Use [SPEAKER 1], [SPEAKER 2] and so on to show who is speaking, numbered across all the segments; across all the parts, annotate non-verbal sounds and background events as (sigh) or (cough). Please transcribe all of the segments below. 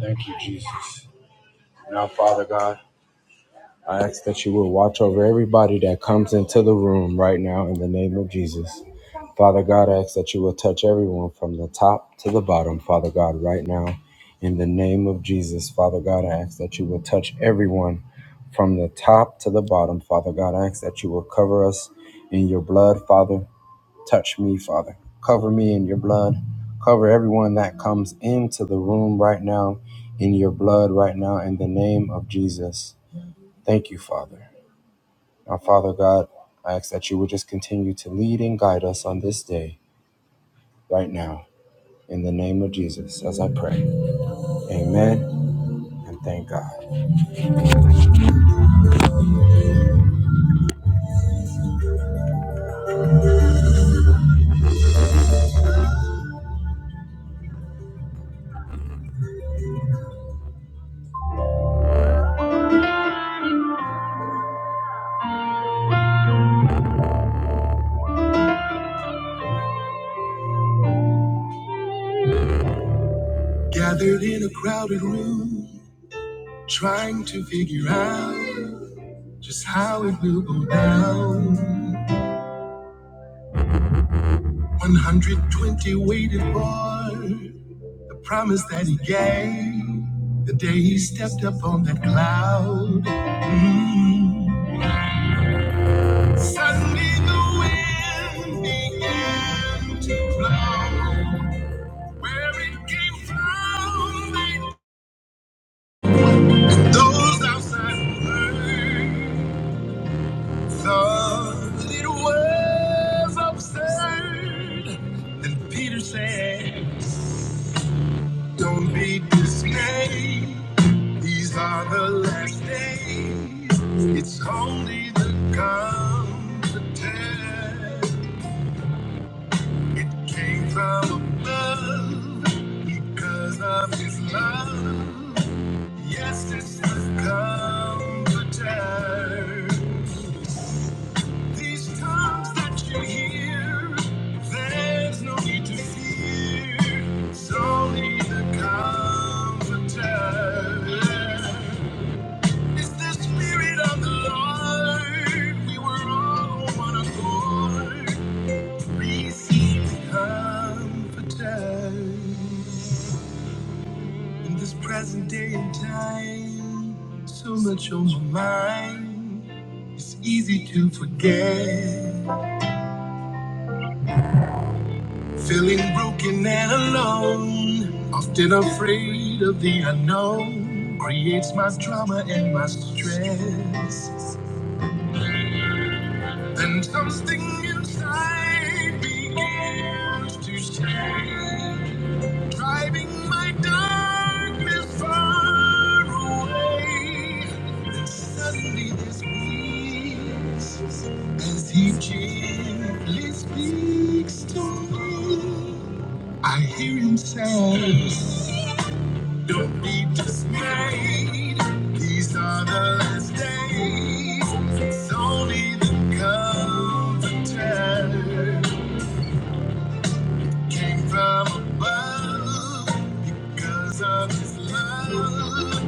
[SPEAKER 1] Thank you, Jesus. Now, Father God, I ask that you will watch over everybody that comes into the room right now in the name of Jesus. Father God, I ask that you will touch everyone from the top to the bottom, Father God, right now in the name of Jesus. Father God, I ask that you will touch everyone from the top to the bottom, Father God. I ask that you will cover us in your blood, Father. Touch me, Father. Cover me in your blood. Cover everyone that comes into the room right now in your blood right now in the name of Jesus. Thank you, Father. Now, Father God, I ask that you would just continue to lead and guide us on this day right now in the name of Jesus as I pray. Amen and thank God. Gathered in a crowded room, trying to figure out just how it will go down. 120 waited for The promise that he gave the day he stepped up on that cloud. Mm. Suddenly the wind began to blow. Where it came from, they- and those outside heard. thought it was absurd. Then Peter said. Don't be dismayed. These are the last days. It's only the comforter. It came from above because of his love. Yes, it's the comforter. These times that you hear, there's no need to fear. Slowly there comes a It's the Spirit of the Lord. We were all on one accord. Receive the comforter. In this present day and time, so much on my mind. It's easy to forget. Feeling broken and alone, often afraid of the unknown, creates my drama and my stress. Then something inside begins to change. Driving my darkness far away. Then suddenly this peace, as he gently speaks to me. I hear him say, Don't be dismayed. These are the last days. It's only the comforter. Came from above because of his love.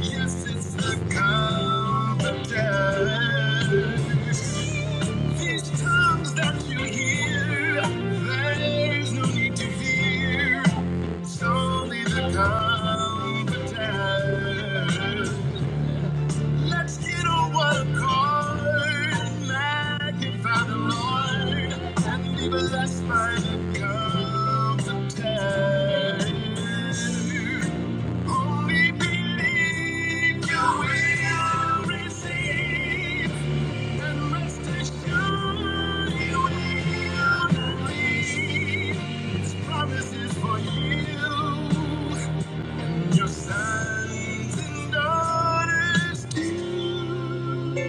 [SPEAKER 1] Yes, it's the confidence. These tongues that you hear, there's no need to fear. It's only the confidence. Let's get on one accord, magnify the Lord, and be blessed by the comes of time. Only believe you will receive, and rest assured you will not leave. His promises for you. Your sons and daughters do.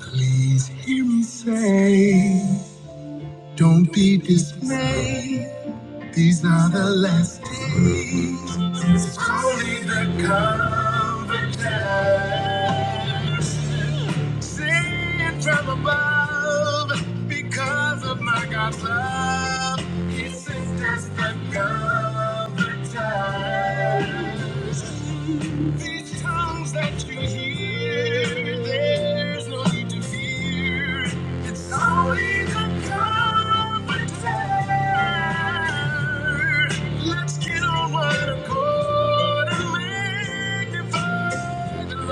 [SPEAKER 1] Please hear me say, don't be dismayed. These are the last days. It's only the conversation. Singing from above because of my God's love. He sent us the comforter. These tongues that you hear, there's no need to fear. It's only the comforter. Let's get on one accord and magnify. Spirit,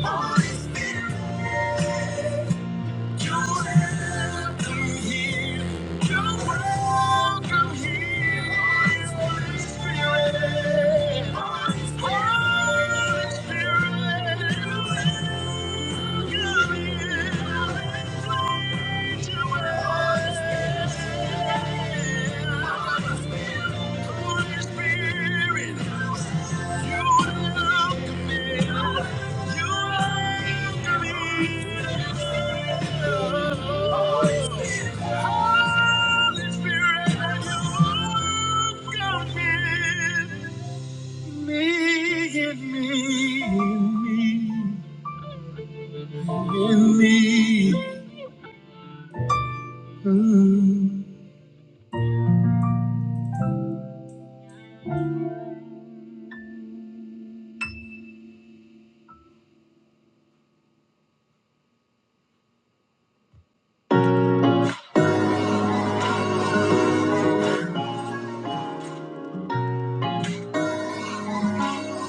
[SPEAKER 1] Holy Spirit,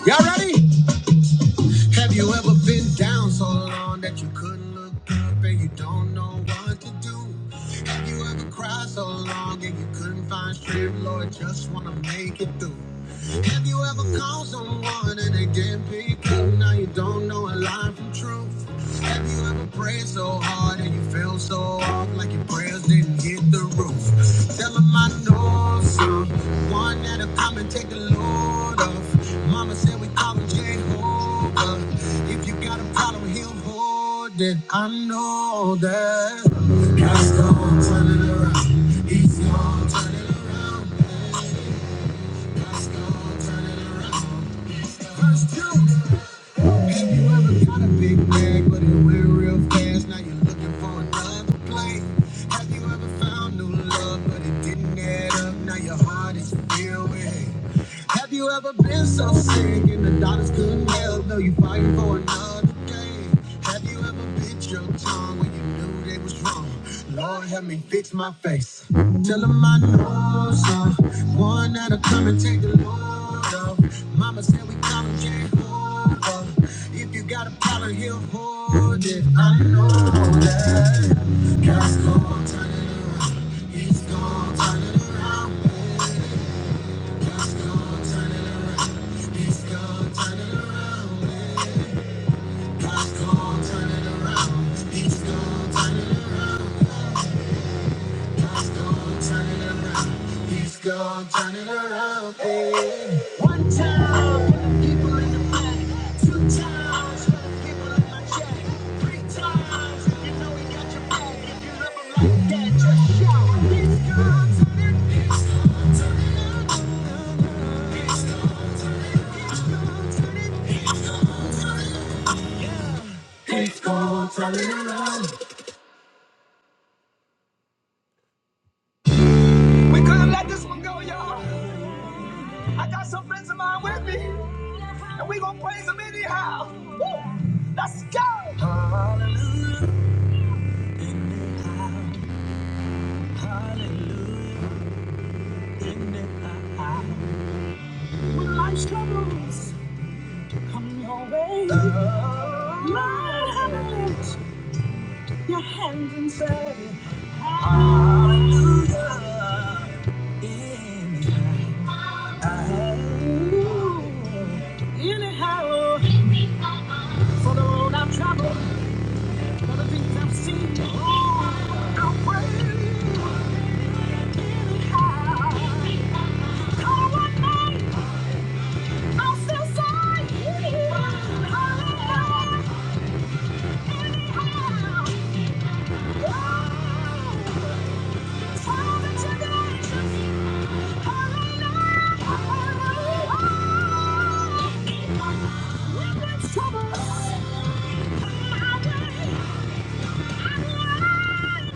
[SPEAKER 1] Y'all ready? Have you ever been down so long that you couldn't look up and you don't know what to do? Have you ever cried so long and you couldn't find strength, Lord, just wanna make it through? Have you ever called someone and they didn't pick up? Now you don't know a line from truth. Have you ever prayed so hard and you felt so off like your prayers didn't hit the roof? Tell 'em my nose up. One that'll come and take the load off. Mama said we call him Jehovah. If you got a problem, he'll hold it. I know that. God's gonna turn it around. He's gonna turn it around. baby. God's gonna turn it around. Verse two. Have you ever got a big bag, but it went real fast? Now you're looking for another plate. Have you ever found new love, but it didn't add up? Now your heart is filled with hate. Have you ever been so sick and the doctors couldn't help? No, you fighting for another day. Have you ever bit your tongue when you knew they was wrong? Lord, help me fix my face. Tell 'em I know someone that'll come and take the load off. Mama said we call him Jehovah. If you got a problem, he'll hold it. I know that. God's gonna turn it around. He's gonna turn it around gonna turn it around, hey. One time for the people in the back, two times for the people in my chat, three times if you know we got your back. If you love love 'em like that, just shout. It's gonna turn it it's gonna turn it, it gonna turn it, it gonna turn it. In the eye, When life's troubles come your way, Lord, have a lift your hands and say, Hallelujah. Hallelujah. Anyhow, for the road I've traveled, for the things I've seen, oh, I'll pray. Anyhow, come what may, I'll still say, Hallelujah. Trouble. I don't Trust in the Lord.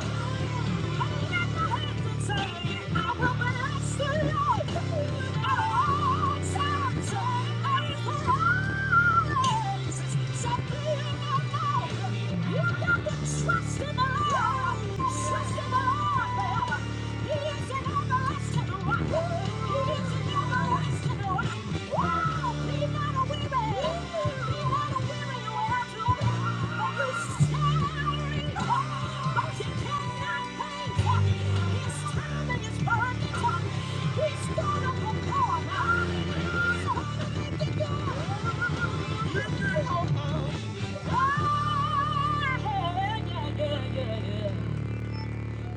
[SPEAKER 1] Trust in the Lord forever. He is an everlasting rock. He is an everlasting rock. Yeah, yeah, yeah, yeah.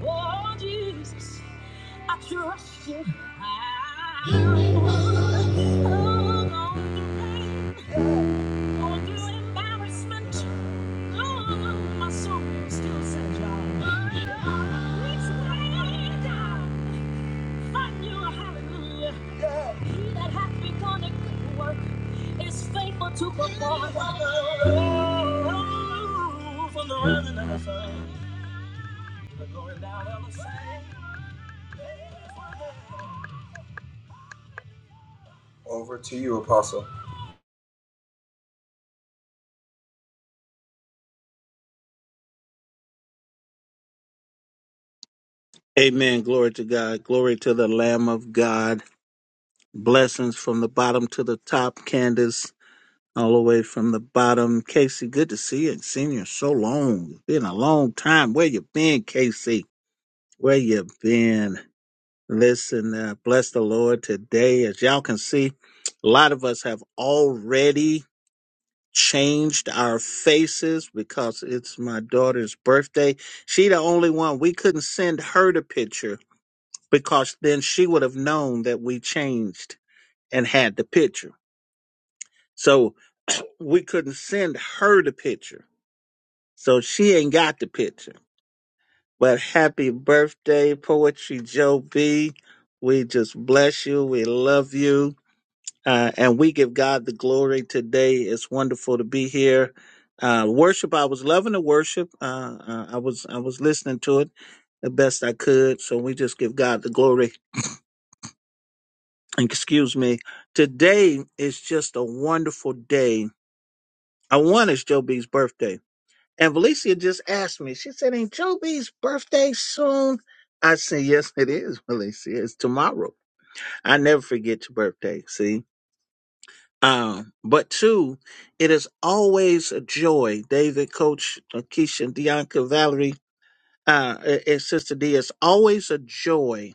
[SPEAKER 1] Oh, Jesus, I trust you. Oh, going going through embarrassment. Oh, my soul still says, Yah. Which way did find you? a Hallelujah. He that hath begun a good work is faithful to perform. Over to you, Apostle.
[SPEAKER 2] Amen. Glory to God. Glory to the Lamb of God. Blessings from the bottom to the top. Candace, all the way from the bottom. Casey, good to see you. and seen you in so long. It's been a long time. Where you been, Casey? Where you been? Listen, uh, bless the Lord today. As y'all can see, a lot of us have already changed our faces because it's my daughter's birthday. She the only one. We couldn't send her the picture because then she would have known that we changed and had the picture. So we couldn't send her the picture. So she ain't got the picture. But happy birthday, Poetry Joe B. We just bless you. We love you. Uh, and we give God the glory today. It's wonderful to be here. Uh, worship. I was loving the worship. Uh, uh, I was I was listening to it the best I could. So we just give God the glory. excuse me. Today is just a wonderful day. I want it's Joe B's birthday. And Valicia just asked me, she said, Ain't Joe B's birthday soon? I said, Yes, it is, (laughs) Valicia. It's tomorrow. I never forget your birthday, see? Um, but two, it is always a joy. David, Coach uh, Keisha, Deonka, Valerie, uh, and and Sister D, it's always a joy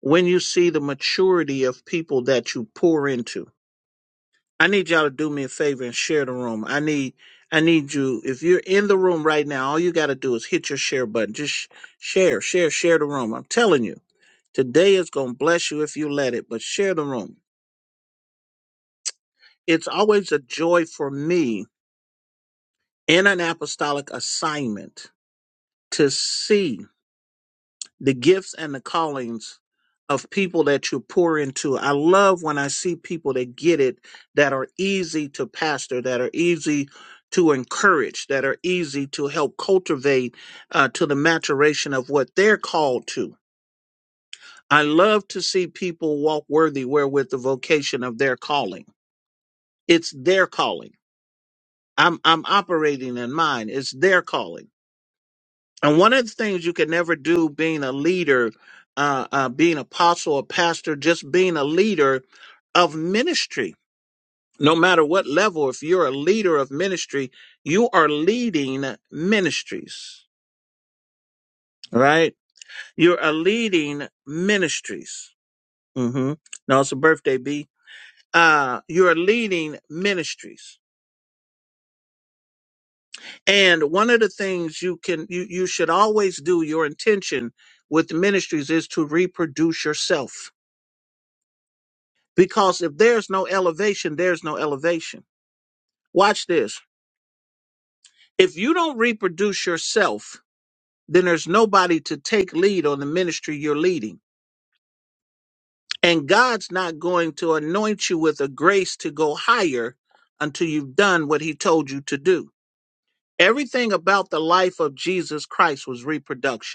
[SPEAKER 2] when you see the maturity of people that you pour into I need y'all to do me a favor and share the room. I need I need you if you're in the room right now, all you got to do is hit your share button. Just sh- share, share, share the room. I'm telling you. Today is going to bless you if you let it, but share the room. It's always a joy for me in an apostolic assignment to see the gifts and the callings of people that you pour into. I love when I see people that get it, that are easy to pastor, that are easy to encourage, that are easy to help cultivate uh, to the maturation of what they're called to. I love to see people walk worthy wherewith the vocation of their calling. It's their calling. I'm I'm operating in mine. It's their calling. And one of the things you can never do being a leader, uh, uh, being apostle or pastor, just being a leader of ministry, no matter what level, if you're a leader of ministry, you are leading ministries, right? You're a leading ministries. Mm-hmm. No, it's a birthday, B. Uh, you're leading ministries. And one of the things you can, you, you should always do your intention with ministries is to reproduce yourself Because if there's no elevation, there's no elevation. Watch this. If you don't reproduce yourself, then there's nobody to take lead on the ministry you're leading. And God's not going to anoint you with a grace to go higher until you've done what he told you to do. Everything about the life of Jesus Christ was reproduction.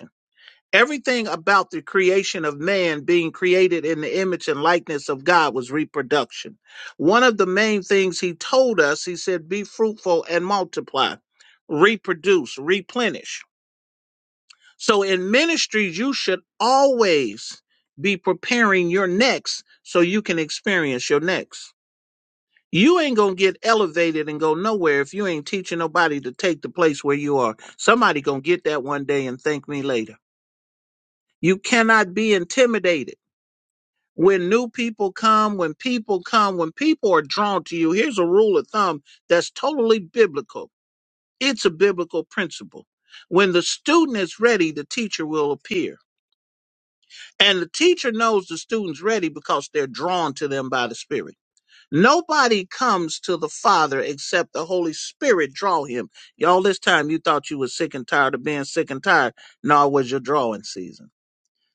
[SPEAKER 2] Everything about the creation of man being created in the image and likeness of God was reproduction. One of the main things he told us, he said, be fruitful and multiply, reproduce, replenish. So in ministry, you should always be preparing your next so you can experience your next. You ain't gonna get elevated and go nowhere if you ain't teaching nobody to take the place where you are. Somebody gonna get that one day and thank me later. You cannot be intimidated. when new people come, when people come, when people are drawn to you, here's a rule of thumb that's totally biblical. It's a biblical principle. When the student is ready, the teacher will appear. And the teacher knows the student's ready because they're drawn to them by the Spirit. Nobody comes to the Father except the Holy Spirit draw him. Y'all, this time you thought you were sick and tired of being sick and tired. No, it was your drawing season.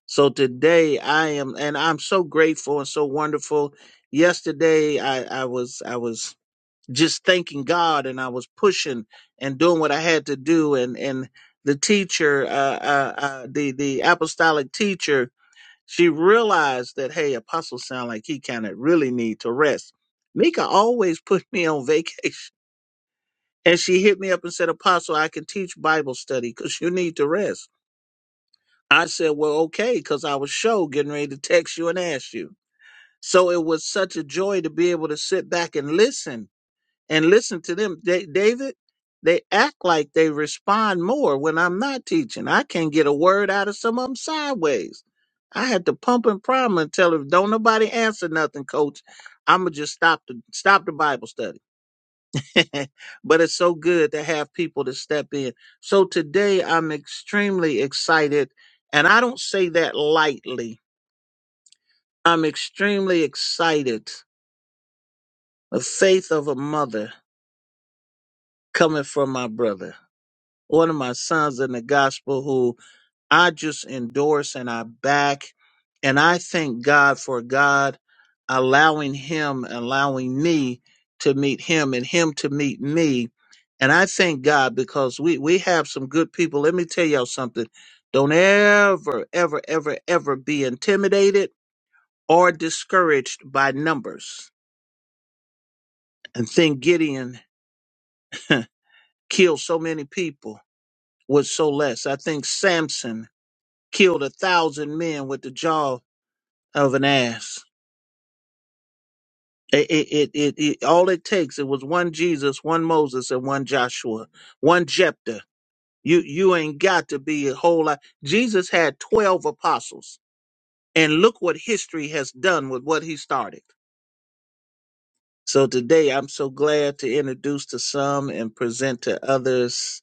[SPEAKER 2] So today I am, and I'm so grateful and so wonderful. Yesterday I, I was, I was just thanking God and I was pushing and doing what I had to do. And, and the teacher, uh, uh, uh the, the apostolic teacher, she realized that, hey, Apostle, sound like he kind of really need to rest. Mika always (laughs) put me on vacation (laughs) and she hit me up and said, apostle, I can teach Bible study because you need to rest. I said, well, okay, because I was show getting ready to text you and ask you. So it was such a joy to be able to sit back and listen and listen to them. Da- David, they act like they respond more when I'm not teaching. I can't get a word out of some of them sideways. I had to pump and prime and tell them, don't nobody answer nothing, coach. I'ma just stop the stop the Bible study. (laughs) but it's so good to have people to step in. So today I'm extremely excited, and I don't say that lightly. I'm extremely excited. The faith of a mother coming from my brother, one of my sons in the gospel who. I just endorse and I back. And I thank God for God allowing him, allowing me to meet him and him to meet me. And I thank God because we, we have some good people. Let me tell y'all something. Don't ever, ever, ever, ever be intimidated or discouraged by numbers. And think Gideon (laughs) killed so many people with so less. I think Samson killed a thousand men with the jaw of an ass. It, it, it, it, it- all it takes, it was one Jesus, one Moses, and one Joshua, one Jephthah. You, you ain't got to be a whole lot. Jesus had 12 apostles. And look what history has done with what he started. So today I'm so glad to introduce to some and present to others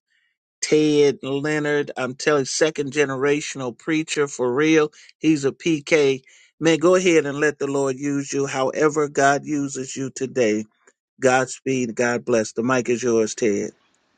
[SPEAKER 2] Ted Leonard. I'm telling second generational preacher for real. He's a PK. Man, go ahead and let the Lord use you however God uses you today. Godspeed. God bless. The mic is yours, Ted.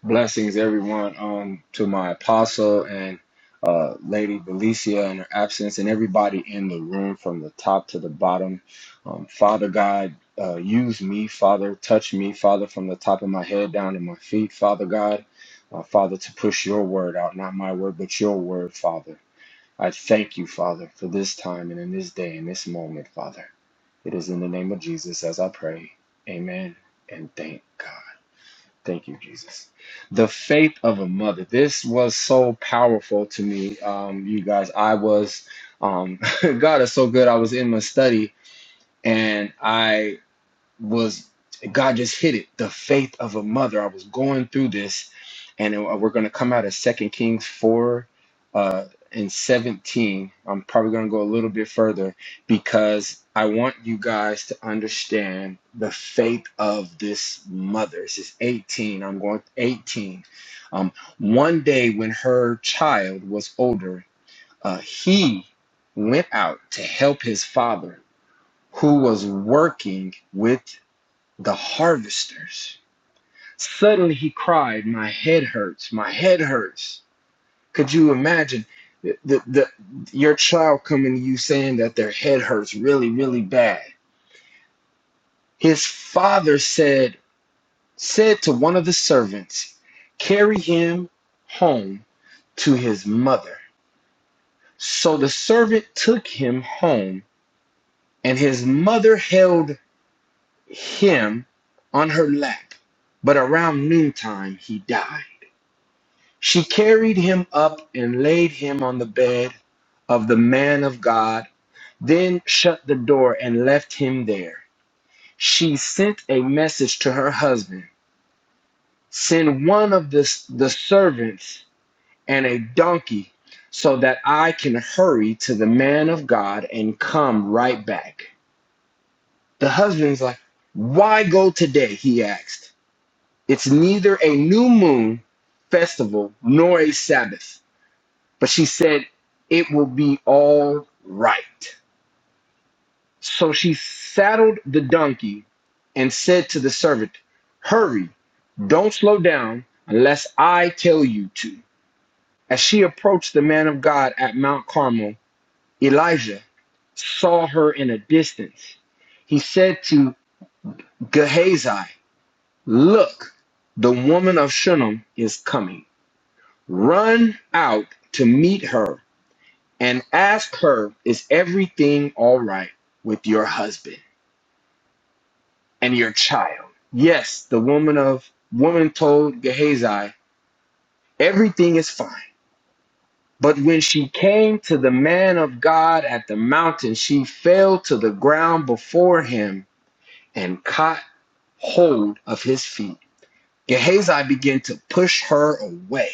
[SPEAKER 1] Blessings, everyone, um, to my apostle and uh, Lady Valencia in her absence, and everybody in the room from the top to the bottom. Um, Father God, uh, use me, Father. Touch me, Father, from the top of my head down to my feet, Father God. Uh, Father, to push your word out, not my word, but your word, Father. I thank you, Father, for this time and in this day and this moment, Father. It is in the name of Jesus as I pray. Amen. And thank God. Thank you, Jesus. The faith of a mother. This was so powerful to me, um, you guys. I was, um, (laughs) God is so good. I was in my study and I was God just hit it. The faith of a mother. I was going through this, and it- we're going to come out of Second Kings four uh, and seventeen. I'm probably going to go a little bit further because I want you guys to understand the faith of this mother. This is 18. I'm going 18. Um, one day when her child was older, uh, he went out to help his father who was working with the harvesters. Suddenly he cried, My head hurts, my head hurts. Could you imagine the, the, the, your child coming to you saying that their head hurts really, really bad? His father said, said to one of the servants, Carry him home to his mother. So the servant took him home, and his mother held him on her lap. But around noontime he died. She carried him up and laid him on the bed of the man of God, then shut the door and left him there. She sent a message to her husband Send one of the, the servants and a donkey so that I can hurry to the man of God and come right back. The husband's like, Why go today? He asked. It's neither a new moon festival nor a Sabbath. But she said, It will be all right. So she saddled the donkey and said to the servant, Hurry, don't slow down unless I tell you to. As she approached the man of God at Mount Carmel, Elijah saw her in a distance. He said to Gehazi, Look, the woman of Shunem is coming. Run out to meet her and asked her, Is everything all right with your husband and your child? Yes, the woman of woman told Gehazi, Everything is fine. But when she came to the man of God at the mountain, she fell to the ground before him and caught hold of his feet. Gehazi began to push her away,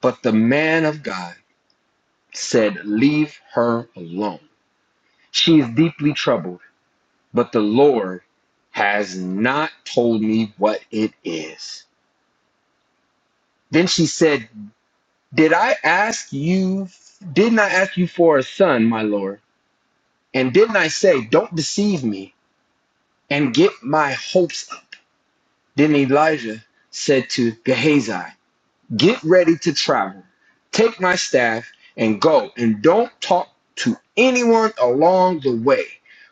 [SPEAKER 1] but the man of God said, Leave her alone. She is deeply troubled but the Lord has not told me what it is. Then she said, Did I ask you, didn't I ask you for a son, my Lord? And didn't I say, Don't deceive me and get my hopes up? Then Elijah said to Gehazi, Get ready to travel. Take my staff and go, and don't talk to anyone along the way.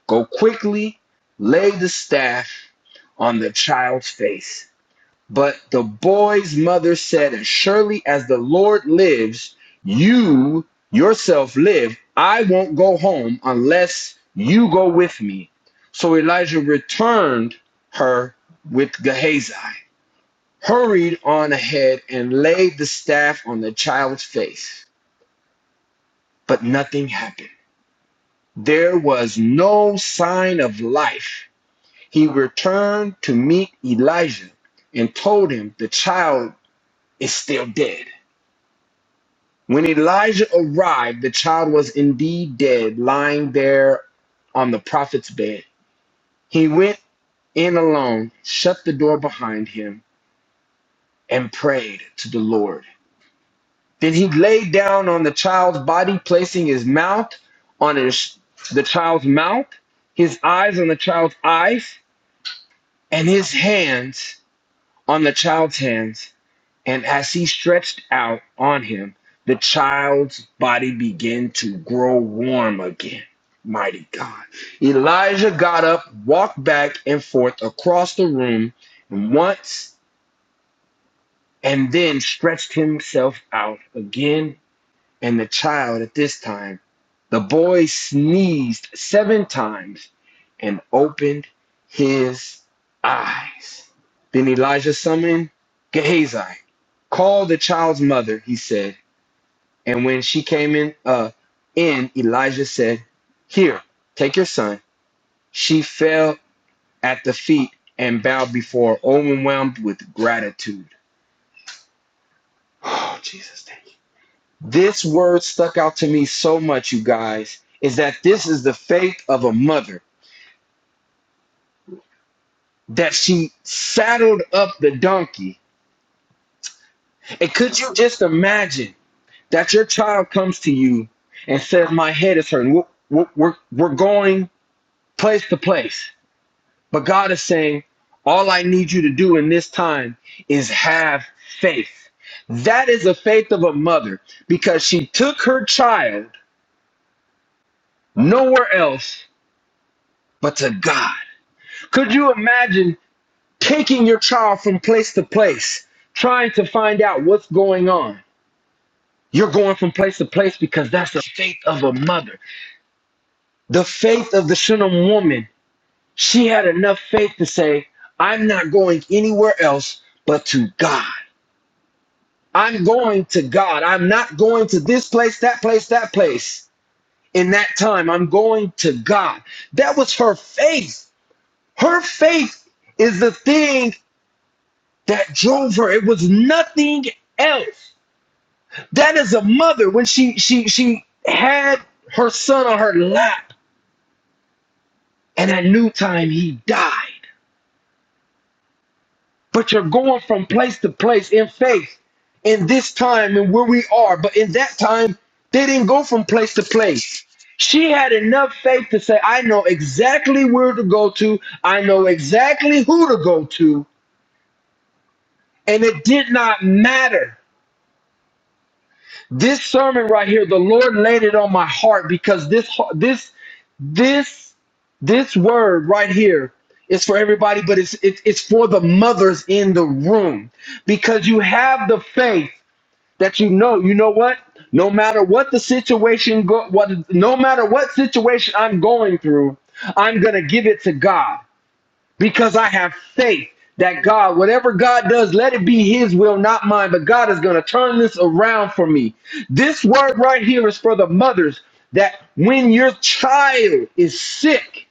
[SPEAKER 1] Go quickly, lay the staff on the child's face But the boy's mother said, As surely as the Lord lives, you yourself live, I won't go home unless you go with me. So Elijah returned her with Gehazi, hurried on ahead, and laid the staff on the child's face. But nothing happened. There was no sign of life. He returned to meet Elijah and told him the child is still dead. When Elijah arrived, the child was indeed dead, lying there on the prophet's bed. He went in alone, shut the door behind him, and prayed to the Lord. Then he laid down on the child's body, placing his mouth on his, the child's mouth, his eyes on the child's eyes, and his hands on the child's hands. And as he stretched out on him, the child's body began to grow warm again. Mighty God. Elijah got up, walked back and forth across the room and once and then stretched himself out again and the child at this time, the boy sneezed seven times and opened his eyes. Then Elijah summoned Gehazi. Call the child's mother, he said. And when she came in, uh, in Elijah said, Here, take your son. She fell at the feet and bowed before, overwhelmed with gratitude. (sighs) Oh, Jesus. This word stuck out to me so much, you guys, is that this is the faith of a mother that she saddled up the donkey. And could you just imagine that your child comes to you and says, My head is hurting. We're, we're, we're we're going place to place. But God is saying, All I need you to do in this time is have faith. That is the faith of a mother because she took her child nowhere else but to God. Could you imagine taking your child from place to place, trying to find out what's going on? You're going from place to place because that's the faith of a mother. The faith of the Shunem woman, she had enough faith to say, I'm not going anywhere else but to God. I'm going to God. I'm not going to this place, that place, that place. In that time, I'm going to God. That was her faith. Her faith is the thing that drove her. It was nothing else. That is a mother when she she she had her son on her lap, and at noon time he died. But you're going from place to place in faith in this time and where we are. But in that time, they didn't go from place to place. She had enough faith to say, I know exactly where to go to, I know exactly who to go to, and it did not matter This sermon right here, the Lord laid it on my heart because this this this this word right here is for everybody, but it's it's it's for the mothers in the room because you have the faith that you know. You know what? No matter what the situation, go, what no matter what situation I'm going through, I'm gonna give it to God because I have faith that God, whatever God does, let it be His will, not mine. But God is going to turn this around for me. This word right here is for the mothers that when your child is sick,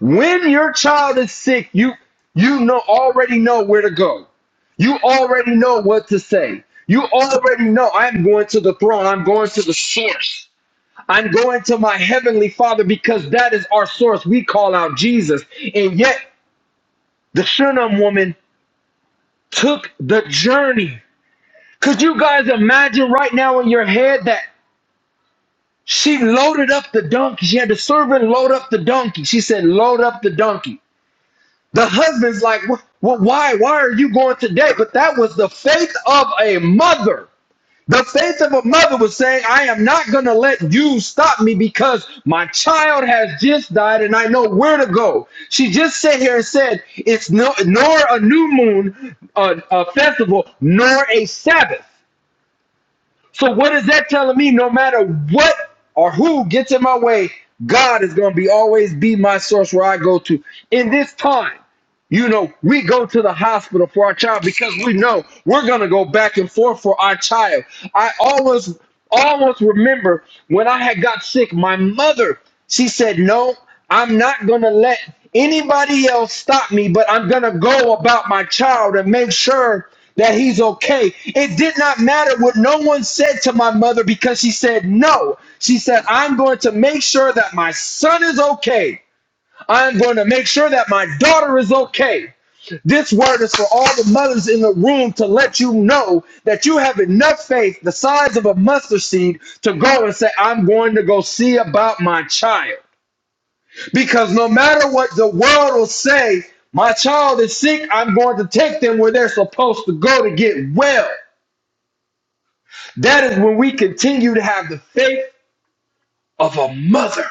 [SPEAKER 1] when your child is sick, you you know already know where to go. You already know what to say. You already know I'm going to the throne. I'm going to the source. I'm going to my heavenly Father because that is our source. We call out Jesus. And yet the Shunem woman took the journey. Could you guys imagine right now in your head that she loaded up the donkey? She had the servant load up the donkey. She said, Load up the donkey. The husband's like, well, why? Why are you going today? But that was the faith of a mother. The faith of a mother was saying, I am not going to let you stop me because my child has just died and I know where to go. She just sat here and said, It's no, nor a new moon uh, a festival, nor a Sabbath. So, what is that telling me? No matter what or who gets in my way, God is going to be always be my source where I go to in this time. You know, we go to the hospital for our child because we know we're gonna go back and forth for our child. I always always remember when I had got sick, my mother, she said, No, I'm not gonna let anybody else stop me, but I'm gonna go about my child and make sure that he's okay. It did not matter what no one said to my mother because she said no. She said, I'm going to make sure that my son is okay. I'm going to make sure that my daughter is okay. This word is for all the mothers in the room to let you know that you have enough faith, the size of a mustard seed, to go and say, I'm going to go see about my child. Because no matter what the world will say, my child is sick, I'm going to take them where they're supposed to go to get well. That is when we continue to have the faith of a mother.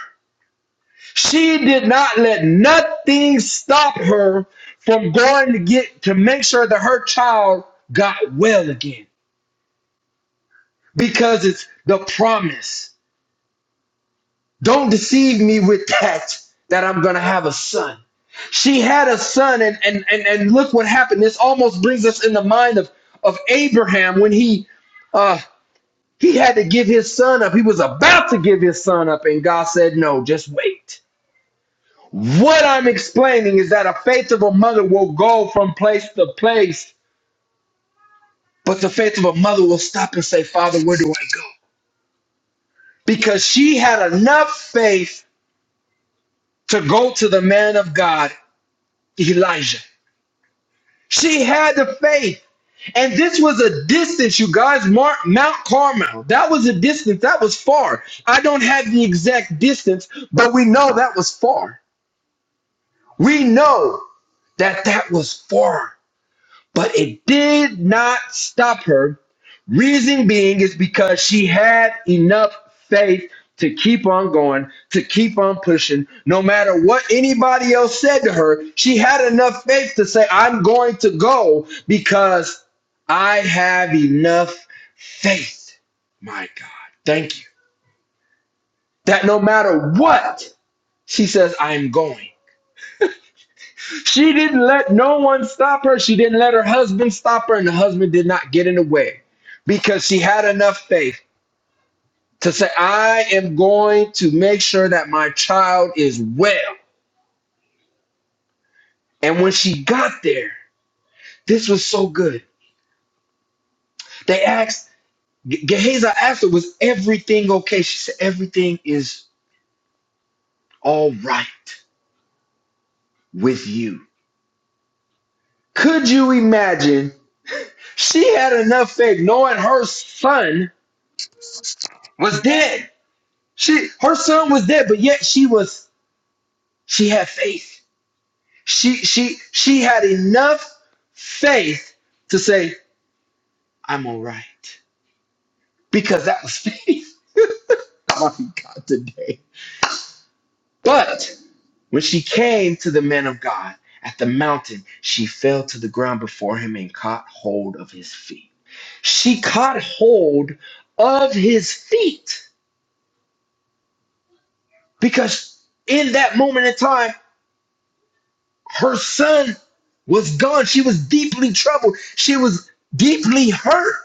[SPEAKER 1] She did not let nothing stop her from going to get to make sure that her child got well again. because it's the promise. Don't deceive me with that, that I'm going to have a son. She had a son, and, and, and, and look what happened. This almost brings us in the mind of, of Abraham when he, uh, he had to give his son up. He was about to give his son up, and God said, No, just wait. What I'm explaining is that a faith of a mother will go from place to place, but the faith of a mother will stop and say, Father, where do I go? Because she had enough faith to go to the man of God, Elijah. She had the faith. And this was a distance, you guys. Mar- Mount Carmel. That was a distance. That was far. I don't have the exact distance, but we know that was far. We know that that was far. But it did not stop her Reason being is because she had enough faith to keep on going, to keep on pushing, no matter what anybody else said to her. She had enough faith to say, I'm going to go because I have enough faith. My God, thank you. That no matter what, she says, I'm going. She didn't let no one stop her. She didn't let her husband stop her, and the husband did not get in the way because she had enough faith. to say, I am going to make sure that my child is well. And when she got there, this was so good. They asked, Gehazi asked her, Was everything okay? She said, Everything is all right with you. Could you imagine? She had enough faith knowing her son was dead. She her son was dead, but yet she was she had faith. She she she had enough faith to say, I'm all right. because that was faith (laughs) I'm on God today. But when she came to the men of God at the mountain, she fell to the ground before him and caught hold of his feet. She caught hold of his feet because in that moment in time, her son was gone. She was deeply troubled. She was deeply hurt.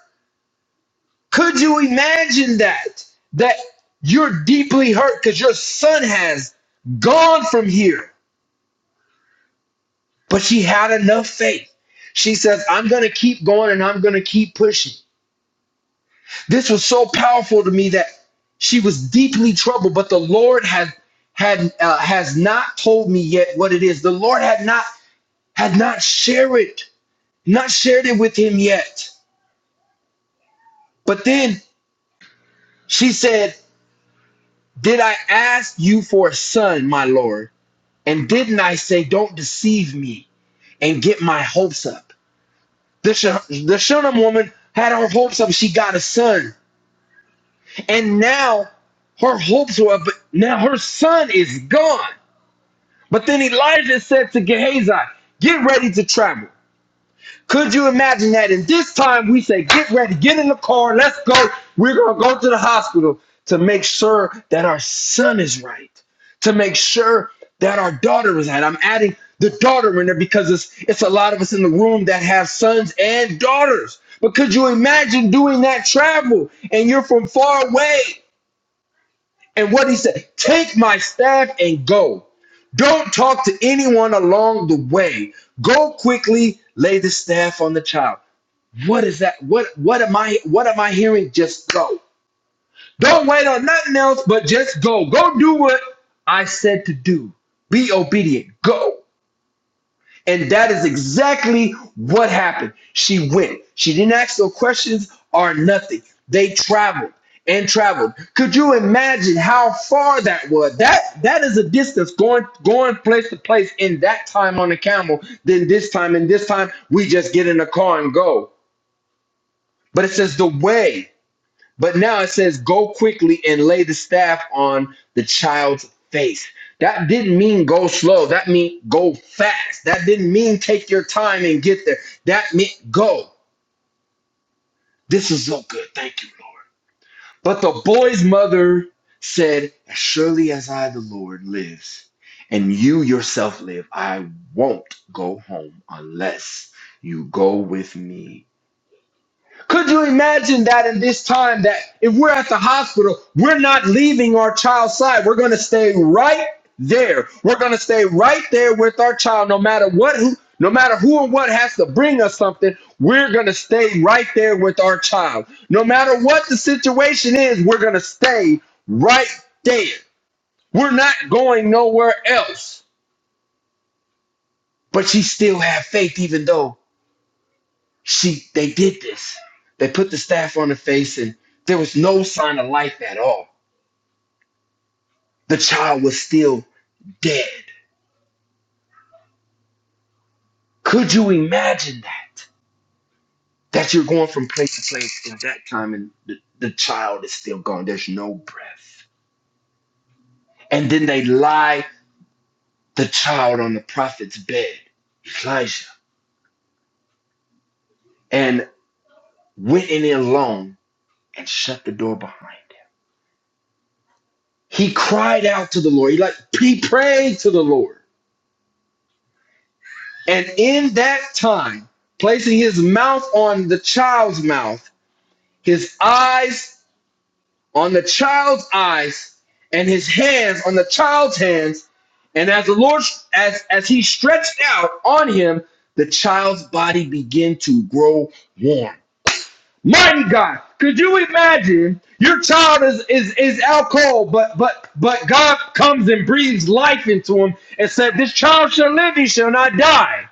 [SPEAKER 1] Could you imagine that? That you're deeply hurt because your son has gone from here. But she had enough faith. She says, I'm going to keep going and I'm going to keep pushing. This was so powerful to me that she was deeply troubled, but the Lord had had uh, has not told me yet what it is. The Lord had not had not shared it, not shared it with him yet. But then she said, "Did I ask you for a son, my Lord?" And didn't I say, don't deceive me and get my hopes up? The, Sh- the Shunem woman had her hopes up. She got a son. And now her hopes were up. But now her son is gone. But then Elijah said to Gehazi, get ready to travel. Could you imagine that? And this time we say, get ready, get in the car, let's go. We're going to go to the hospital to make sure that our son is right, to make sure that our daughter is right. I'm adding the daughter in there because it's, it's a lot of us in the room that have sons and daughters. But could you imagine doing that travel and you're from far away? And what he said, take my staff and go. Don't talk to anyone along the way. Go quickly, lay the staff on the child. What is that? What what am I what am I hearing? Just go. Don't wait on nothing else, but just go. Go do what I said to do. Be obedient. Go. And that is exactly what happened. She went. She didn't ask no questions or nothing. They traveled and traveled. Could you imagine how far that was? That that is a distance going going place to place in that time on the camel, then this time and this time we just get in the car and go. But it says the way. But now it says, Go quickly and lay the staff on the child's face. That didn't mean go slow. That mean go fast. That didn't mean take your time and get there. That meant go. This is so good. Thank you, Lord. But the boy's mother said, As surely as I, the Lord, lives, and you yourself live, I won't go home unless you go with me. Could you imagine that in this time that if we're at the hospital, we're not leaving our child's side. We're going to stay right there. We're going to stay right there with our child no matter what who no matter who or what has to bring us something, we're going to stay right there with our child. No matter what the situation is, we're going to stay right there. We're not going nowhere else. But she still had faith even though She, they did this. They put the staff on her face, and there was no sign of life at all. The child was still dead. Could you imagine that? That you're going from place to place in that time, and the, the child is still gone. There's no breath. And then they lie the child on the prophet's bed, Elijah, and went in alone and shut the door behind him. He cried out to the Lord. He like he prayed to the Lord. And in that time, placing his mouth on the child's mouth, his eyes on the child's eyes, and his hands on the child's hands, and as the Lord as as he stretched out on him, the child's body began to grow warm. Mighty God, could you imagine your child is is is out cold, but but but God comes and breathes life into him and said, This child shall live, he shall not die.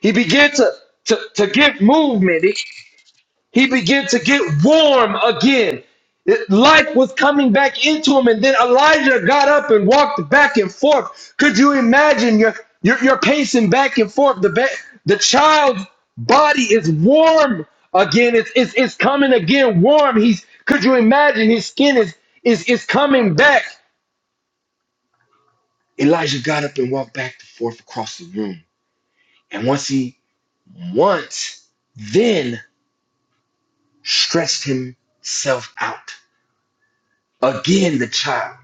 [SPEAKER 1] He began to, to, to get movement. He, he began to get warm again. It- life was coming back into him. And then Elijah got up and walked back and forth. Could you imagine? You're, you're, you're pacing back and forth. The, ba- the child's body is warm again. It's, it's, it's coming again warm. He's, could you imagine? His skin is, is, is coming back. Elijah got up and walked back and forth across the room. And once he, once, then stretched himself out. Again, the child.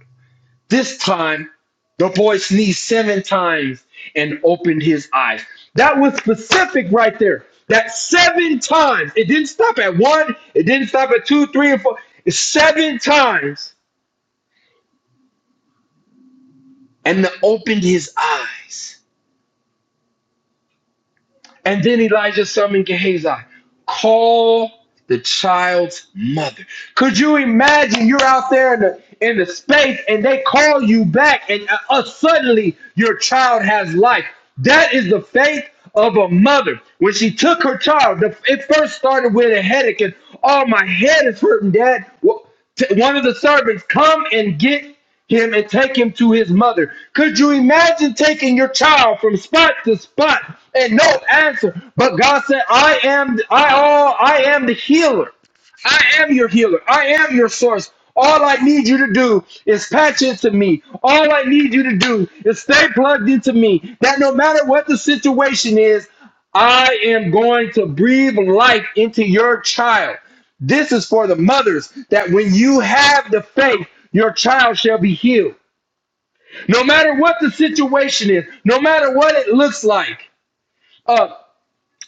[SPEAKER 1] This time, the boy sneezed seven times and opened his eyes. That was specific right there. That seven times. It didn't stop at one, it didn't stop at two, three, and four. It's seven times. And the opened his eyes. And then Elijah summoned Gehazi, call the child's mother. Could you imagine you're out there in the in the space and they call you back and uh, uh, suddenly your child has life. That is the faith of a mother. When she took her child, the, it first started with a headache and oh my head is hurting, Dad. Wh- t- One of the servants come and get him and take him to his mother. Could you imagine taking your child from spot to spot and no answer? But God said, I am I all I am the healer. I am your healer. I am your source. All I need you to do is patch into me. All I need you to do is stay plugged into me. That no matter what the situation is, I am going to breathe life into your child. This is for the mothers that when you have the faith, your child shall be healed. No matter what the situation is, no matter what it looks like. uh,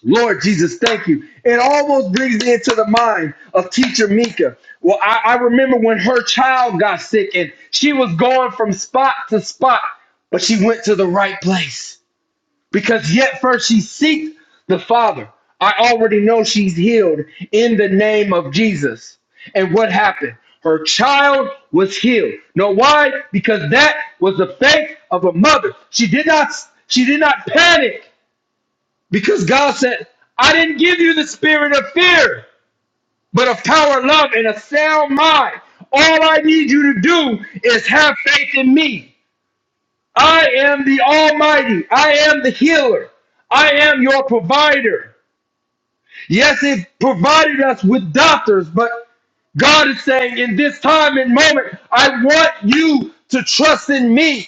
[SPEAKER 1] Lord Jesus, thank you. It almost brings me into the mind of teacher Mika. Well, I, I remember when her child got sick and she was going from spot to spot, but she went to the right place because yet first she seeked the Father. I already know she's healed in the name of Jesus. And what happened? Her child was healed. Know why? Because that was the faith of a mother. She did not she did not panic. Because God said, I didn't give you the spirit of fear, but of power, love, and a sound mind. All I need you to do is have faith in me. I am the Almighty. I am the healer. I am your provider. Yes, it provided us with doctors, but God is saying in this time and moment, I want you to trust in me.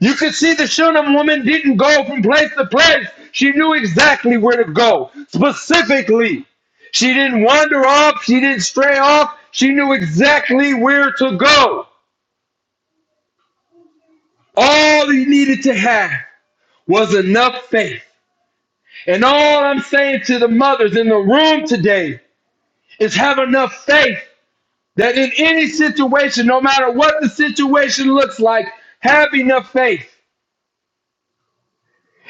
[SPEAKER 1] You could see the Shunem woman didn't go from place to place. She knew exactly where to go, specifically. She didn't wander off, she didn't stray off, she knew exactly where to go. All you needed to have was enough faith. And all I'm saying to the mothers in the room today is have enough faith that in any situation, no matter what the situation looks like, have enough faith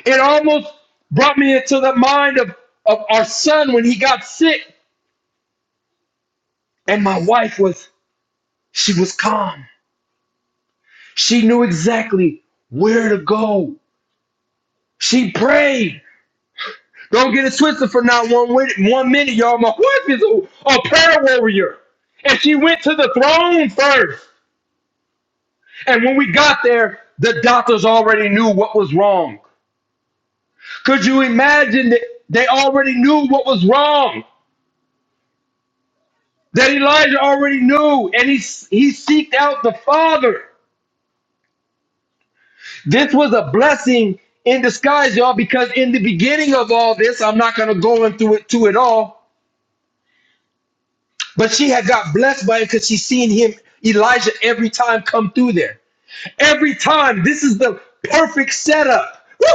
[SPEAKER 1] It almost brought me into the mind of, of our son when he got sick. And my wife was, she was calm. She knew exactly where to go. She prayed. Don't get it twisted for not one, one minute, y'all. My wife is a, a prayer warrior. And she went to the throne first. And when we got there, the doctors already knew what was wrong. Could you imagine that they already knew what was wrong? that Elijah already knew, and he he seeked out the Father. This was a blessing in disguise, y'all, because in the beginning of all this, I'm not gonna go into it to it all, but she had got blessed by it because she seen him, Elijah, every time come through there. Every time, this is the perfect setup. Woo!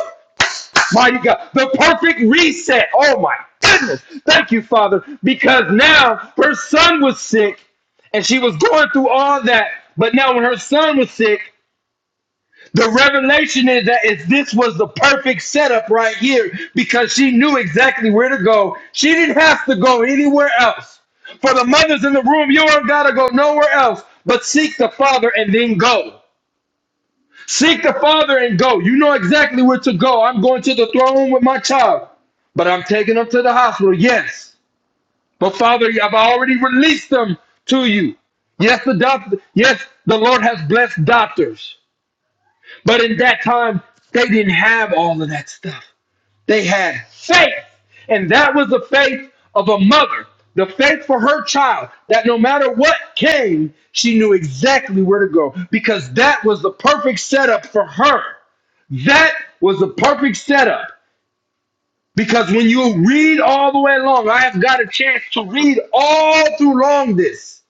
[SPEAKER 1] Mighty God, the perfect reset. Oh my goodness. Thank you, Father, because now her son was sick and she was going through all that. But now, when her son was sick, The revelation is that if this was the perfect setup right here because she knew exactly where to go. She didn't have to go anywhere else. For the mothers in the room, you don't gotta go nowhere else but seek the Father and then go. Seek the Father and go. You know exactly where to go. I'm going to the throne room with my child, but I'm taking them to the hospital. Yes, but Father, I've already released them to you. Yes, the doctor. Yes, the Lord has blessed doctors. But in that time, they didn't have all of that stuff. They had faith. And that was the faith of a mother, the faith for her child, that no matter what came, she knew exactly where to go because that was the perfect setup for her. That was the perfect setup. Because when you read all the way along, I have got a chance to read all through long this,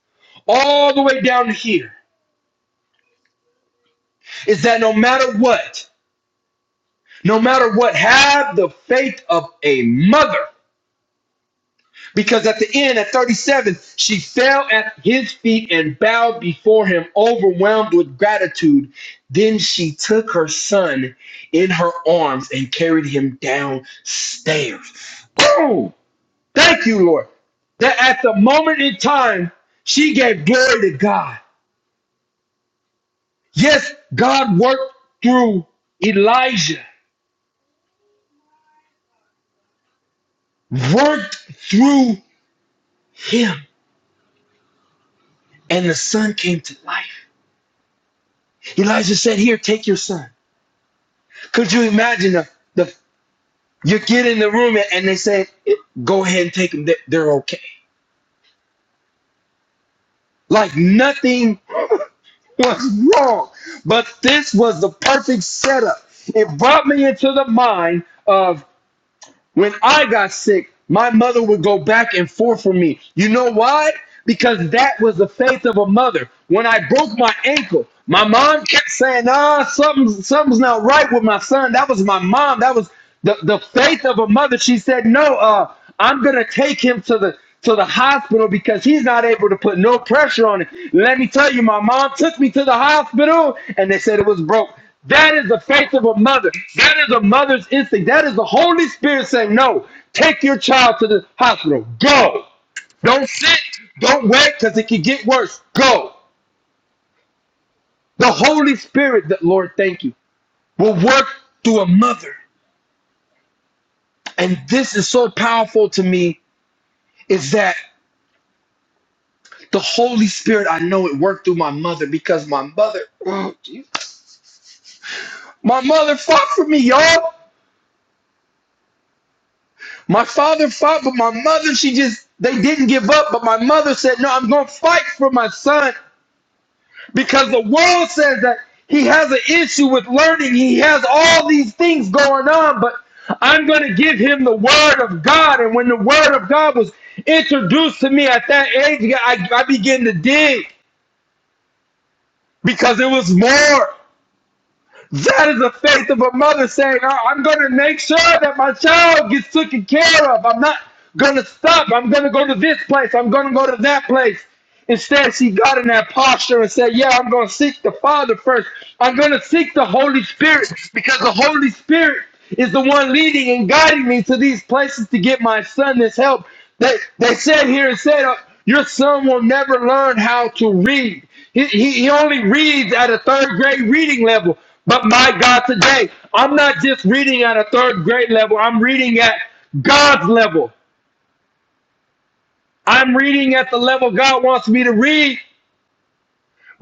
[SPEAKER 1] all the way down to here, is that no matter what, No matter what, have the faith of a mother. Because at the end, at 37, she fell at his feet and bowed before him, overwhelmed with gratitude. Then she took her son in her arms and carried him downstairs. Boom! Thank you, Lord. That at the moment in time, she gave glory to God. Yes, God worked through Elijah, worked through him. and the son came to life. Elijah said, Here, take your son. Could you imagine the, the you get in the room and they say, Go ahead and take him. They- They're okay. Like nothing was wrong. But this was the perfect setup. It brought me into the mind of." When I got sick, my mother would go back and forth for me. You know why? Because that was the faith of a mother. When I broke my ankle, my mom kept saying, ah, something's, something's not right with my son. That was my mom. That was the, the faith of a mother. She said, no, uh, I'm gonna take him to the to the hospital because he's not able to put no pressure on it. Let me tell you, my mom took me to the hospital and they said it was broke. That is the faith of a mother. That is a mother's instinct. That is the Holy Spirit saying, No, take your child to the hospital. Go. Don't sit. Don't wait because it can get worse. Go. The Holy Spirit, that Lord, thank you, will work through a mother. And this is so powerful to me is that The Holy Spirit, I know it worked through my mother because my mother, oh, Jesus. my mother fought for me, y'all. My father fought, but my mother, she just, they didn't give up. But my mother said, no, I'm going to fight for my son because the world says that he has an issue with learning. He has all these things going on, but I'm going to give him the word of God. And when the word of God was introduced to me at that age, I, I began to dig because it was more. That is the faith of a mother saying, "I- am going to make sure that my child gets taken care of. I'm not going to stop. I'm going to go to this place. I'm going to go to that place. Instead, she got in that posture and said, Yeah, I'm going to seek the Father first. I'm going to seek the Holy Spirit because the Holy Spirit is the one leading and guiding me to these places to get my son this help. They, they said here, it said, uh, Your son will never learn how to read. He, he, he only reads at a third grade reading level. But my God, today, I'm not just reading at a third grade level, I'm reading at God's level. I'm reading at the level God wants me to read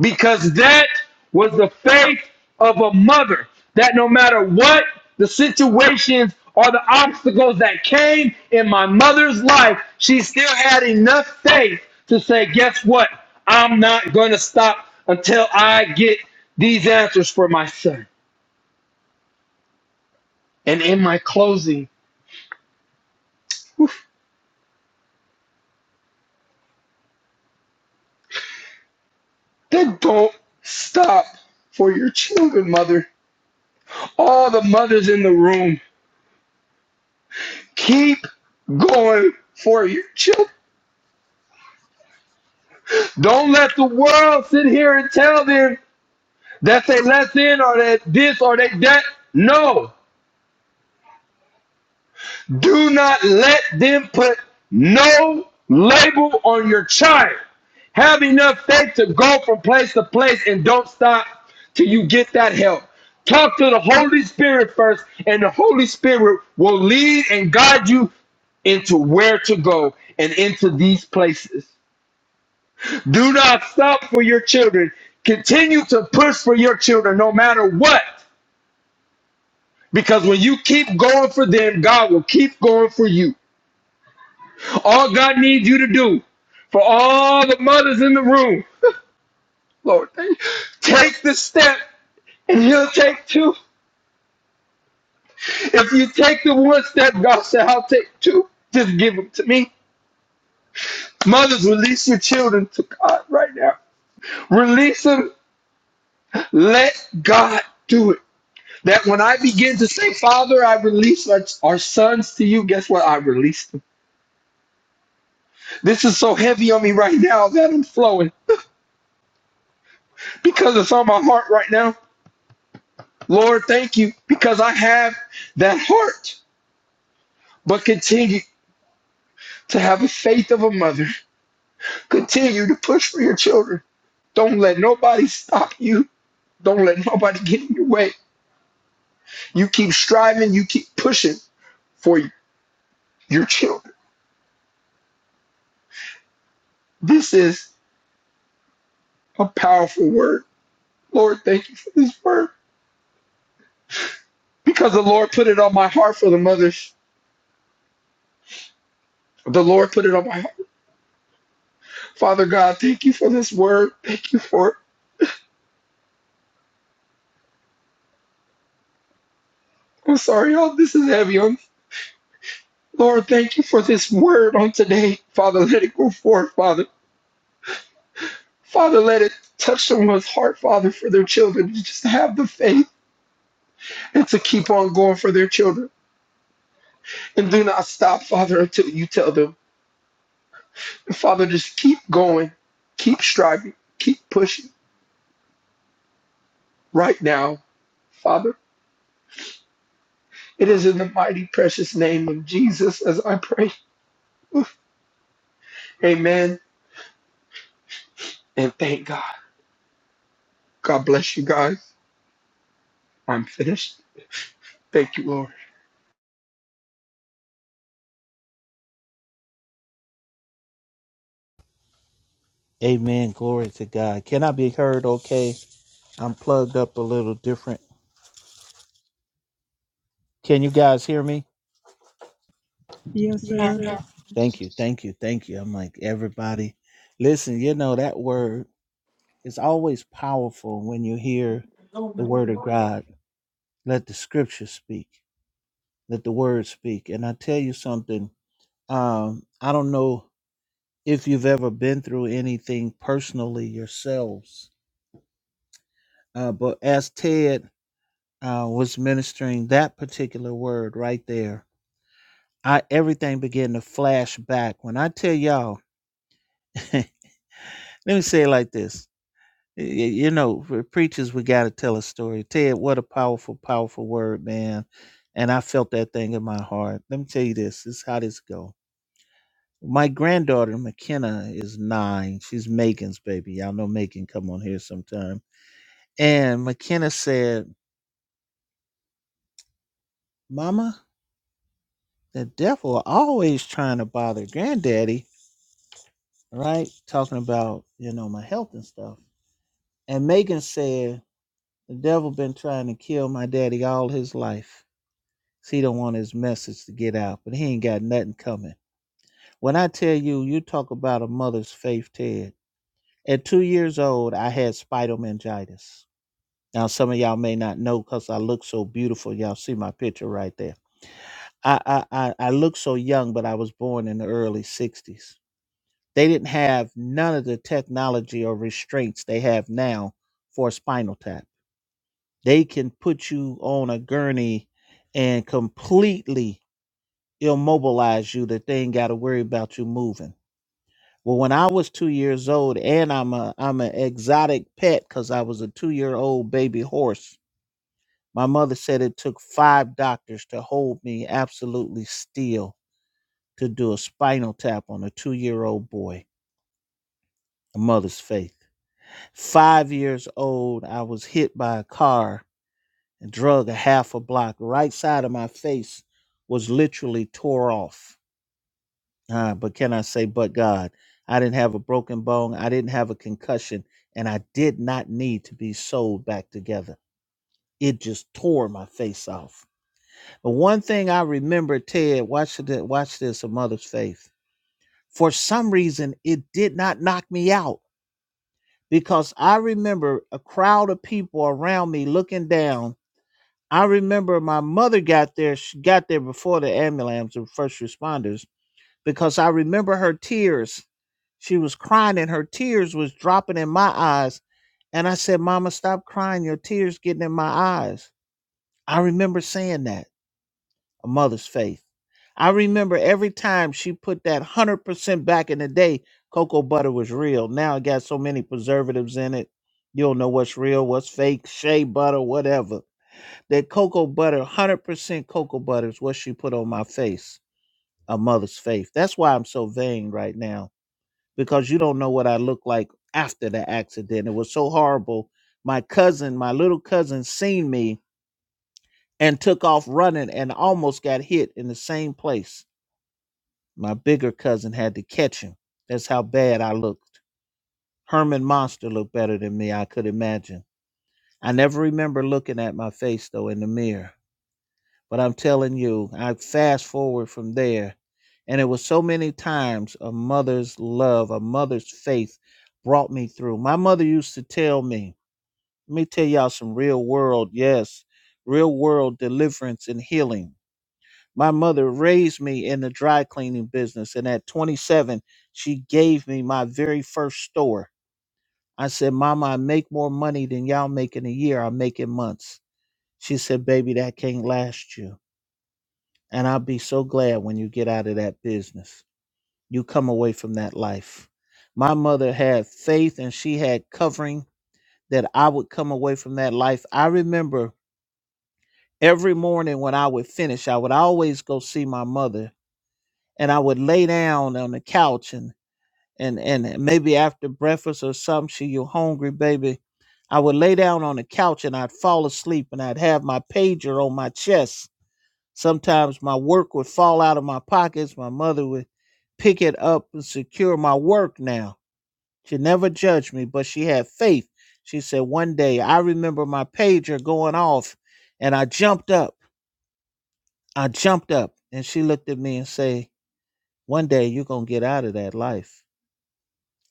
[SPEAKER 1] because that was the faith of a mother that no matter what the situations or the obstacles that came in my mother's life, she still had enough faith to say, Guess what? I'm not going to stop until I get these answers for my son. And in my closing, then don't stop for your children, mother. All the mothers in the room, keep going for your children Don't let the world sit here and tell them that they less in or that this or that that. No. Do not let them put no label on your child. Have enough faith to go from place to place and don't stop till you get that help. Talk to the Holy Spirit first, and the Holy Spirit will lead and guide you into where to go and into these places. Do not stop for your children. Continue to push for your children no matter what. Because when you keep going for them, God will keep going for you. All God needs you to do for all the mothers in the room, Lord, take the step and He'll take two. If you take the one step, God said, I'll take two. Just give them to me. Mothers, release your children to God right now. Release them. Let God do it. That when I begin to say, Father, I release our, our sons to you, guess what? I release them. This is so heavy on me right now that I'm flowing because it's on my heart right now. Lord, thank you because I have that heart, but continue to have the faith of a mother. Continue to push for your children. Don't let nobody stop you. Don't let nobody get in your way. You keep striving, you keep pushing for your children. This is a powerful word. Lord, thank you for this word. because the Lord put it on my heart for the mothers. The Lord put it on my heart. Father God, thank you for this word. Thank you for it. I'm sorry, y'all. This is heavy on me. Lord, thank you for this word on today. Father, let it go forth, Father. Father, let it touch someone's heart, Father, for their children to just have the faith and to keep on going for their children. And do not stop, Father, until you tell them. And Father, just keep going, keep striving, keep pushing right now, Father. It is in the mighty precious name of Jesus as I pray. Amen. And thank God. God bless you guys. I'm finished. Thank you, Lord.
[SPEAKER 2] Amen. Glory to God. Can I be heard okay? I'm plugged up a little different. Can you guys hear me?
[SPEAKER 3] Yes, sir.
[SPEAKER 4] Athens
[SPEAKER 2] Thank you. Thank you. Thank you. I'm like, everybody, listen, you know, that word is always powerful when you hear the word of God. Let the scripture speak, let the word speak. And I tell you something, um, I don't know if you've ever been through anything personally yourselves, uh, but as Ted uh, was ministering that particular word right there, I everything began to flash back. When I tell y'all, (laughs) let me say it like this: Y- y- you know, for preachers, we got to tell a story. Ted, what a powerful, powerful word, man! And I felt that thing in my heart. Let me tell you this: this is how this go. My granddaughter McKenna is nine. She's Megan's baby. Y'all know Megan come on here sometime. And McKenna said, "Mama, the devil always trying to bother Granddaddy." right? Talking about, you know, my health and stuff. And Megan said, the devil been trying to kill my daddy all his life. 'cause He don't want his message to get out, but he ain't got nothing coming. When I tell you, you talk about a mother's faith, Ted. At two years old, I had spinal meningitis. Now, some of y'all may not know because I look so beautiful. Y'all see my picture right there. I, I, I, I look so young, but I was born in the early 60s They didn't have none of the technology or restraints they have now for spinal tap. They can put you on a gurney and completely immobilize you that they ain't got to worry about you moving. Well, when I was two years old, and I'm a I'm an exotic pet because I was a two year old baby horse. My mother said it took five doctors to hold me absolutely still to do a spinal tap on a two year old boy. A mother's faith. Five years old, I was hit by a car and drug a half a block. Right side of my face was literally tore off. Ah, but can I say, but God, I didn't have a broken bone, I didn't have a concussion, and I did not need to be sewed back together. It just tore my face off. But one thing I remember, Ted, watch, the, watch this, a mother's faith. For some reason, it did not knock me out because I remember a crowd of people around me looking down. I remember my mother got there. She got there before the ambulance and first responders because I remember her tears. She was crying and her tears was dropping in my eyes. And I said, Mama, stop crying. Your tears getting in my eyes. I remember saying that a mother's faith. I remember every time she put that 100% back in the day, cocoa butter was real. Now it got so many preservatives in it. You don't know what's real, what's fake, shea butter, whatever. That cocoa butter, 100% cocoa butter is what she put on my face, a mother's faith. That's why I'm so vain right now, because you don't know what I look like after the accident. It was so horrible. My cousin, my little cousin, seen me and took off running and almost got hit in the same place My bigger cousin had to catch him. That's how bad I looked. Herman Monster looked better than me, I could imagine. I never remember looking at my face, though, in the mirror. But I'm telling you, I fast forward from there. And it was so many times a mother's love, a mother's faith brought me through. My mother used to tell me, let me tell y'all some real world, yes, real world deliverance and healing my mother raised me in the dry cleaning business and at 27 she gave me my very first store i said mama i make more money than y'all make in a year i make in months she said baby that can't last you and i'll be so glad when you get out of that business you come away from that life my mother had faith and she had covering that i would come away from that life i remember every morning when i would finish i would always go see my mother and I would lay down on the couch and and and maybe after breakfast or something, she you hungry, baby. I would lay down on the couch and I'd fall asleep and I'd have my pager on my chest. Sometimes my work would fall out of my pockets. My mother would pick it up and secure my work now. She never judged me, but she had faith. She said, One day I remember my pager going off and I jumped up. I jumped up and she looked at me and said, One day you're going to get out of that life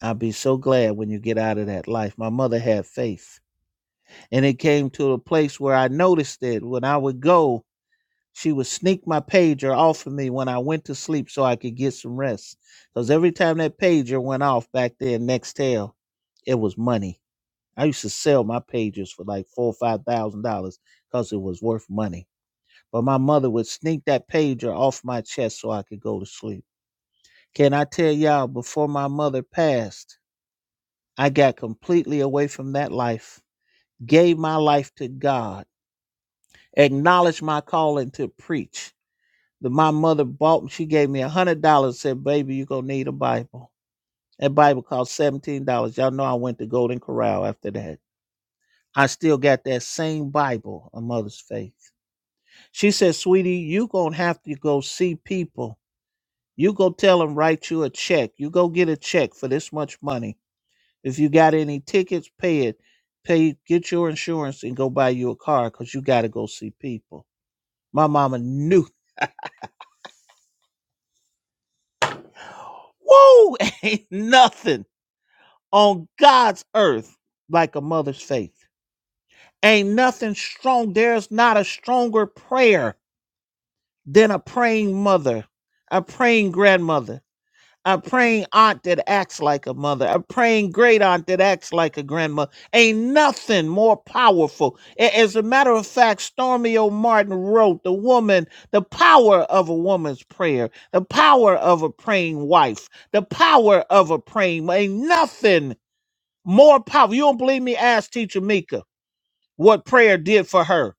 [SPEAKER 2] I'll be so glad when you get out of that life. My mother had faith. And it came to a place where I noticed that when I would go, she would sneak my pager off of me when I went to sleep so I could get some rest. Because every time that pager went off back there in Nextel, it was money. I used to sell my pagers for like four or five thousand dollars because it was worth money. But my mother would sneak that pager off my chest so I could go to sleep. Can I tell y'all before my mother passed? I got completely away from that life, gave my life to God, acknowledged my calling to preach. The, my mother bought, she gave me a hundred dollars, said, baby, you're gonna need a Bible. That Bible cost seventeen dollars. Y'all know I went to Golden Corral after that. I still got that same Bible, a mother's faith. She said, sweetie, you gonna have to go see people. You go tell them write you a check. You go get a check for this much money If you got any tickets, pay it. Pay, get your insurance and go buy you a car because you got to go see people. My mama knew. Woo! (laughs) Ain't nothing on God's earth like a mother's faith. Ain't nothing strong. There's not a stronger prayer than a praying mother, a praying grandmother. A praying aunt that acts like a mother, a praying great aunt that acts like a grandma. Ain't nothing more powerful. A- As a matter of fact, Stormy O. Martin wrote the woman, the power of a woman's prayer, the power of a praying wife, the power of a praying. Ain't nothing more powerful. You don't believe me? Ask Teacher Mika what prayer did for her.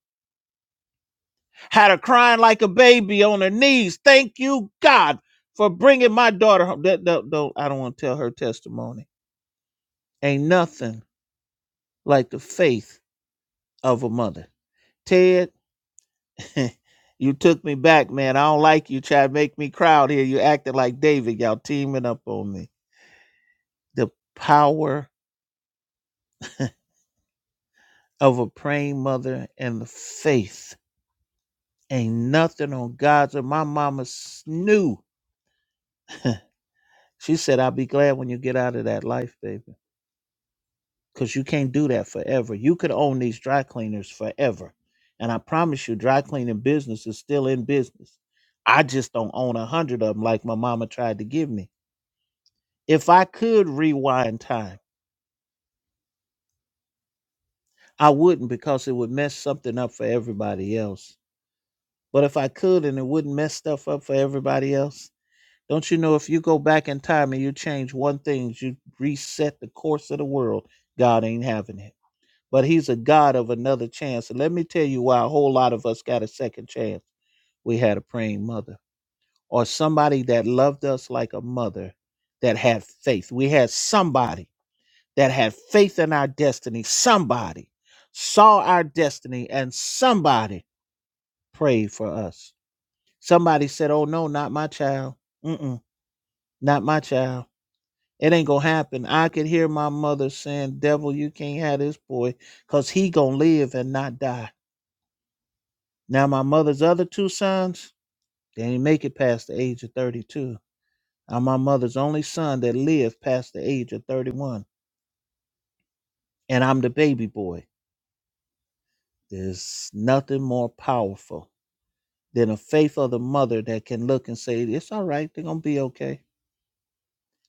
[SPEAKER 2] Had her crying like a baby on her knees. Thank you, God, for bringing my daughter home. That- that- don't- I don't want to tell her testimony Ain't nothing like the faith of a mother. Ted, (laughs) you took me back, man. I don't like you trying to make me crowd here. You acting like David. Y'all teaming up on me. The power of a praying mother and the faith. Ain't nothing on God's. And my mama s- knew. (laughs) She said, I'll be glad when you get out of that life, baby. because you can't do that forever. You could own these dry cleaners forever. And I promise you, dry cleaning business is still in business. I just don't own a hundred of them like my mama tried to give me. If I could rewind time, I wouldn't because it would mess something up for everybody else. But if I could and it wouldn't mess stuff up for everybody else, don't you know if you go back in time and you change one thing, you reset the course of the world, God ain't having it. but he's a God of another chance. And let me tell you why a whole lot of us got a second chance. We had a praying mother or somebody that loved us like a mother that had faith. We had somebody that had faith in our destiny. Somebody saw our destiny and somebody prayed for us. Somebody said, Oh, no, not my child. Mm-mm, not my child. It ain't gonna happen. I could hear my mother saying, Devil, you can't have this boy because he gonna live and not die Now my mother's other two sons, they didn't make it past the age of 32. I'm my mother's only son that lived past the age of 31, and I'm the baby boy. There's nothing more powerful than a faith of the mother that can look and say, "It's all right. They're gonna be okay."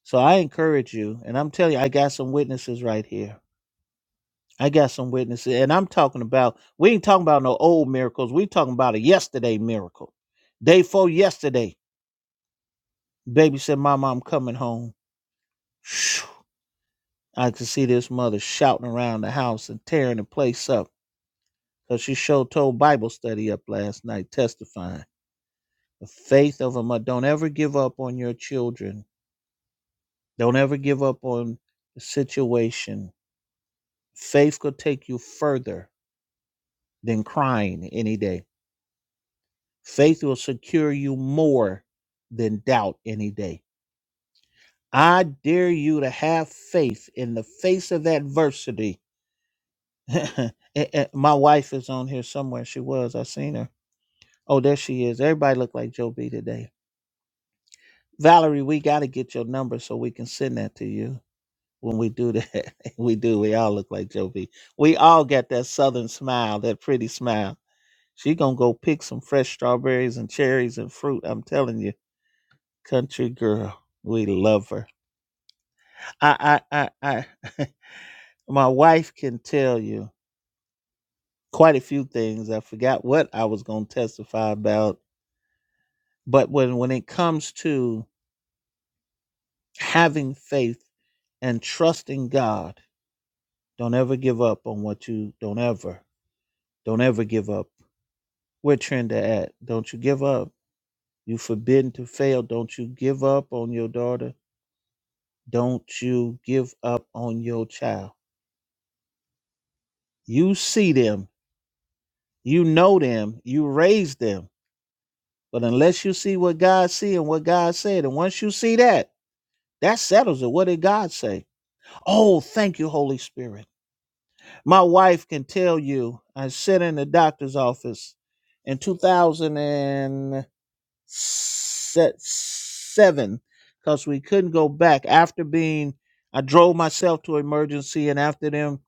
[SPEAKER 2] So I encourage you, and I'm telling you, I got some witnesses right here. I got some witnesses, and I'm talking about we ain't talking about no old miracles. We talking about a yesterday miracle, day four yesterday. Baby said, "Mama, I'm coming home." Phew. I could see this mother shouting around the house and tearing the place up because she showed told Bible study up last night testifying. The faith of a mother. Don't ever give up on your children. Don't ever give up on the situation. Faith could take you further than crying any day. Faith will secure you more than doubt any day. I dare you to have faith in the face of adversity. (laughs) Eh, eh, My wife is on here somewhere. She was. I seen her Oh, there she is. Everybody look like Joe B today. Valerie, we got to get your number so we can send that to you when we do that. (laughs) we do. We all look like Joe B. We all got that southern smile, that pretty smile. She going to go pick some fresh strawberries and cherries and fruit. I'm telling you, country girl, we love her. I, I, I, I, (laughs) my wife can tell you quite a few things. I forgot what I was going to testify about. But when, when it comes to having faith and trusting God. Don't ever give up on what you don't ever, don't ever give up. Where Trenda at? Don't you give up. You forbidden to fail. Don't you give up on your daughter. Don't you give up on your child. You see them, you know them, you raise them. But unless you see what God see and what God said, and once you see that, that settles it. What did God say? Oh, thank you, Holy Spirit. My wife can tell you I sat in the doctor's office in 2007 because we couldn't go back after being, I drove myself to emergency and after them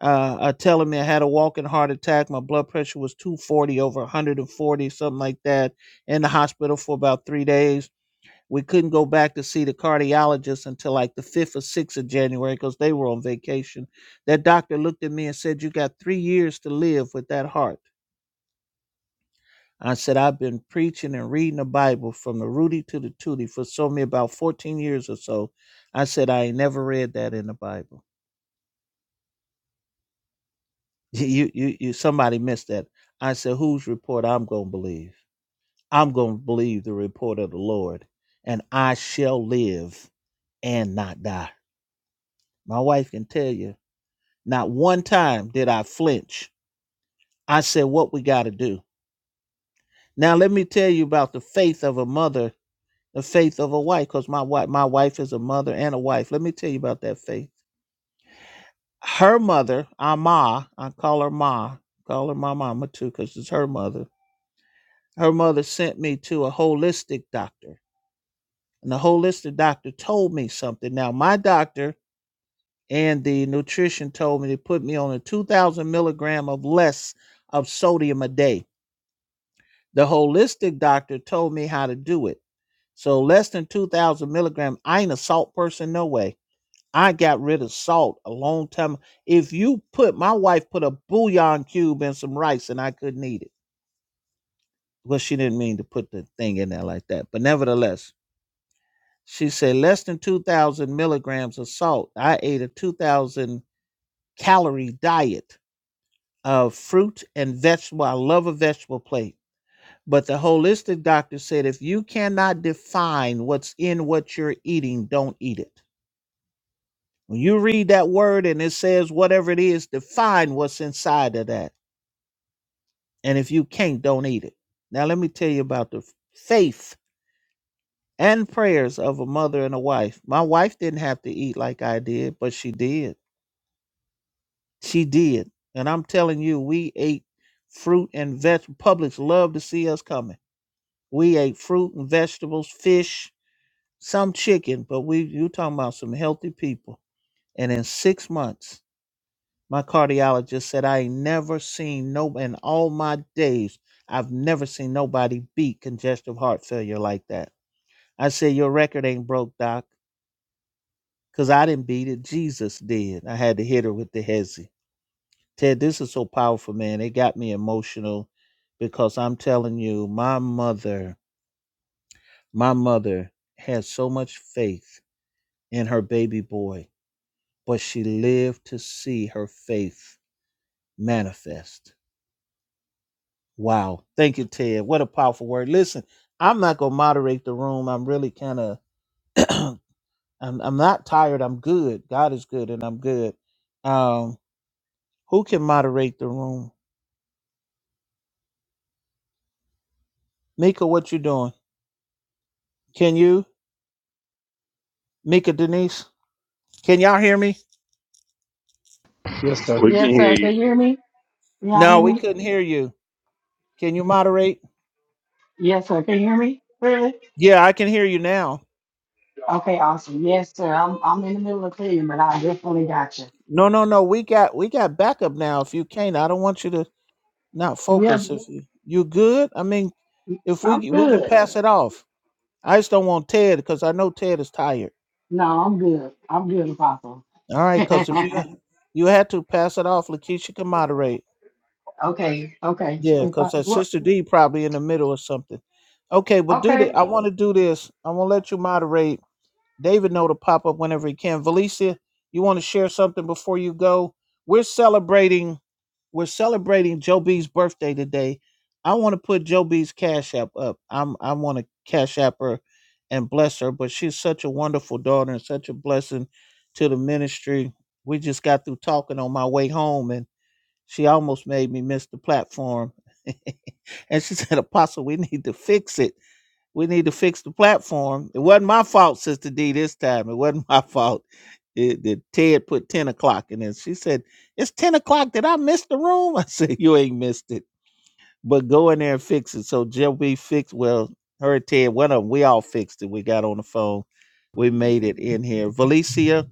[SPEAKER 2] uh, uh, telling me I had a walking heart attack, my blood pressure was 240 over 140, something like that, in the hospital for about three days we couldn't go back to see the cardiologist until like the 5th or 6th of January because they were on vacation. That doctor looked at me and said, You got three years to live with that heart. I said, I've been preaching and reading the Bible from the Rudy to the Tootie for so me about 14 years or so. I said, I ain't never read that in the Bible. (laughs) You, you, you, somebody missed that. I said, Whose report I'm going to believe? I'm going to believe the report of the Lord, and I shall live and not die. My wife can tell you Not one time did I flinch. I said, What we got to do? Now, let me tell you about the faith of a mother, the faith of a wife, because my, wife, my wife is a mother and a wife. Let me tell you about that faith. Her mother, our ma, I call her ma, call her my mama too, because it's her mother. Her mother sent me to a holistic doctor, and the holistic doctor told me something. Now, my doctor and the nutrition told me to put me on a 2,000 milligram of less of sodium a day The holistic doctor told me how to do it. So less than 2,000 milligram. I ain't a salt person, no way. I got rid of salt a long time. If you put, my wife put a bouillon cube in some rice and I couldn't eat it. Well, she didn't mean to put the thing in there like that. But nevertheless, she said less than 2,000 milligrams of salt. I ate a 2,000 calorie diet of fruit and vegetable. I love a vegetable plate But the holistic doctor said if you cannot define what's in what you're eating, don't eat it. When you read that word and it says whatever it is, define what's inside of that. And if you can't, don't eat it. Now, let me tell you about the faith and prayers of a mother and a wife. My wife didn't have to eat like I did, but she did. She did. And I'm telling you, we ate fruit and vegetables. Publix loved to see us coming. We ate fruit and vegetables, fish, some chicken, but we you talking about some healthy people. And in six months, my cardiologist said I ain't never seen no in all my days, I've never seen nobody beat congestive heart failure like that. I said, Your record ain't broke, Doc, because I didn't beat it. Jesus did. I had to hit her with the hezzy. Ted, this is so powerful, man. It got me emotional because I'm telling you, my mother, my mother had so much faith in her baby boy but she lived to see her faith manifest. Wow. Thank you, Ted. What a powerful word. Listen, I'm not going to moderate the room. I'm really kind of, (clears throat) I'm, I'm not tired. I'm good. God is good and I'm good. Um, who can moderate the room? Mika, what you doing? Can you? Mika, Denise? Can y'all hear me?
[SPEAKER 1] Yes, sir.
[SPEAKER 5] We can
[SPEAKER 6] Yes,
[SPEAKER 5] hear
[SPEAKER 6] sir.
[SPEAKER 5] you.
[SPEAKER 6] Can you hear me? Can Y'all
[SPEAKER 2] No,
[SPEAKER 6] hear
[SPEAKER 2] we
[SPEAKER 6] me?
[SPEAKER 2] couldn't hear you. Can you moderate?
[SPEAKER 6] Yes, sir. Can you hear me? clearly?
[SPEAKER 2] Yeah, I can hear you now.
[SPEAKER 6] Okay, awesome. Yes, sir. I'm I'm in the middle of cleaning, but I definitely got you.
[SPEAKER 2] No, no, no. We got we got backup now. If you can't, I don't want you to not
[SPEAKER 6] Yep,
[SPEAKER 2] focus. If you you good, I mean, if we
[SPEAKER 6] I'm
[SPEAKER 2] we can
[SPEAKER 6] good.
[SPEAKER 2] pass it off. I just don't want Ted because I know Ted is tired.
[SPEAKER 6] No, I'm good. I'm good, Apostle.
[SPEAKER 2] All
[SPEAKER 6] (laughs)
[SPEAKER 2] right, because if
[SPEAKER 6] okay,
[SPEAKER 2] you you had to pass it off, Lakeisha can moderate.
[SPEAKER 6] okay.
[SPEAKER 2] Yeah,
[SPEAKER 6] If
[SPEAKER 2] because
[SPEAKER 6] I
[SPEAKER 2] her
[SPEAKER 6] what?
[SPEAKER 2] sister D probably in the middle or something. Okay, well do
[SPEAKER 6] Okay.
[SPEAKER 2] the I want to do this. I want to let you moderate. David know to pop up whenever he can. Valicia, you want to share something before you go? We're celebrating. we're celebrating Joe B's birthday today. I want to put Joe B's cash app up. I'm I want to cash app her and bless her, but she's such a wonderful daughter and such a blessing to the ministry. We just got through talking on my way home and she almost made me miss the platform. (laughs) and she said, Apostle, we need to fix it. We need to fix the platform. It wasn't my fault, Sister D, this time. It wasn't (laughs) my fault. It, that Ted put 10 o'clock in there. She said, It's 10 o'clock. Did I miss the room? (laughs) I said, You ain't missed it. But go in there and fix it. So Jim, we fixed, well, her and Ted, one of them, we all fixed it. We got on the phone. We made it in here. Valicia,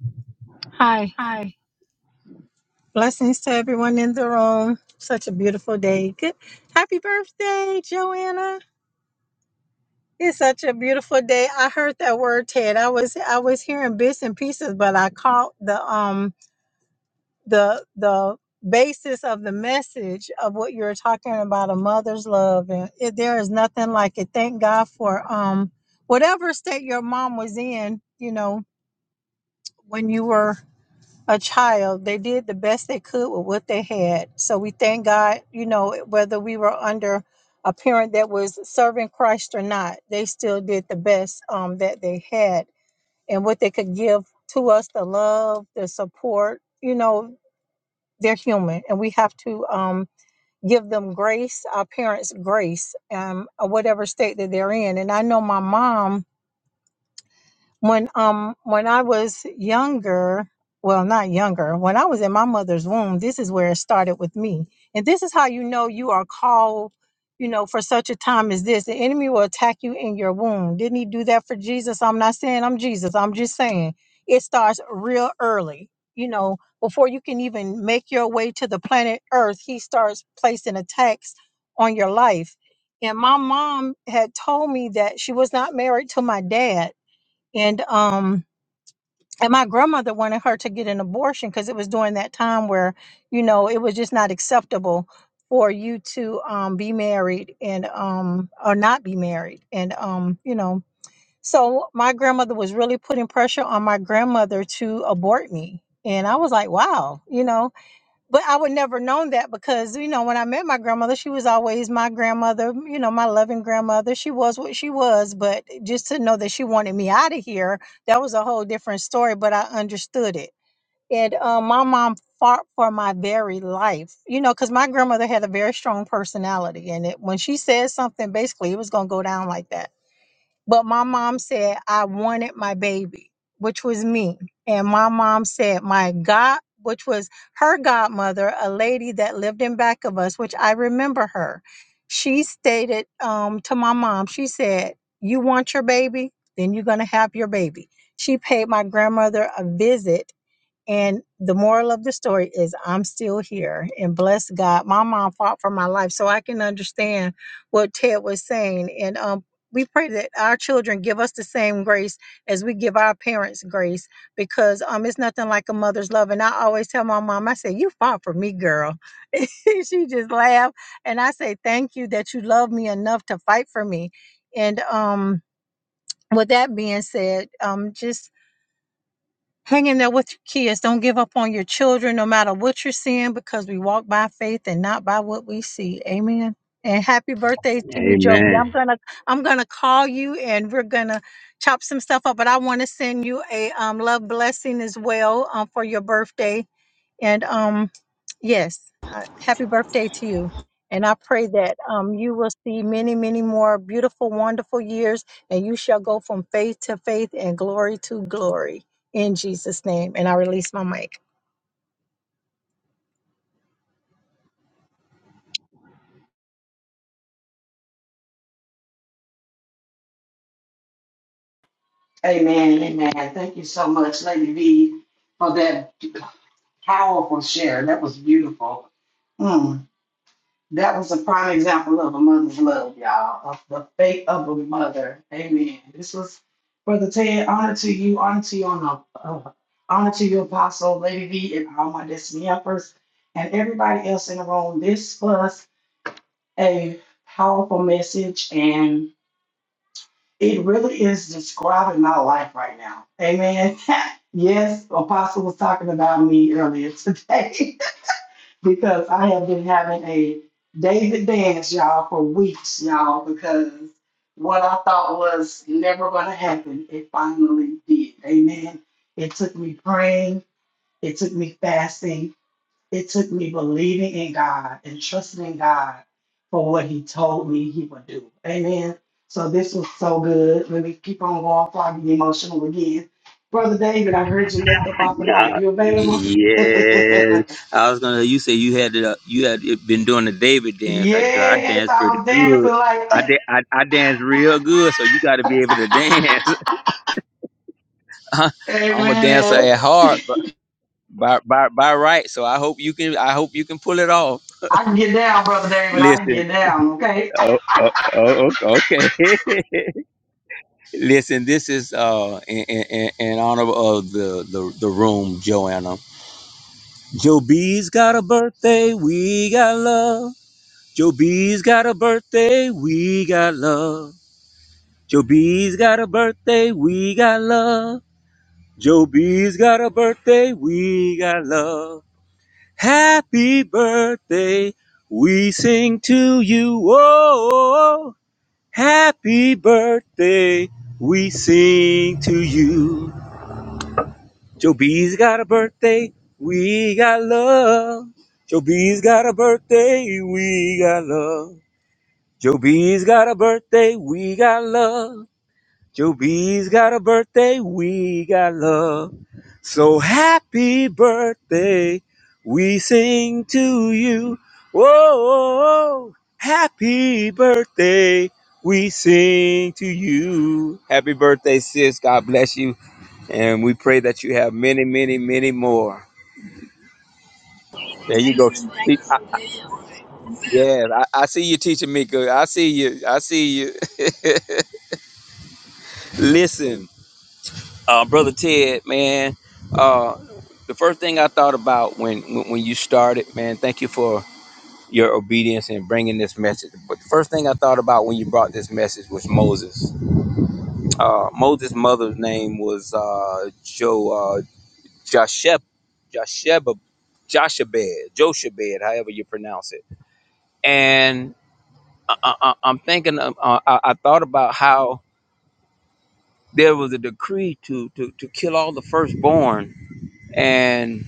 [SPEAKER 7] Hi.
[SPEAKER 2] Hi.
[SPEAKER 7] Blessings to everyone in the room. Such a beautiful day. Good. Happy birthday, Joanna. It's such a beautiful day. I heard that word, Ted. I was I was hearing bits and pieces, but I caught the um the the basis of the message of what you were talking about a mother's love and it, there is nothing like it. Thank God for um whatever state your mom was in, you know, when you were a child. They did the best they could with what they had. So we thank God, you know, whether we were under a parent that was serving Christ or not, they still did the best um, that they had and what they could give to us the love, the support. You know, they're human and we have to um, give them grace, our parents grace, um, or whatever state that they're in. And I know my mom when um when I was younger, well not younger, when I was in my mother's womb, this is where it started with me. And this is how you know you are called, you know, for such a time as this. The enemy will attack you in your womb. Didn't he do that for Jesus? I'm not saying I'm Jesus. I'm just saying it starts real early. You know, before you can even make your way to the planet Earth, he starts placing attacks on your life. And my mom had told me that she was not married to my dad and um and my grandmother wanted her to get an abortion because it was during that time where you know it was just not acceptable for you to um be married and um or not be married and um you know so my grandmother was really putting pressure on my grandmother to abort me and i was like wow you know but I would never known that because you know when I met my grandmother, she was always my grandmother, you know, my loving grandmother. She was what she was, but just to know that she wanted me out of here, that was a whole different story. But I understood it, and uh, my mom fought for my very life, you know, because my grandmother had a very strong personality, and it when she said something, basically it was gonna go down like that. But my mom said I wanted my baby, which was me. And my mom said my God, which was her godmother, a lady that lived in back of us, which I remember her. She stated um, to my mom, she said, You want your baby? Then you're going to have your baby. She paid my grandmother a visit and the moral of the story is I'm still here and bless God. My mom fought for my life so I can understand what Ted was saying. And um, we pray that our children give us the same grace as we give our parents grace because um, it's nothing like a mother's love. And I always tell my mom, I say, You fought for me, girl. (laughs) she just laughed. And I say, Thank you that you love me enough to fight for me. And um, with that being said, um, just Hang in there with your kids. Don't give up on your children, no matter what you're seeing, because we walk by faith and not by what we see. Amen. And happy birthday to you, Joby.
[SPEAKER 5] Amen.
[SPEAKER 7] I'm gonna I'm gonna call you and we're gonna chop some stuff up. But I want to send you a um, love blessing as well um, for your birthday. And um, yes, uh, happy birthday to you. And I pray that um, you will see many, many more beautiful, wonderful years, and you shall go from faith to faith and glory to glory in Jesus' name. And I release my mic.
[SPEAKER 6] Amen. Amen. Thank you so much, Lady V, for that powerful share. That was beautiful. Hmm. That was a prime example of a mother's love, y'all, of the faith of a mother. Amen. This was Brother Ted, honor to you, honor to you on uh, honor to you, Apostle Lady V, and all my destiny helpers, and everybody else in the room. This was a powerful message, and it really is describing my life right now. Amen. (laughs) Yes, Apostle was talking about me earlier today. (laughs) because I have been having a David dance, y'all, for weeks, y'all, because what I thought was never going to happen, it finally did. Amen. It took me praying, it took me fasting, it took me believing in God and trusting God for what He told me He would do. Amen. So this was so good. Let me keep on going before I get emotional again. Brother David, I heard you lift up off the mic.
[SPEAKER 5] Uh,
[SPEAKER 6] You available? (laughs)
[SPEAKER 5] Yeah, I was gonna. You say you had uh, you had been doing the David dance. I girl, I
[SPEAKER 6] Yes,
[SPEAKER 5] danced
[SPEAKER 6] I
[SPEAKER 5] pretty
[SPEAKER 6] was dancing
[SPEAKER 5] good.
[SPEAKER 6] like (laughs)
[SPEAKER 5] I did. I, I danced real good. So you got to be able to dance. (laughs) I'm a dancer
[SPEAKER 6] Amen.
[SPEAKER 5] at heart, but by by by right. So I hope you can. I hope you can pull it off.
[SPEAKER 6] I can get down, Brother David. I can
[SPEAKER 5] Listen.
[SPEAKER 6] get down, okay?
[SPEAKER 5] Oh, oh, oh oh, okay. (laughs) Listen. This is uh in, in in honor of the the the room, Joanna. Joe B's got a birthday, we got love. Joe B's got a birthday, we got love. Joe B's got a birthday, we got love. Joe B's got a birthday, we got love. Happy birthday, we sing to you. Oh, happy birthday, we sing to you. Joe B's got a birthday. We got love. Joe B's got a birthday. We got love. Joe B's got a birthday. We got love. Joe B's got a birthday. We got love. So happy birthday. We sing to you. Whoa. Happy birthday. We sing to you. Happy birthday, sis. God bless you. And we pray that you have many, many, many more. There you go. Te- Yes, I, I see you teaching me I see you. I see you. (laughs) Listen, uh, brother Ted, man. Uh, the first thing I thought about when, when when you started, man. Thank you for your obedience and bringing this message. But the first thing I thought about when you brought this message was Moses. Uh, Moses' mother's name was uh, Jo uh, Josheb, Josheba, Joshabed, Joshabed, however you pronounce it and I, I, I'm thinking, of- uh, I, I thought about how there was a decree to, to, to kill all the firstborn, and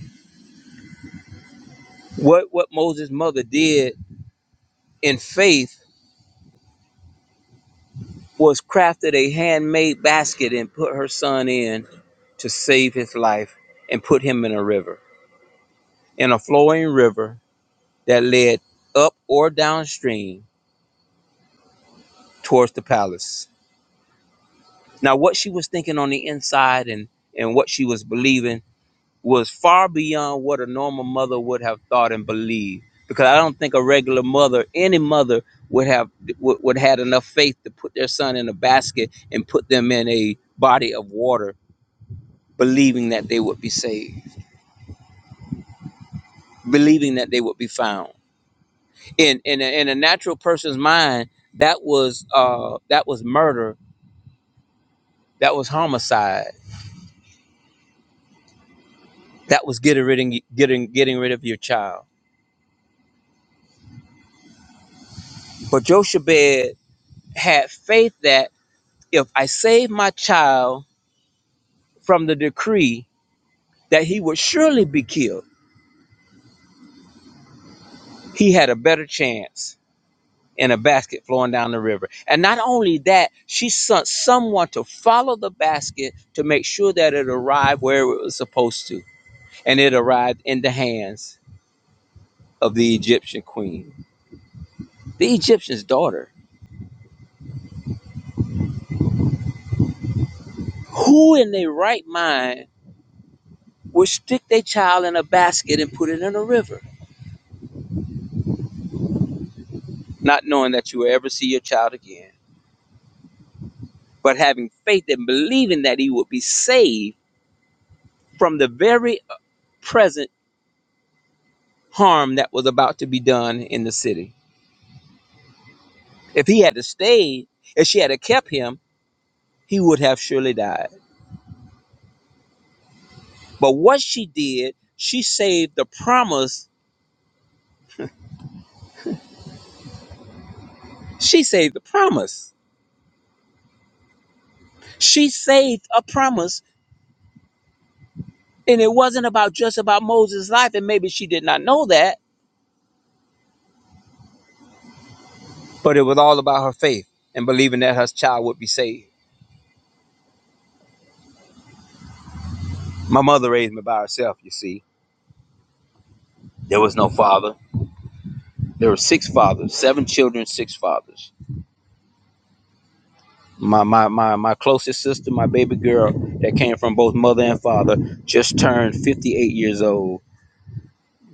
[SPEAKER 5] what what Moses' mother did in faith was crafted a handmade basket and put her son in to save his life and put him in a river, in a flowing river that led up or downstream towards the palace. Now, what she was thinking on the inside and and what she was believing was far beyond what a normal mother would have thought and believed. Because I don't think a regular mother, any mother, would have would, would had enough faith to put their son in a basket and put them in a body of water, believing that they would be saved, believing that they would be found. In in a, in a natural person's mind, that was uh that was murder, that was homicide, that was getting rid of, getting getting rid of your child. But Jochebed had faith that if I save my child from the decree that he would surely be killed, he had a better chance in a basket flowing down the river. And not only that, she sent someone to follow the basket to make sure that it arrived where it was supposed to. And it arrived in the hands of the Egyptian queen, the Egyptian's daughter. Who in their right mind would stick their child in a basket and put it in a river, not knowing that you will ever see your child again, but having faith and believing that he would be saved? from the very present harm that was about to be done in the city. If he had stayed, if she had kept him, he would have surely died. But what she did, she saved the promise. She saved the promise. She saved a promise. And it wasn't about just about Moses' life, and maybe she did not know that, but it was all about her faith and believing that her child would be saved. My mother raised me by herself, you see. There was no father. There were six fathers, seven children, six fathers. my my my my closest sister, my baby girl that came from both mother and father, just turned 58 years old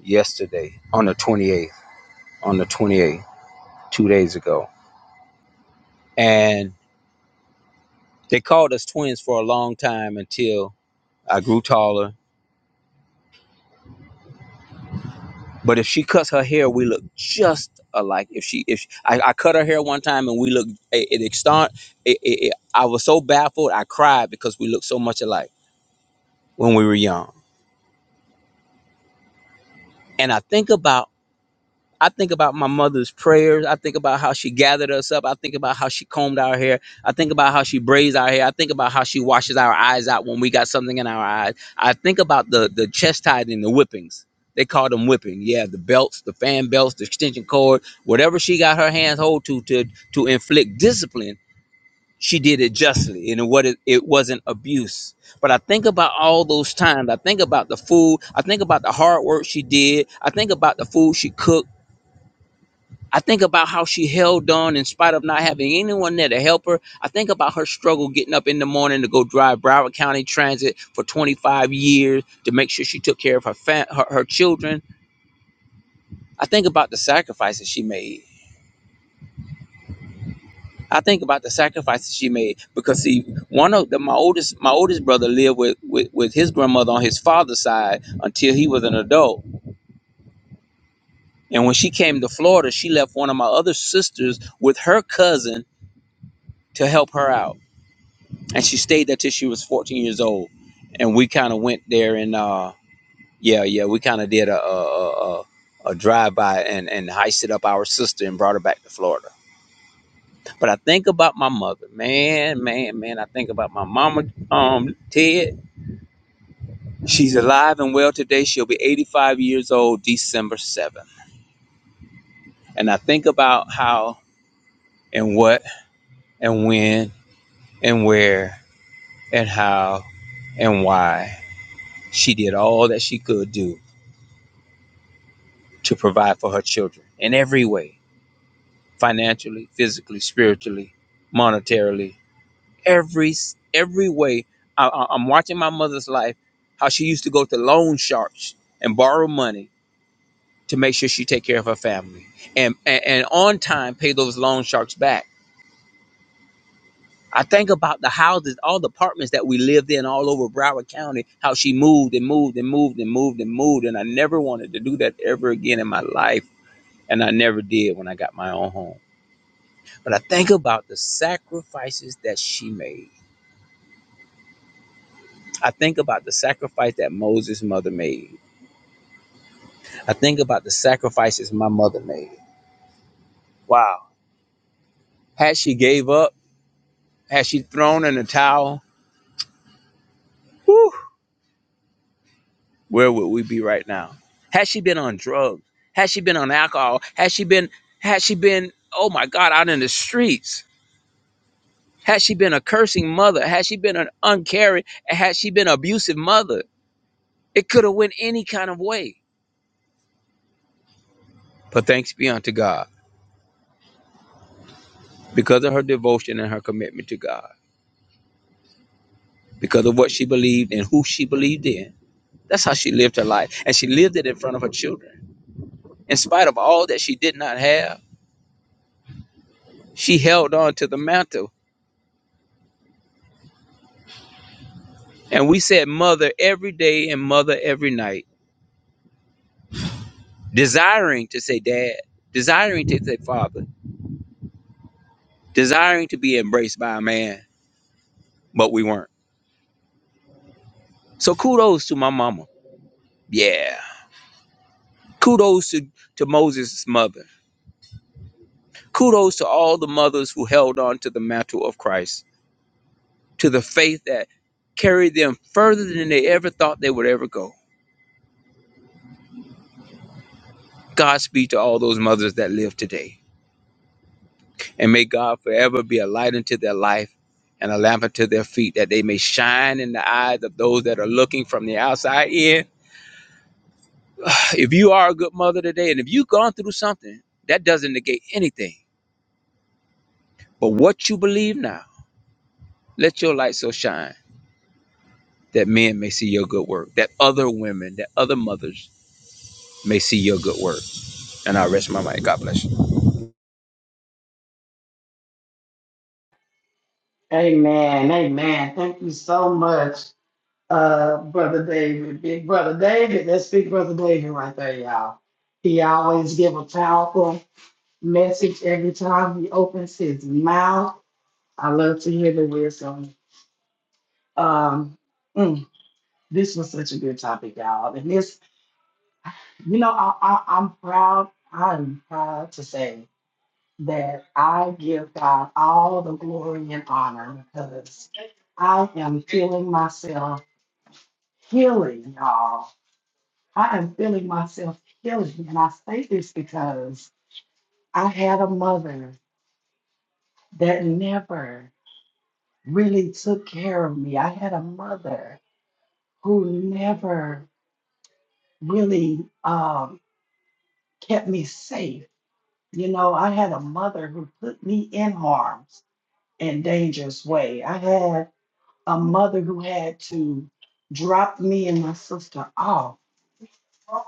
[SPEAKER 5] yesterday on the 28th, on the 28th, two days ago. And they called us twins for a long time until I grew taller. But if she cuts her hair, we look just alike. If she, if I, I cut her hair one time and we look, it, it extant. It, it, it, I was so baffled, I cried because we looked so much alike when we were young. And I think about I think about my mother's prayers. I think about how she gathered us up. I think about how she combed our hair. I think about how she braids our hair. I think about how she washes our eyes out when we got something in our eyes. I think about the the chastising, the whippings. They call them whipping. Yeah, the belts, the fan belts, the extension cord, whatever she got her hands hold to to to inflict discipline. She did it justly, and what it, it wasn't abuse. But I think about all those times. I think about the food. I think about the hard work she did. I think about the food she cooked. I think about how she held on in spite of not having anyone there to help her. I think about her struggle getting up in the morning to go drive Broward County Transit for 25 years to make sure she took care of her fam- her, her children. I think about the sacrifices she made. I think about the sacrifices she made because see, one of the, my oldest my oldest brother lived with, with with his grandmother on his father's side until he was an adult. And when she came to Florida, she left one of my other sisters with her cousin to help her out and she stayed there till she was 14 years old and we kind of went there and uh yeah yeah we kind of did a a, a, a drive-by and and heisted up our sister and brought her back to florida but i think about my mother man man man i think about my mama um ted she's alive and well today she'll be 85 years old december 7th and i think about how and what and when and where and how and why she did all that she could do to provide for her children in every way financially physically spiritually monetarily every every way I, I- i'm watching my mother's life how she used to go to loan sharks and borrow money to make sure she take care of her family and, and and on time pay those loan sharks back i think about the houses all the apartments that we lived in all over broward county how she moved and moved and moved and moved and moved and i never wanted to do that ever again in my life and i never did when i got my own home But I think about the sacrifices that she made. I think about the sacrifice that Moses' mother made. I think about the sacrifices my mother made. Wow. Had she gave up, had she thrown in the towel, whew, where would we be right now? Had she been on drugs, had she been on alcohol, had she been, had she been, oh my God, out in the streets, had she been a cursing mother, had she been an uncaring, had she been an abusive mother, it could have went any kind of way. But thanks be unto God because of her devotion and her commitment to God, because of what she believed and who she believed in. That's how she lived her life. And she lived it in front of her children. In spite of all that she did not have, she held on to the mantle. And we said mother every day and mother every night, desiring to say dad, desiring to say father, desiring to be embraced by a man, but we weren't. So kudos to my mama. Yeah. Kudos to, to Moses' mother. Kudos to all the mothers who held on to the mantle of Christ to the faith that carried them further than they ever thought they would ever go. Godspeed to all those mothers that live today. And may God forever be a light unto their life and a lamp unto their feet, that they may shine in the eyes of those that are looking from the outside in. (sighs) If you are a good mother today, and if you've gone through something, that doesn't negate anything. But what you believe now, let your light so shine that men may see your good work, that other women, that other mothers may see your good work. And I rest my mind. God bless you.
[SPEAKER 6] Amen. Amen. Thank you so much, uh, Brother David. Big Brother David. That's Big Brother David right there, y'all. He always give a powerful message every time he opens his mouth. I love to hear the wisdom. Um, mm, this was such a good topic, y'all. And this You know, I, I, I'm proud. I am proud to say that I give God all the glory and honor because I am feeling myself healing, y'all. I am feeling myself healing. And I say this because I had a mother that never really took care of me. I had a mother who never really um, kept me safe. You know, I had a mother who put me in harm's and dangerous way. I had a mother who had to drop me and my sister off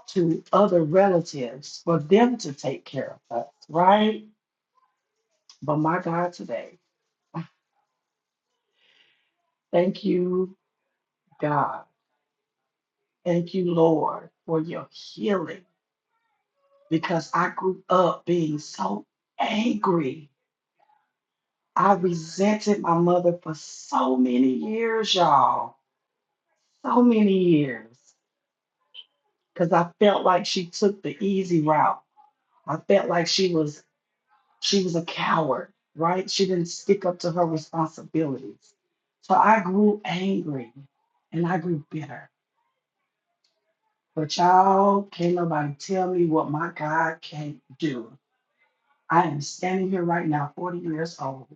[SPEAKER 6] to other relatives for them to take care of us, right? But my God, today, thank you, God. Thank you, Lord, for your healing because I grew up being so angry. I resented my mother for so many years, y'all. So many years. Because I felt like she took the easy route I felt like she was she was a coward, right? She didn't stick up to her responsibilities. So I grew angry and I grew bitter. But y'all can't nobody tell me what my God can't do. I am standing here right now, 40 years old,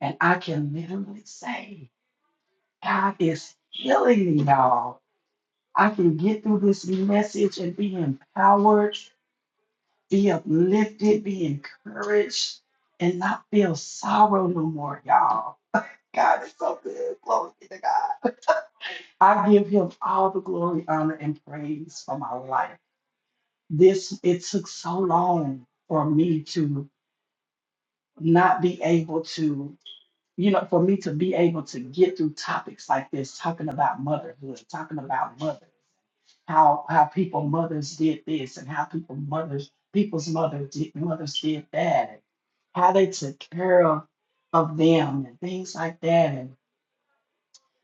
[SPEAKER 6] and I can literally say, God is healing me, y'all. I can get through this message and be empowered be uplifted, be encouraged, and not feel sorrow no more, y'all. God is so good. Glory be to God. I give him all the glory, honor, and praise for my life. This it took so long for me to not be able to, you know, for me to be able to get through topics like this, talking about motherhood, talking about mothers. how how people mothers did this and how people mothers people's mothers did mothers did that and how they took care of of them and things like that and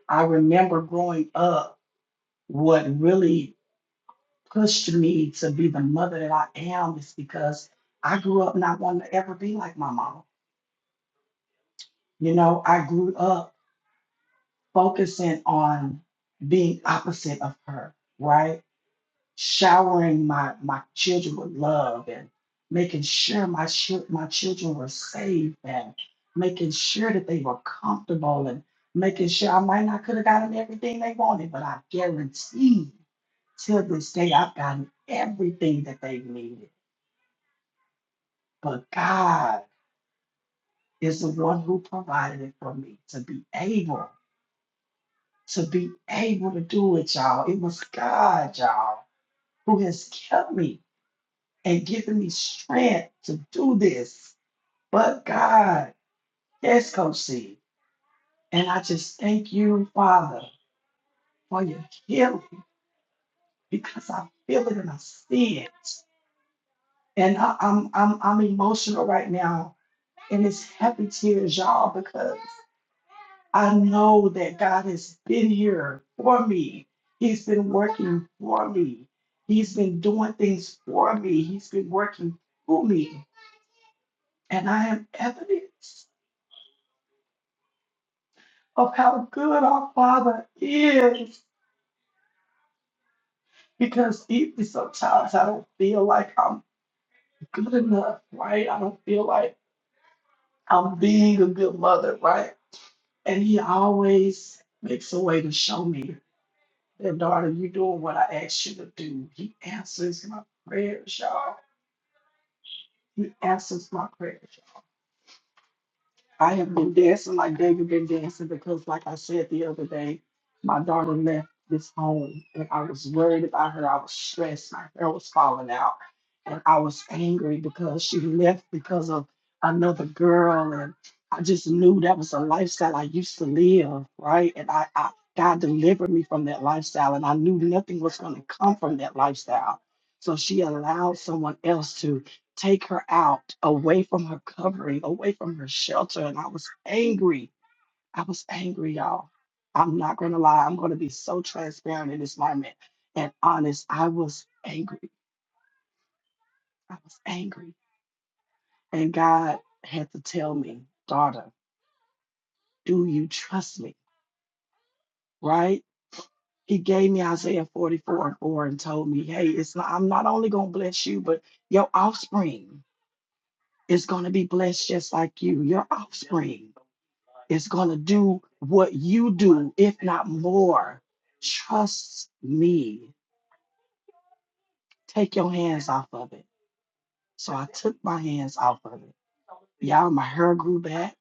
[SPEAKER 6] I remember growing up what really pushed me to be the mother that I am is because I grew up not wanting to ever be like my mom. You know, I grew up focusing on being opposite of her, right? showering my, my children with love and making sure my, chil- my children were safe and making sure that they were comfortable and making sure I might not could have gotten everything they wanted, but I guarantee till this day I've gotten everything that they needed. But God is the one who provided it for me to be able to be able to do it, y'all. It was God, y'all, who has kept me and giving me strength to do this. But God, yes, Coach C. And I just thank you, Father, for your healing because I feel it and I see it. And I, I'm, I'm, I'm emotional right now. And it's happy tears, y'all, because I know that God has been here for me. He's been working for me. He's been doing things for me. He's been working through me. And I am evidence. of how good our Father is. Because even sometimes I don't feel like I'm good enough, right? I don't feel like I'm being a good mother, right? And He always makes a way to show me that, daughter, you're doing what I asked you to do. He answers my prayers, y'all. He answers my prayers. I have been dancing like David been dancing because, like I said the other day, my daughter left this home and I was worried about her. I was stressed. My hair was falling out. And I was angry because she left because of another girl. And I just knew that was a lifestyle I used to live, right? And I, I God delivered me from that lifestyle. And I knew nothing was going to come from that lifestyle. So she allowed someone else to take her out away from her covering, away from her shelter. And I was angry. I was angry, y'all. I'm not going to lie. I'm going to be so transparent in this moment and honest. I was angry. I was angry. And God had to tell me, daughter, do you trust me? Right? He gave me Isaiah 44 and 4 and told me, hey, it's not, I'm not only going to bless you, but your offspring is going to be blessed just like you, your offspring. is going to do what you do, if not more. Trust me. Take your hands off of it. So I took my hands off of it. Y'all, my hair grew back.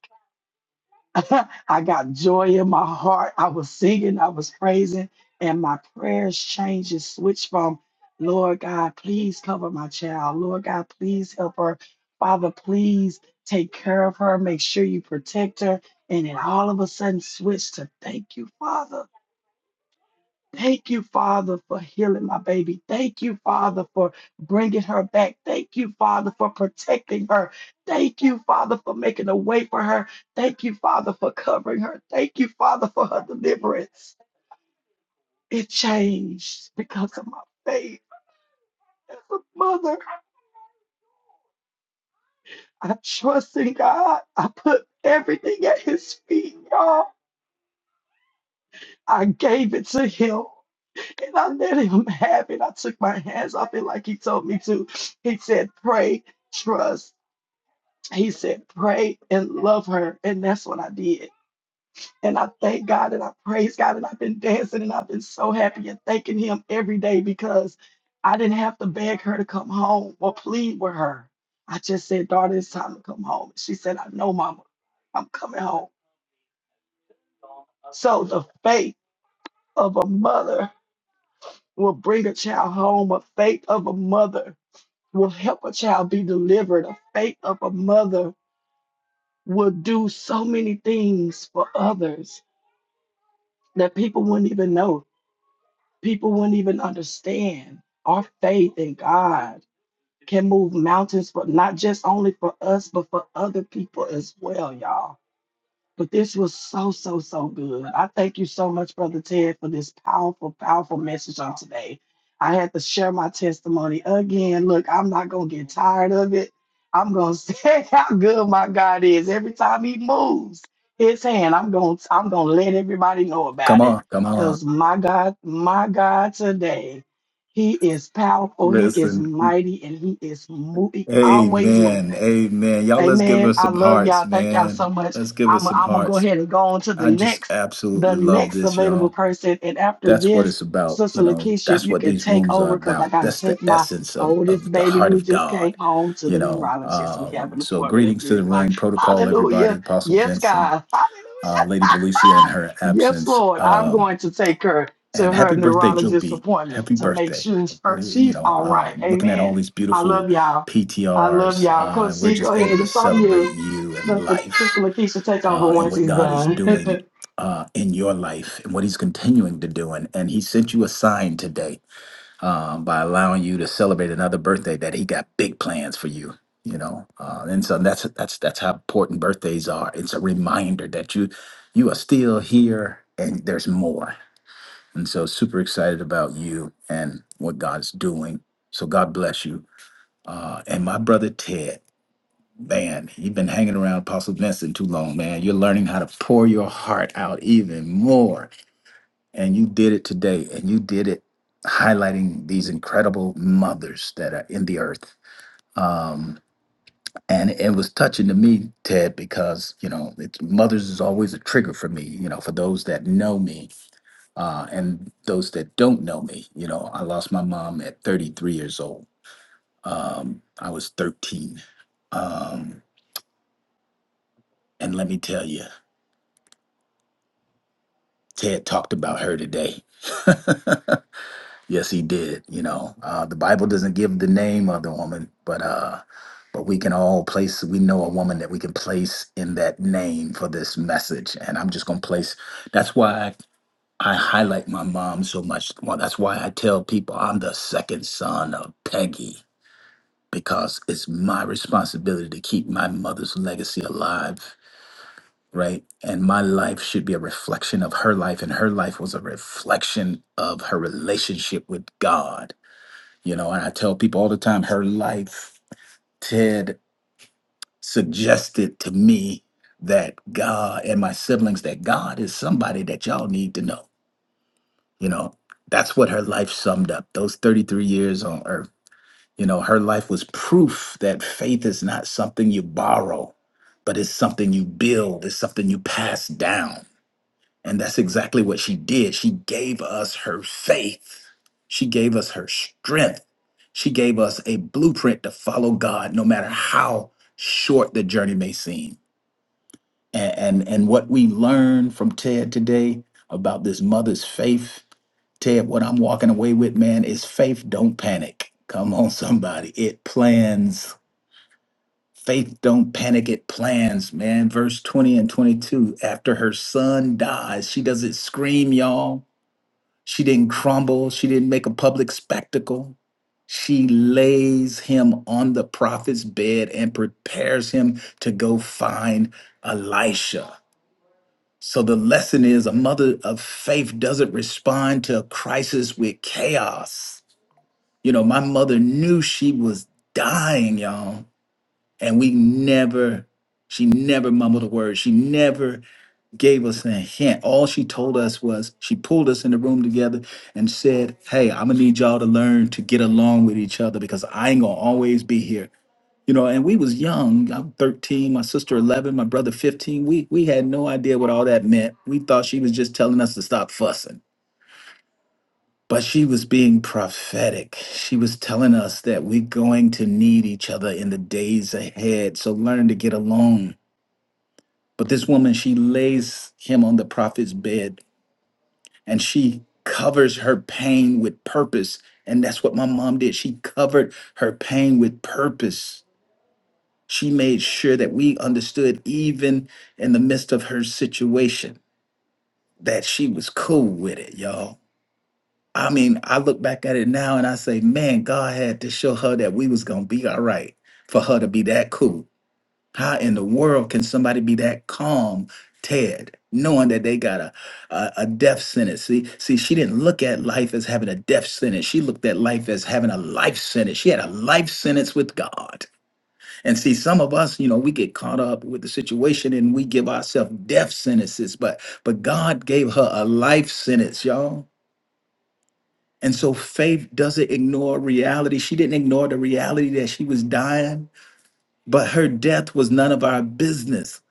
[SPEAKER 6] (laughs) I got joy in my heart. I was singing, I was praising, and my prayers changed and switched from, Lord God, please cover my child. Lord God, please help her. Father, please take care of her. Make sure you protect her. And then all of a sudden switched to, thank you, Father Thank you, Father, for healing my baby. Thank you, Father, for bringing her back. Thank you, Father, for protecting her. Thank you, Father, for making a way for her. Thank you, Father, for covering her. Thank you, Father, for her deliverance. It changed because of my faith. As a mother, I trust in God. I put everything at His feet, y'all. I gave it to Him. And I let him have it. I took my hands off it like he told me to. He said, pray, trust. He said, pray and love her. And that's what I did. And I thank God and I praise God. And I've been dancing and I've been so happy and thanking him every day because I didn't have to beg her to come home or plead with her. I just said, daughter, it's time to come home. She said, I know, mama, I'm coming home. So the faith of a mother will bring a child home, a faith of a mother will help a child be delivered. The faith of a mother will do so many things for others that people wouldn't even know, people wouldn't even understand. Our faith in God can move mountains, but not just only for us, but for other people as well, y'all. But this was so, so, so good. I thank you so much, Brother Ted, for this powerful, powerful message on today. I had to share my testimony again. Look, I'm not going to get tired of it. I'm going to (laughs) say how good my God is. Every time he moves his hand, I'm going to I'm going to let everybody know
[SPEAKER 8] Come
[SPEAKER 6] about it
[SPEAKER 8] on, come on.
[SPEAKER 6] cuz my God, my God today, he is powerful, he is
[SPEAKER 8] Listen.
[SPEAKER 6] mighty and he is moving, always
[SPEAKER 8] Amen.
[SPEAKER 6] moving.
[SPEAKER 8] Amen. Y'all, let's give her
[SPEAKER 6] Amen. I
[SPEAKER 8] some
[SPEAKER 6] love
[SPEAKER 8] hearts,
[SPEAKER 6] y'all. Thank y'all
[SPEAKER 8] man.
[SPEAKER 6] so much.
[SPEAKER 8] Let's give her
[SPEAKER 6] I'm
[SPEAKER 8] some
[SPEAKER 6] I'm gonna go
[SPEAKER 8] hearts.
[SPEAKER 6] ahead and go on to the
[SPEAKER 8] I just
[SPEAKER 6] next the
[SPEAKER 8] absolutely love
[SPEAKER 6] next
[SPEAKER 8] this,
[SPEAKER 6] available
[SPEAKER 8] y'all.
[SPEAKER 6] person. And after
[SPEAKER 8] That's what it's
[SPEAKER 6] this,
[SPEAKER 8] about. You
[SPEAKER 6] Sister
[SPEAKER 8] know,
[SPEAKER 6] Lakeisha, if
[SPEAKER 8] that's
[SPEAKER 6] you
[SPEAKER 8] what
[SPEAKER 6] can
[SPEAKER 8] these
[SPEAKER 6] take
[SPEAKER 8] rooms are
[SPEAKER 6] over because I
[SPEAKER 8] about.
[SPEAKER 6] gotta
[SPEAKER 8] That's the
[SPEAKER 6] take my
[SPEAKER 8] essence of, of
[SPEAKER 6] oldest
[SPEAKER 8] the
[SPEAKER 6] baby
[SPEAKER 8] heart
[SPEAKER 6] who
[SPEAKER 8] of
[SPEAKER 6] just came
[SPEAKER 8] God,
[SPEAKER 6] home to
[SPEAKER 8] you
[SPEAKER 6] the
[SPEAKER 8] know.
[SPEAKER 6] neurologist. We have
[SPEAKER 8] Um,
[SPEAKER 6] an
[SPEAKER 8] so,
[SPEAKER 6] appointment at
[SPEAKER 8] greetings to
[SPEAKER 6] three
[SPEAKER 8] the
[SPEAKER 6] o'clock.
[SPEAKER 8] room, protocol, everybody,
[SPEAKER 6] Hallelujah.
[SPEAKER 8] Apostle
[SPEAKER 6] Yes,
[SPEAKER 8] Vincent,
[SPEAKER 6] God. Hallelujah.
[SPEAKER 8] uh, Lady Valencia in her
[SPEAKER 6] Yes,
[SPEAKER 8] absence.
[SPEAKER 6] Lord. I'm
[SPEAKER 8] Um,
[SPEAKER 6] going to take her to
[SPEAKER 8] and
[SPEAKER 6] her
[SPEAKER 8] happy birthday, Joe
[SPEAKER 6] neurologist
[SPEAKER 8] B.
[SPEAKER 6] appointment
[SPEAKER 8] Happy
[SPEAKER 6] to make
[SPEAKER 8] birthday.
[SPEAKER 6] sure her-
[SPEAKER 8] We, you
[SPEAKER 6] she's
[SPEAKER 8] know,
[SPEAKER 6] all
[SPEAKER 8] uh,
[SPEAKER 6] right.
[SPEAKER 8] looking at all
[SPEAKER 6] Amen.
[SPEAKER 8] these
[SPEAKER 6] I
[SPEAKER 8] beautiful
[SPEAKER 6] love y'all. I love
[SPEAKER 8] PTRs,
[SPEAKER 6] y'all.
[SPEAKER 8] uh,
[SPEAKER 6] Coach
[SPEAKER 8] and we're
[SPEAKER 6] C, go
[SPEAKER 8] just able
[SPEAKER 6] ahead.
[SPEAKER 8] to
[SPEAKER 6] It's on you.
[SPEAKER 8] celebrate you and
[SPEAKER 6] Sister,
[SPEAKER 8] life
[SPEAKER 6] Sister Lakeisha, take over
[SPEAKER 8] uh, and
[SPEAKER 6] once
[SPEAKER 8] what
[SPEAKER 6] he's
[SPEAKER 8] God is
[SPEAKER 6] done. (laughs)
[SPEAKER 8] doing uh, in your life and what He's continuing to do. And, and He sent you a sign today um, by allowing you to celebrate another birthday that He got big plans for you. You know, uh, and so that's that's that's how important birthdays are. It's a reminder that you you are still here and there's more and so, super excited about you and what God's doing. So, God bless you. Uh, and my brother Ted, man, you've been hanging around Apostle Vincent too long, man. You're learning how to pour your heart out even more. And you did it today, and you did it highlighting these incredible mothers that are in the earth. Um, and it was touching to me, Ted, because you know, it's mothers is always a trigger for me. You know, for those that know me, uh, and those that don't know me, you know, I lost my mom at 33 years old. Um, I was 13. Um, and let me tell you, Ted talked about her today. (laughs) yes, he did. You know, uh, the Bible doesn't give the name of the woman, but uh, but we can all place. We know a woman that we can place in that name for this message, and I'm just gonna place. That's why I, I highlight my mom so much. Well, that's why I tell people I'm the second son of Peggy because it's my responsibility to keep my mother's legacy alive, right? And my life should be a reflection of her life, and her life was a reflection of her relationship with God, you know. And I tell people all the time, her life, Ted suggested to me that God and my siblings, that God is somebody that y'all need to know, you know. That's what her life summed up. Those 33 years on earth You know, her life was proof that faith is not something you borrow, but it's something you build, it's something you pass down. And that's exactly what she did. She gave us her faith, she gave us her strength, she gave us a blueprint to follow God, no matter how short the journey may seem. And, and, and what we learned from Ted today about this mother's faith Ted, what I'm walking away with, man, is faith don't panic. Come on, somebody. It plans. Faith don't panic. It plans, man. Verse 20 and 22. After her son dies, she doesn't scream, y'all. She didn't crumble. She didn't make a public spectacle. She lays him on the prophet's bed and prepares him to go find Elisha. So the lesson is a mother of faith doesn't respond to a crisis with chaos. You know, my mother knew she was dying, y'all, and we never, she never mumbled a word. She never gave us a hint. All she told us was she pulled us in the room together and said, Hey, I'm gonna need y'all to learn to get along with each other because I ain't gonna always be here. You know, and we was young. I'm 13, my sister 11, my brother 15. We we had no idea what all that meant. We thought she was just telling us to stop fussing but she was being prophetic. She was telling us that we're going to need each other in the days ahead. So learn to get along. But this woman, she lays him on the prophet's bed and she covers her pain with purpose. And that's what my mom did. She covered her pain with purpose. She made sure that we understood, even in the midst of her situation, that she was cool with it, y'all I mean, I look back at it now and I say, man, God had to show her that we was gonna be all right for her to be that cool. How in the world can somebody be that calm, Ted, knowing that they got a, a a death sentence? See, see, she didn't look at life as having a death sentence. She looked at life as having a life sentence. She had a life sentence with God. And see, some of us, you know, we get caught up with the situation and we give ourselves death sentences, but but God gave her a life sentence, y'all. And so faith doesn't ignore reality. She didn't ignore the reality that she was dying, but her death was none of our business.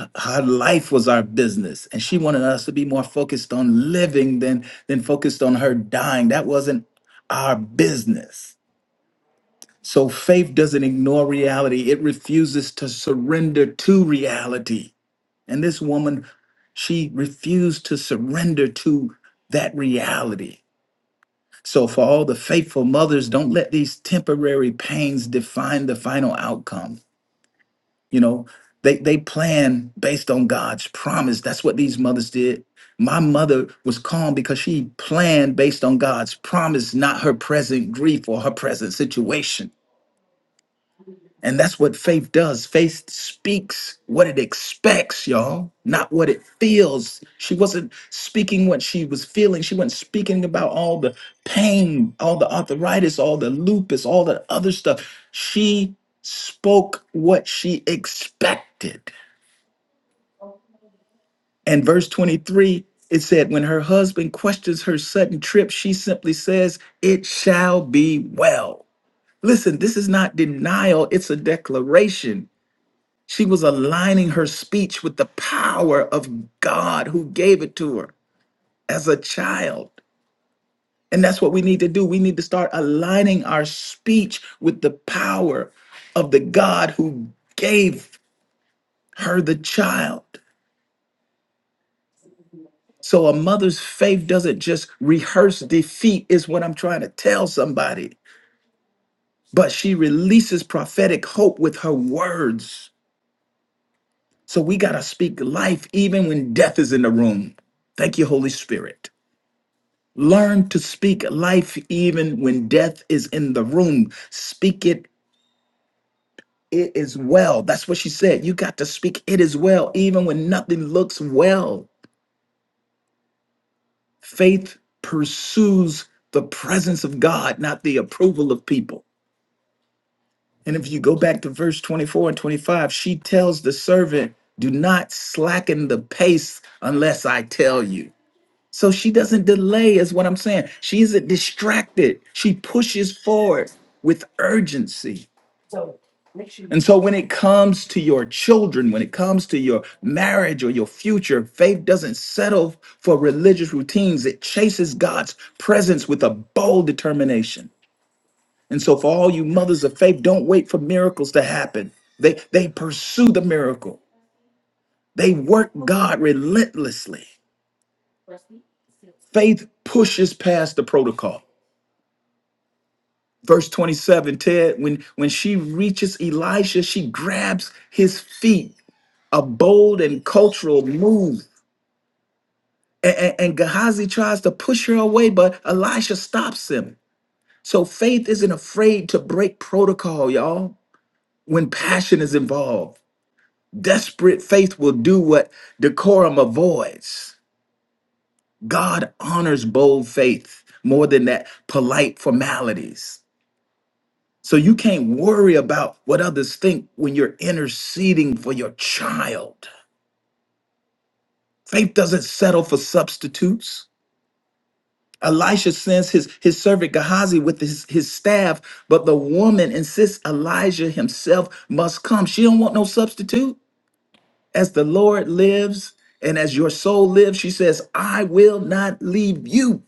[SPEAKER 8] H- Her life was our business. And she wanted us to be more focused on living than, than focused on her dying. That wasn't our business. So faith doesn't ignore reality, it refuses to surrender to reality. And this woman, she refused to surrender to that reality So, for all the faithful mothers, don't let these temporary pains define the final outcome. You know, they, they plan based on God's promise. That's what these mothers did. My mother was calm because she planned based on God's promise, not her present grief or her present situation. And that's what faith does. Faith speaks what it expects, y'all, not what it feels. She wasn't speaking what she was feeling. She wasn't speaking about all the pain, all the arthritis, all the lupus, all the other stuff. She spoke what she expected. And verse 23, it said, When her husband questions her sudden trip, she simply says, It shall be well. Listen, this is not denial, it's a declaration. She was aligning her speech with the power of God who gave it to her as a child. And that's what we need to do. We need to start aligning our speech with the power of the God who gave her the child. So a mother's faith doesn't just rehearse defeat, is what I'm trying to tell somebody, but she releases prophetic hope with her words. So we got to speak life even when death is in the room. Thank you, Holy Spirit. Learn to speak life even when death is in the room. Speak it, it is well. That's what she said. You got to speak it is well, even when nothing looks well. Faith pursues the presence of God, not the approval of people. And if you go back to verse 24 and 25, she tells the servant, Do not slacken the pace unless I tell you. So she doesn't delay, is what I'm saying. She isn't distracted. She pushes forward with urgency. And so when it comes to your children, when it comes to your marriage or your future, faith doesn't settle for religious routines. It chases God's presence with a bold determination. And so for all you mothers of faith, don't wait for miracles to happen. They they pursue the miracle. They work God relentlessly. Faith pushes past the protocol. verse 27 ted when when she reaches elisha she grabs his feet a bold and cultural move and, and, and gehazi tries to push her away but elisha stops him so faith isn't afraid to break protocol y'all when passion is involved desperate faith will do what decorum avoids god honors bold faith more than that polite formalities So you can't worry about what others think when you're interceding for your child. Faith doesn't settle for substitutes. Elisha sends his, his servant Gehazi with his, his staff, but the woman insists Elijah himself must come. She don't want no substitute. As the Lord lives and as your soul lives, she says, I will not leave you.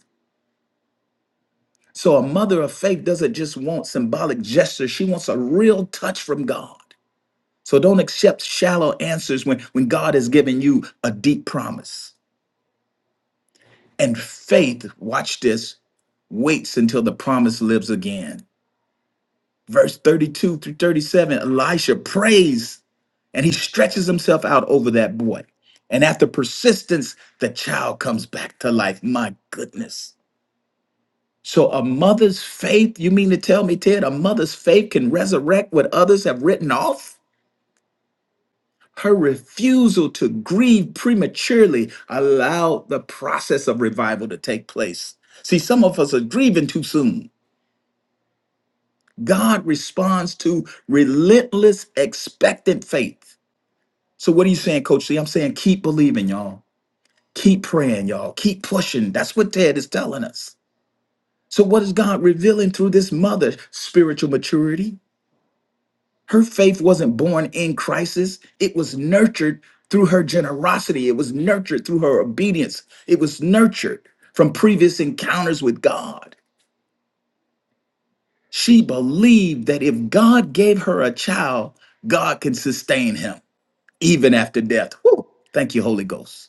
[SPEAKER 8] So a mother of faith doesn't just want symbolic gestures, she wants a real touch from God. So don't accept shallow answers when, when God has given you a deep promise. And faith, watch this, waits until the promise lives again. Verse 32 through 37, Elisha prays and he stretches himself out over that boy. And after persistence, the child comes back to life. My goodness. So, a mother's faith, you mean to tell me, Ted, a mother's faith can resurrect what others have written off? Her refusal to grieve prematurely allowed the process of revival to take place. See, some of us are grieving too soon. God responds to relentless, expectant faith. So, what are you saying, Coach C? I'm saying keep believing, y'all. Keep praying, y'all. Keep pushing. That's what Ted is telling us. So, what is God revealing through this mother? Spiritual maturity, Her faith wasn't born in crisis, it was nurtured through her generosity, it was nurtured through her obedience, it was nurtured from previous encounters with God. She believed that if God gave her a child, God can sustain him even after death. Whew. Thank you, Holy Ghost.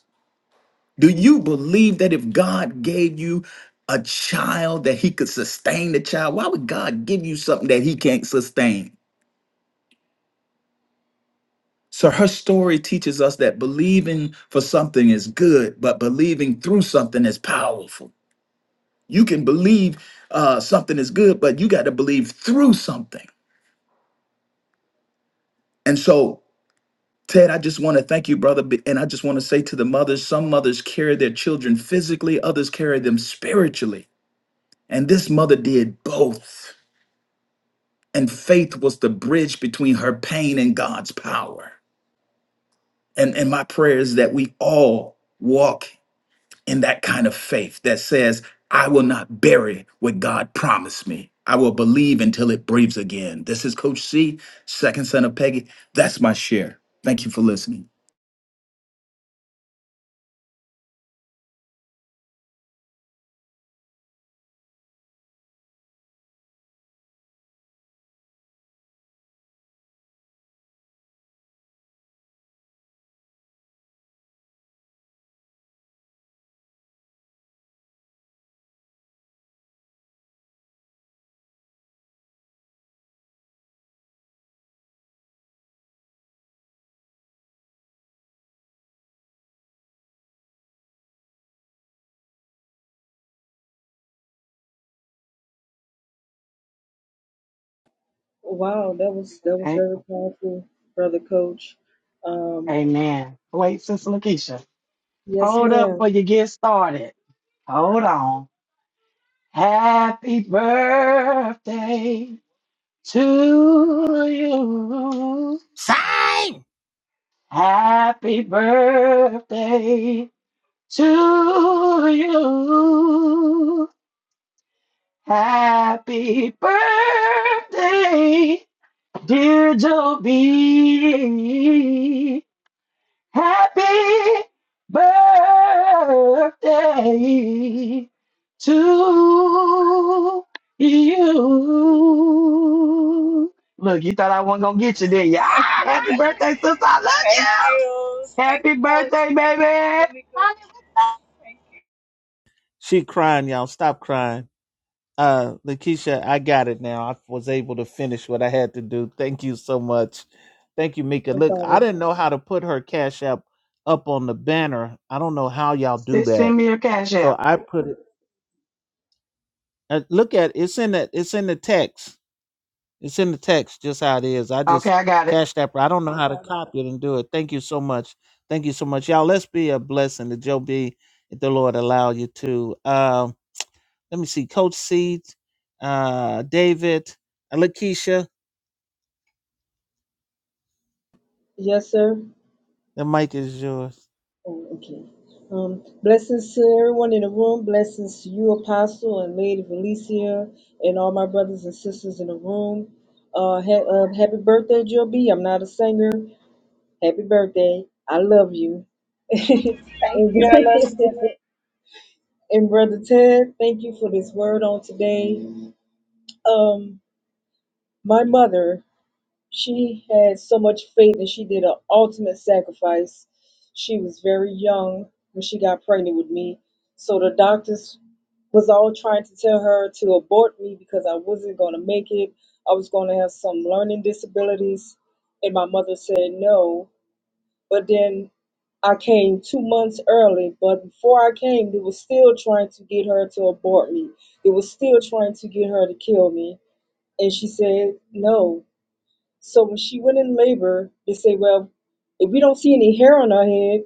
[SPEAKER 8] Do you believe that if God gave you a child, that he could sustain the child? Why would God give you something that he can't sustain? So her story teaches us that believing for something is good, but believing through something is powerful. You can believe uh, something is good, but you got to believe through something. And so, Ted, I just want to thank you, brother. b- And I just want to say to the mothers some mothers carry their children physically, others carry them spiritually. And this mother did both. And faith was the bridge between her pain and God's power. And, and my prayer is that we all walk in that kind of faith that says, I will not bury what God promised me. I will believe until it breathes again. This is Coach C, second son of Peggy. That's my share. Thank you for listening.
[SPEAKER 3] Wow, that was that was
[SPEAKER 6] A-
[SPEAKER 3] very powerful, brother coach. Um,
[SPEAKER 6] Amen. Wait, Sister Lakeisha.
[SPEAKER 3] yes,
[SPEAKER 6] Hold up
[SPEAKER 3] ma'am.
[SPEAKER 6] before you get started. Hold on. Happy birthday to you.
[SPEAKER 2] Sign!
[SPEAKER 6] Happy birthday to you. Happy birthday, dear Joe B. Happy birthday to you. Look, you thought I wasn't gonna get you, did you? Ah, happy birthday, sister. I love you.
[SPEAKER 9] Thank you. Thank
[SPEAKER 6] Happy
[SPEAKER 9] you, Coach.
[SPEAKER 6] birthday,
[SPEAKER 9] Thank you,
[SPEAKER 6] baby.
[SPEAKER 9] Sister Mika. Thank you.
[SPEAKER 2] she crying, y'all. Stop crying. Uh, Lakeisha, I got it now. I was able to finish what I had to do. Thank you so much. Thank you, Mika.
[SPEAKER 3] No
[SPEAKER 2] Look, I
[SPEAKER 3] problem.
[SPEAKER 2] didn't know how to put her cash app up on the banner. I don't know how y'all do
[SPEAKER 6] S-
[SPEAKER 2] that.
[SPEAKER 6] Send me your cash
[SPEAKER 2] So
[SPEAKER 6] app.
[SPEAKER 2] I put it. Uh, look at it's in the it's in the text. It's in the text, just how it is. I
[SPEAKER 6] Okay,
[SPEAKER 2] just
[SPEAKER 6] I got it.
[SPEAKER 2] cashed that. I don't know how to copy it and do it. Thank you so much. Thank you so much, y'all. Let's be a blessing to Joe B. If the Lord allow you to. Um, Let me see. Coach C, uh, David, Lakeisha.
[SPEAKER 3] Yes, sir.
[SPEAKER 2] The mic is yours.
[SPEAKER 3] Oh, okay. Um, blessings to everyone in the room. Blessings to you, Apostle and Lady Felicia, and all my brothers and sisters in the room. Uh, ha- uh happy birthday, Jill B. I'm not a singer. Happy birthday. I love you. (laughs)
[SPEAKER 9] Thank
[SPEAKER 3] and,
[SPEAKER 9] you. I love you
[SPEAKER 3] (laughs)
[SPEAKER 9] too.
[SPEAKER 3] and brother Ted, thank you for this word on today. Um. my mother, she had so much faith and she did an ultimate sacrifice. She was very young when she got pregnant with me. So the doctors was all trying to tell her to abort me because I wasn't going to make it. I was going to have some learning disabilities. And my mother said no. But then I came two months early. But before I came, they were still trying to get her to abort me. They were still trying to get her to kill me. And she said no so when she went in labor, they say, well, if we don't see any hair on her head,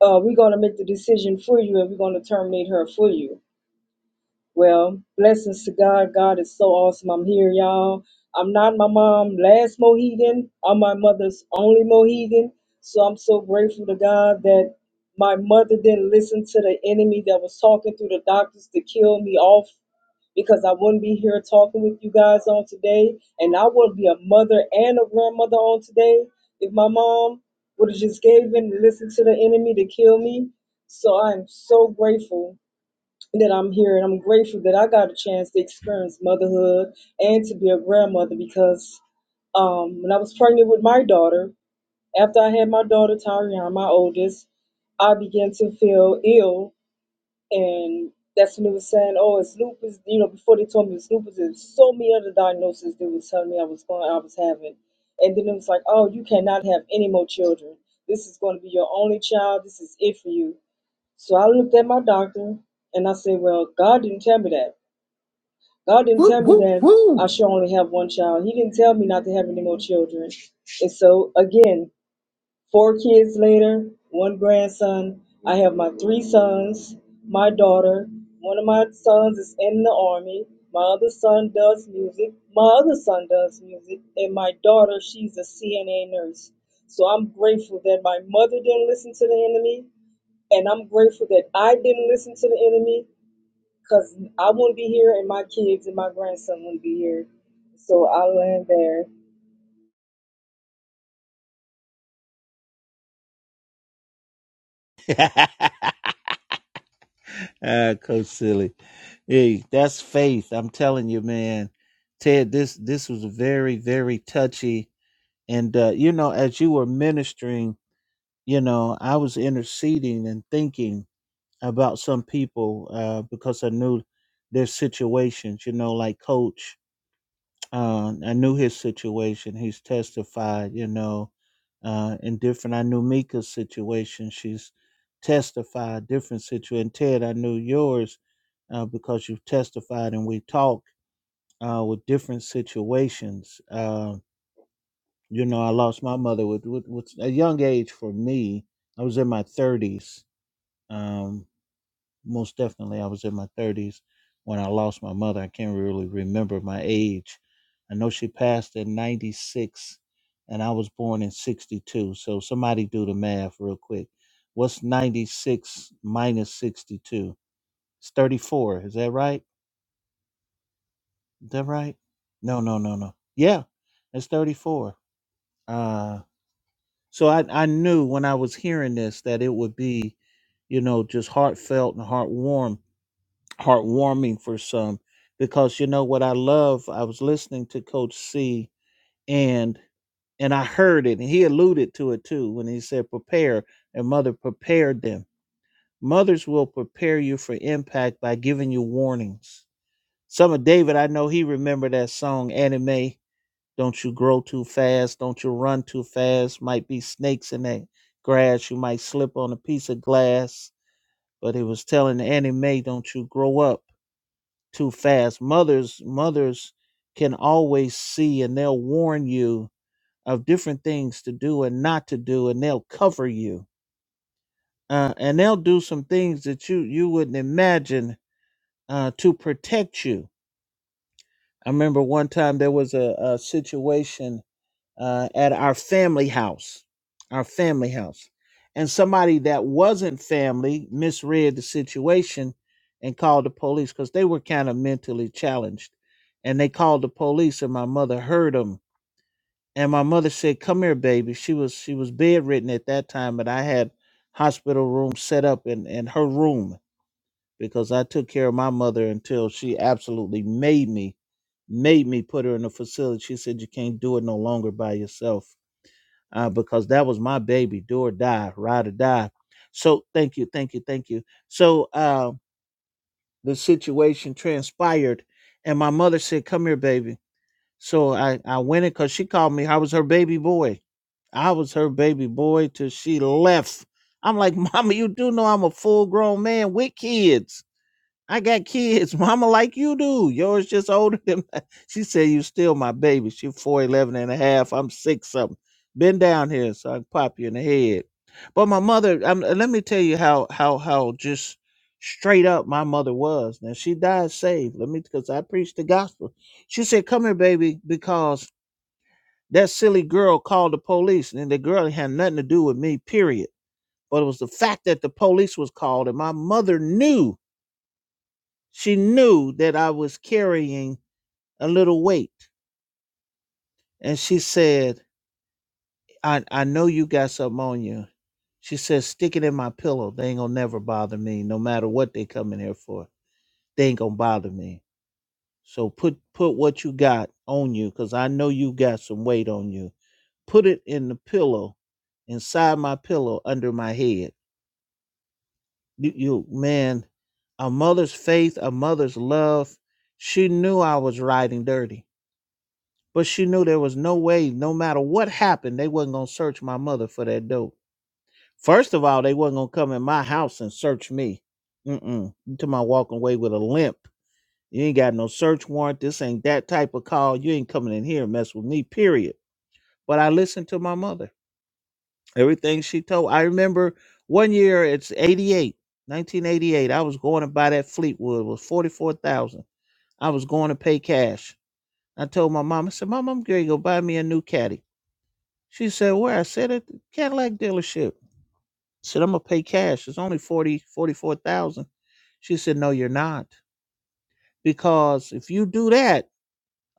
[SPEAKER 3] uh, we're going to make the decision for you and we're going to terminate her for you. Well, blessings to God. God is so awesome. I'm here, y'all. I'm not my mom's last Mohegan. I'm my mother's only Mohegan. So I'm so grateful to God that my mother didn't listen to the enemy that was talking through the doctors to kill me off because I wouldn't be here talking with you guys on today. And I would be a mother and a grandmother on today if my mom would have just gave in and listened to the enemy to kill me. So I'm so grateful that I'm here and I'm grateful that I got a chance to experience motherhood and to be a grandmother because um, when I was pregnant with my daughter, after I had my daughter Tariana, my oldest, I began to feel ill and that's when they were saying, "Oh, it's lupus." You know, before they told me it's lupus, there's so many other diagnoses they were telling me I was going, I was having, and then it was like, "Oh, you cannot have any more children. This is going to be your only child. This is it for you." So I looked at my doctor and I said, "Well, God didn't tell me that. God didn't tell me that I should only have one child. He didn't tell me not to have any more children." And so again, Four kids later, one grandson. I have my three sons, my daughter. One of my sons is in the army. My other son does music. My other son does music. And my daughter, she's a CNA nurse. So I'm grateful that my mother didn't listen to the enemy. And I'm grateful that I didn't listen to the enemy because I wouldn't be here and my kids and my grandson wouldn't be here. So I land there.
[SPEAKER 2] (laughs) Ah, Coach Silly. Hey, that's faith. I'm telling you, man. Ted, this this was very, very touchy. And uh, you know, as you were ministering, you know, I was interceding and thinking about some people uh, because I knew their situations, you know, like coach. Uh, I knew his situation. He's testified, you know, uh, in different. I knew Mika's situation. She's testified different situation. Ted, I knew yours uh, because you've testified and we talk uh, with different situations. Uh, you know, I lost my mother with, with, with a young age for me. I was in my 30s. Um most definitely. I was in my 30s when I lost my mother. I can't really remember my age. I know she passed in 96 and I was born in 62. So somebody do the math real quick. What's 96 minus 62? It's 34. Is that right? Is that right? No, no, no, no. Yeah, it's 34. Uh, so I, I knew when I was hearing this that it would be, you know, just heartfelt and heartwarming heartwarming for some because you know what I love. I was listening to Coach C and and I heard it, and he alluded to it too when he said, "Prepare," and mother prepared them. Mothers will prepare you for impact by giving you warnings. Some of David, I know he remembered that song Annie Mae, Don't you grow too fast? Don't you run too fast? Might be snakes in that grass. You might slip on a piece of glass. But he was telling Annie Mae, "Don't you grow up?" too fast. Mothers, mothers can always see and they'll warn you of different things to do and not to do, and they'll cover you. Uh, and they'll do some things that you you wouldn't imagine uh, to protect you. I remember one time there was a, a situation uh, at our family house, our family house. And somebody that wasn't family misread the situation and called the police because they were kind of mentally challenged. And they called the police, and my mother heard them. And my mother said, "Come here, baby." She was she was bedridden at that time, but I had hospital room set up in in her room because I took care of my mother until she absolutely made me made me put her in a facility. She said, "You can't do it no longer by yourself." uh, because that was my baby, do or die, ride or die. So thank you, thank you, thank you. So uh, the situation transpired, and my mother said, "Come here, baby." So I I went in because she called me. I was her baby boy. I was her baby boy till she left. I'm like, Mama, you do know I'm a full grown man with kids I got kids, (laughs) mama, like you do. Yours just older than mine. (laughs) She said, You still my baby. She four eleven and a half. I'm six something. Been down here so I can pop you in the head. But my mother, um, uh, let me tell you how, how, how just straight up my mother was. Now she died saved. Let me, because I preached the gospel. She said, Come here, baby, because that silly girl called the police. And the girl had nothing to do with me, period. But it was the fact that the police was called and my mother knew she knew that I was carrying a little weight. And she said, I, I know you got something on you. She said, stick it in my pillow. They ain't gonna never bother me, no matter what they come in here for. They ain't gonna bother me. So put put what you got on you, because I know you got some weight on you. Put it in the pillow, inside my pillow, under my head. You, you man, a mother's faith, a mother's love. She knew I was riding dirty but she knew there was no way, no matter what happened, they wasn't gonna search my mother for that dope. First of all, they wasn't gonna come in my house and search me. Mm-mm. You talking about walking away with a limp. You ain't got no search warrant. This ain't that type of call. You ain't coming in here and mess with me, period. But I listened to my mother. Everything she told. I remember one year, it's 88, 1988. I was going to buy that Fleetwood. It was 44000 I was going to pay cash. I told my mom, I said, Mom, I'm going to go buy me a new caddy. She said, Where? I said, At the Cadillac dealership. I said, I'm going to pay cash. It's only 40, 44,000. She said, No, you're not. Because if you do that,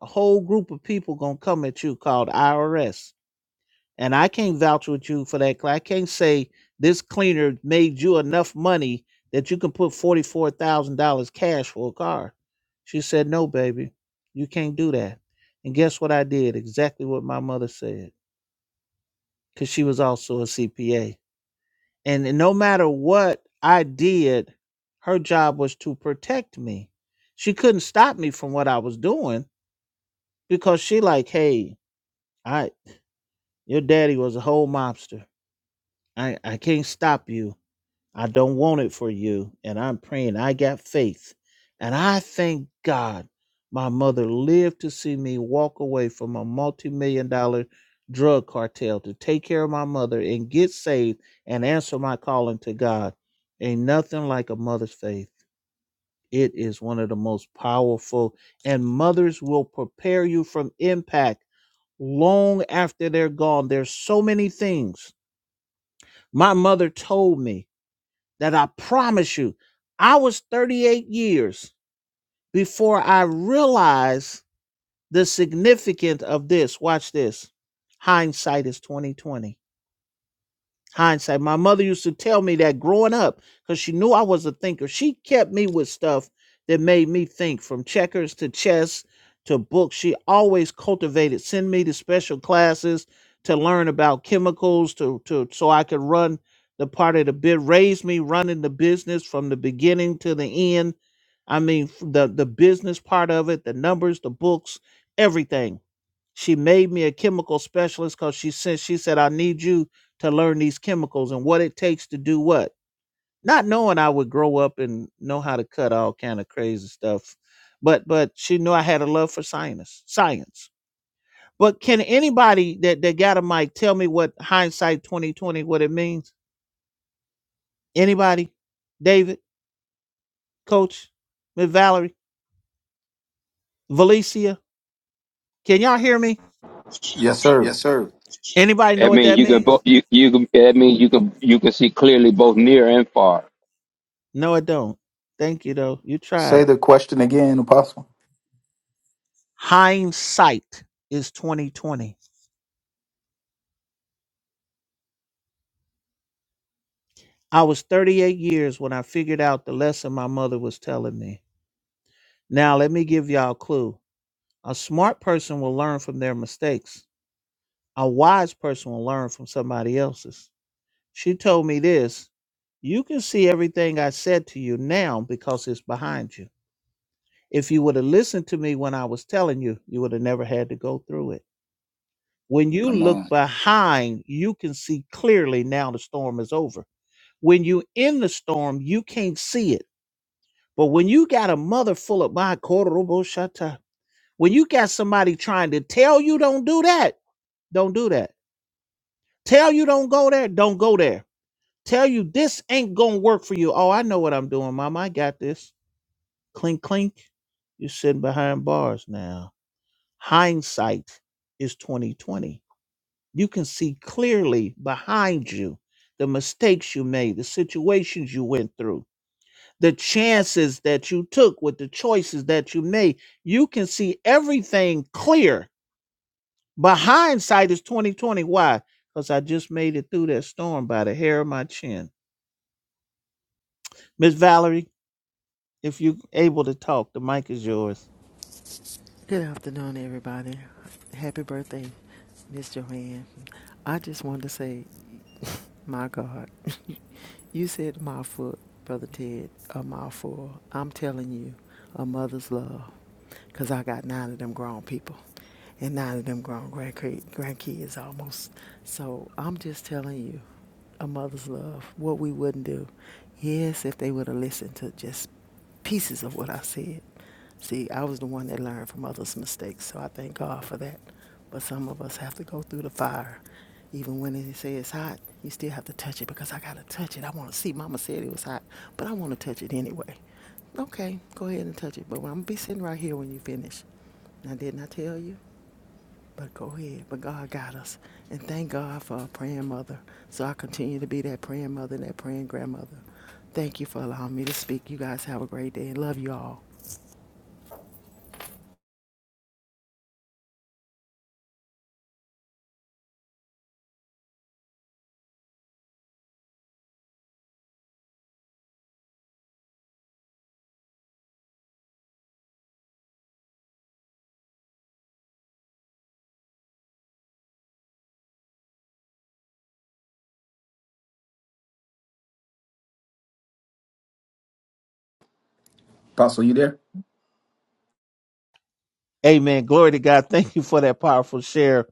[SPEAKER 2] a whole group of people going to come at you called IRS. And I can't vouch with you for that. I can't say this cleaner made you enough money that you can put $44,000 cash for a car. She said, No, baby, you can't do that. And guess what I did? Exactly what my mother said, because she was also a CPA. and and no matter what I did, her job was to protect me. She couldn't stop me from what I was doing because she like, hey, I your daddy was a whole mobster. I I can't stop you. I don't want it for you. And I'm praying. I got faith. And I thank God my mother lived to see me walk away from a multi million dollar drug cartel to take care of my mother and get saved and answer my calling to God. Ain't nothing like a mother's faith. It is one of the most powerful, and mothers will prepare you from impact long after they're gone. There's so many things. My mother told me that I promise you, I was 38 years before I realized the significance of this. Watch this. Hindsight is 2020 hindsight. My mother used to tell me that growing up because she knew I was a thinker. She kept me with stuff that made me think from checkers to chess to books. She always cultivated, send me to special classes to learn about chemicals to, to so I could run the part of the bit, raised me running the business from the beginning to the end. I mean f- the the business part of it, the numbers, the books, everything she made me a chemical specialist because she said she said I need you to learn these chemicals and what it takes to do what. Not knowing I would grow up and know how to cut all kind of crazy stuff, but but she knew I had a love for science. Science. But can anybody that that got a mic tell me what hindsight twenty twenty what it means? Anybody? David, Coach, Miss Valerie, Valicia, can y'all hear me?
[SPEAKER 8] Yes, sir.
[SPEAKER 2] Yes, sir. Anybody know
[SPEAKER 5] That
[SPEAKER 2] what
[SPEAKER 5] means
[SPEAKER 2] that
[SPEAKER 5] you can both
[SPEAKER 2] means?
[SPEAKER 5] you you can that means you can you can see clearly both near and far.
[SPEAKER 2] No, I don't. Thank you though. You
[SPEAKER 8] Say
[SPEAKER 2] tried.
[SPEAKER 8] the question again, Apostle.
[SPEAKER 2] Hindsight is 2020. I was 38 years when I figured out the lesson my mother was telling me. Now let me give y'all a clue. A smart person will learn from their mistakes. A wise person will learn from somebody else's. She told me this, you can see everything I said to you now because it's behind you. If you would have listened to me when I was telling you, you would have never had to go through it. When you Come look on. behind, you can see clearly now the storm is over When you in the storm, you can't see it. But when you got a mother full of my korobo shata, when you got somebody trying to tell you don't do that, don't do that. Tell you don't go there, don't go there. Tell you this ain't gonna work for you. Oh, I know what I'm doing, mama. I got this. Clink clink. You're sitting behind bars now. Hindsight is 2020. You can see clearly behind you the mistakes you made, the situations you went through the chances that you took with the choices that you made you can see everything clear but hindsight is 2020 why because i just made it through that storm by the hair of my chin miss valerie if you able to talk the mic is yours
[SPEAKER 10] Good afternoon, everybody. Happy birthday, Miss Joanne. I just wanted to say, my God, (laughs) you said my foot, Brother Ted, a mouthful. I'm telling you, a mother's love, 'cause I got nine of them grown people and nine of them grown grandkids, grandkids almost. So I'm just telling you, a mother's love, what we wouldn't do. Yes, if they would have listened to just pieces of what I said. See, I was the one that learned from others' mistakes, so I thank God for that. But some of us have to go through the fire. Even when they say it's hot, you still have to touch it because I got to touch it. I want to see. Mama said it was hot, but I want to touch it anyway. Okay, go ahead and touch it. But I'm going to be sitting right here when you finish. Now, didn't I tell you? But go ahead. But God got us. And thank God for a praying mother. So I continue to be that praying mother and that praying grandmother. Thank you for allowing me to speak. You guys have a great day and love you all.
[SPEAKER 8] Apostle, you there?
[SPEAKER 2] amen glory to god thank you for that powerful share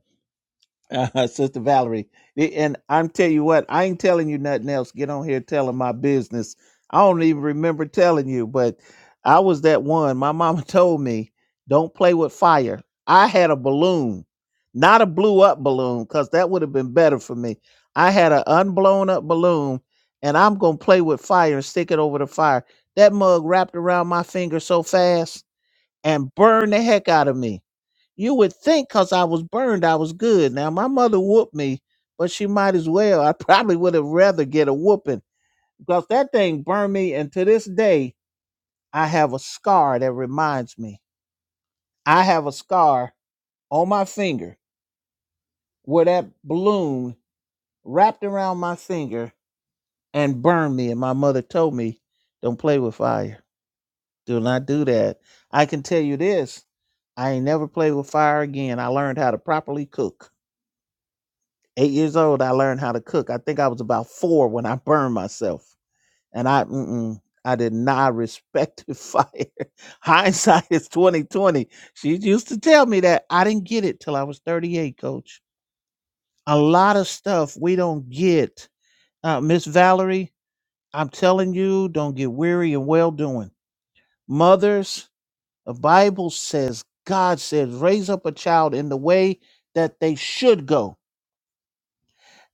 [SPEAKER 2] uh, (laughs) Sister Valerie. The- And I'm tell you what, I ain't telling you nothing else. Get on here telling my business. I don't even remember telling you, but I was that one. My mama (laughs) told me, don't play with fire. I had a balloon, not a blew up balloon, because that would have been better for me. I had an unblown up balloon, and I'm going to play with fire and stick it over the fire. That mug wrapped around my finger so fast and burned the heck out of me you would think because I was burned, I was good. Now, my mother whooped me, but she might as well. I (laughs) probably would have rather get a whooping because that thing burned me. And to this day, I have a scar that reminds me. I have a scar on my finger where that balloon wrapped around my finger and burned me. And my mother told me, don't play with fire. Do not do that. I can tell you this I ain't never played with fire again. I learned how to properly cook Eight years old, I learned how to cook. I think I was about four when I burned myself, and I, mm-mm, I did not respect the (laughs) fire. Hindsight is twenty twenty. She used to tell me that I didn't get it till I was thirty eight. Coach, a lot of stuff we don't get. Uh, Miss Valerie, I'm telling you, don't get weary and well doing. Mothers, the Bible says, God says, raise up a child in the way that they should go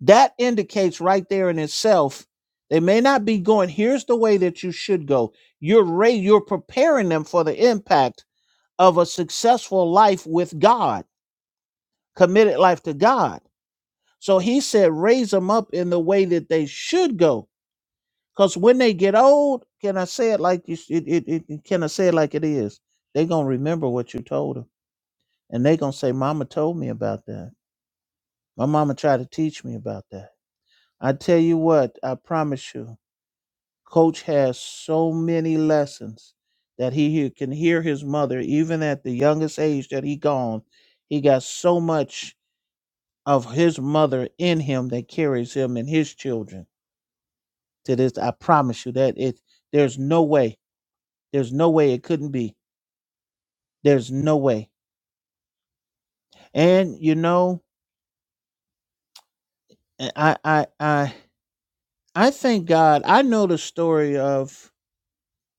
[SPEAKER 2] That indicates right there in itself, they may not be going, here's the way that you should go. You're re- you're preparing them for the impact of a successful life with God, committed life to God. So he said, raise them up in the way that they should go. Because when they get old, can I say it like you, it, it, it, it- can I say it like it is? They're going to remember what you told them. And they're going to say, Mama told me about that. My mama tried to teach me about that. I tell you what, I promise you. Coach has so many lessons that he he can hear his mother, even at the youngest age that he gone. He got so much of his mother in him that carries him and his children to this. I promise you that it. There's no way. There's no way it couldn't be. There's no way. And you know, I I I I I thank God. I know the story of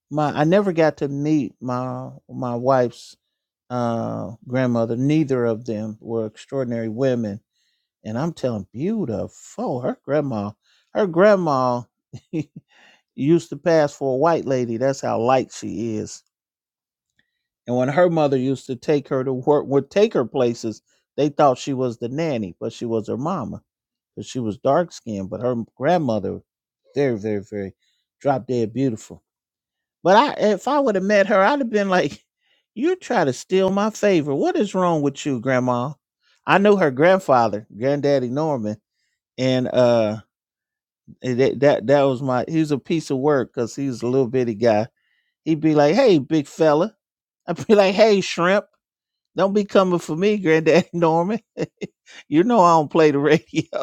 [SPEAKER 2] my. I never got to meet my my wife's uh, grandmother. Neither of them were extraordinary women. And I'm telling beautiful. Her grandma, her grandma (laughs) used to pass for a white lady. That's how light she is. And when her mother used to take her to work, would take her places, they thought she was the nanny, but she was her mama because she was dark skinned. But her grandmother, very, very, very drop dead beautiful but I, if I would have met her, I'd have been like, "You try to steal my favor. What is wrong with you, Grandma?" I knew her grandfather, Granddaddy Norman, and uh, eh, that that, that was my. He was a piece of work because he was a little bitty guy. He'd be like, "Hey, big fella," I'd be like, "Hey, shrimp." Don't be coming for me, Granddaddy Norman. (laughs) you know I don't play the radio. (laughs)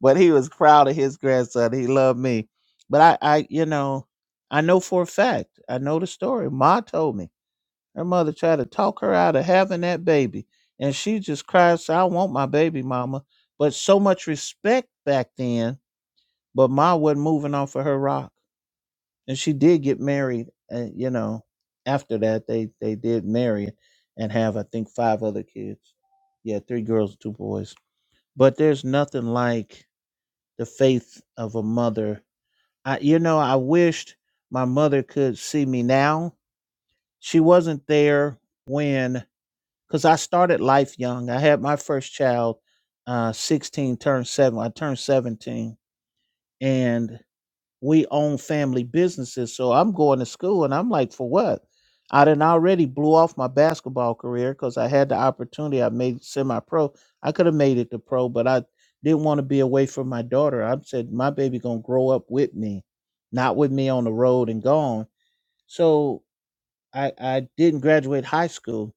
[SPEAKER 2] But he was proud of his grandson. He loved me. But I, I, you know, I know for a fact. I know the story. Ma told me. Her mother tried to talk her out of having that baby. And she just cried, said, I want my baby, mama. But so much respect back then, but Ma wasn't moving off of her rock. And she did get married. And, you know, after that, they, they did marry and have, I think, five other kids. Yeah, three girls and two boys. But there's nothing like the faith of a mother. I, you know, I wished my mother could see me now. She wasn't there when because I started life young. I had my first child, uh, 16, turned seven. I turned 17, and we own family businesses. So I'm going to school, and I'm like, for what? I done already blew off my basketball career because I had the opportunity. I made semi-pro. I could have made it to pro, but I didn't want to be away from my daughter. I said my baby gonna grow up with me, not with me on the road and gone. So I, I didn't graduate high school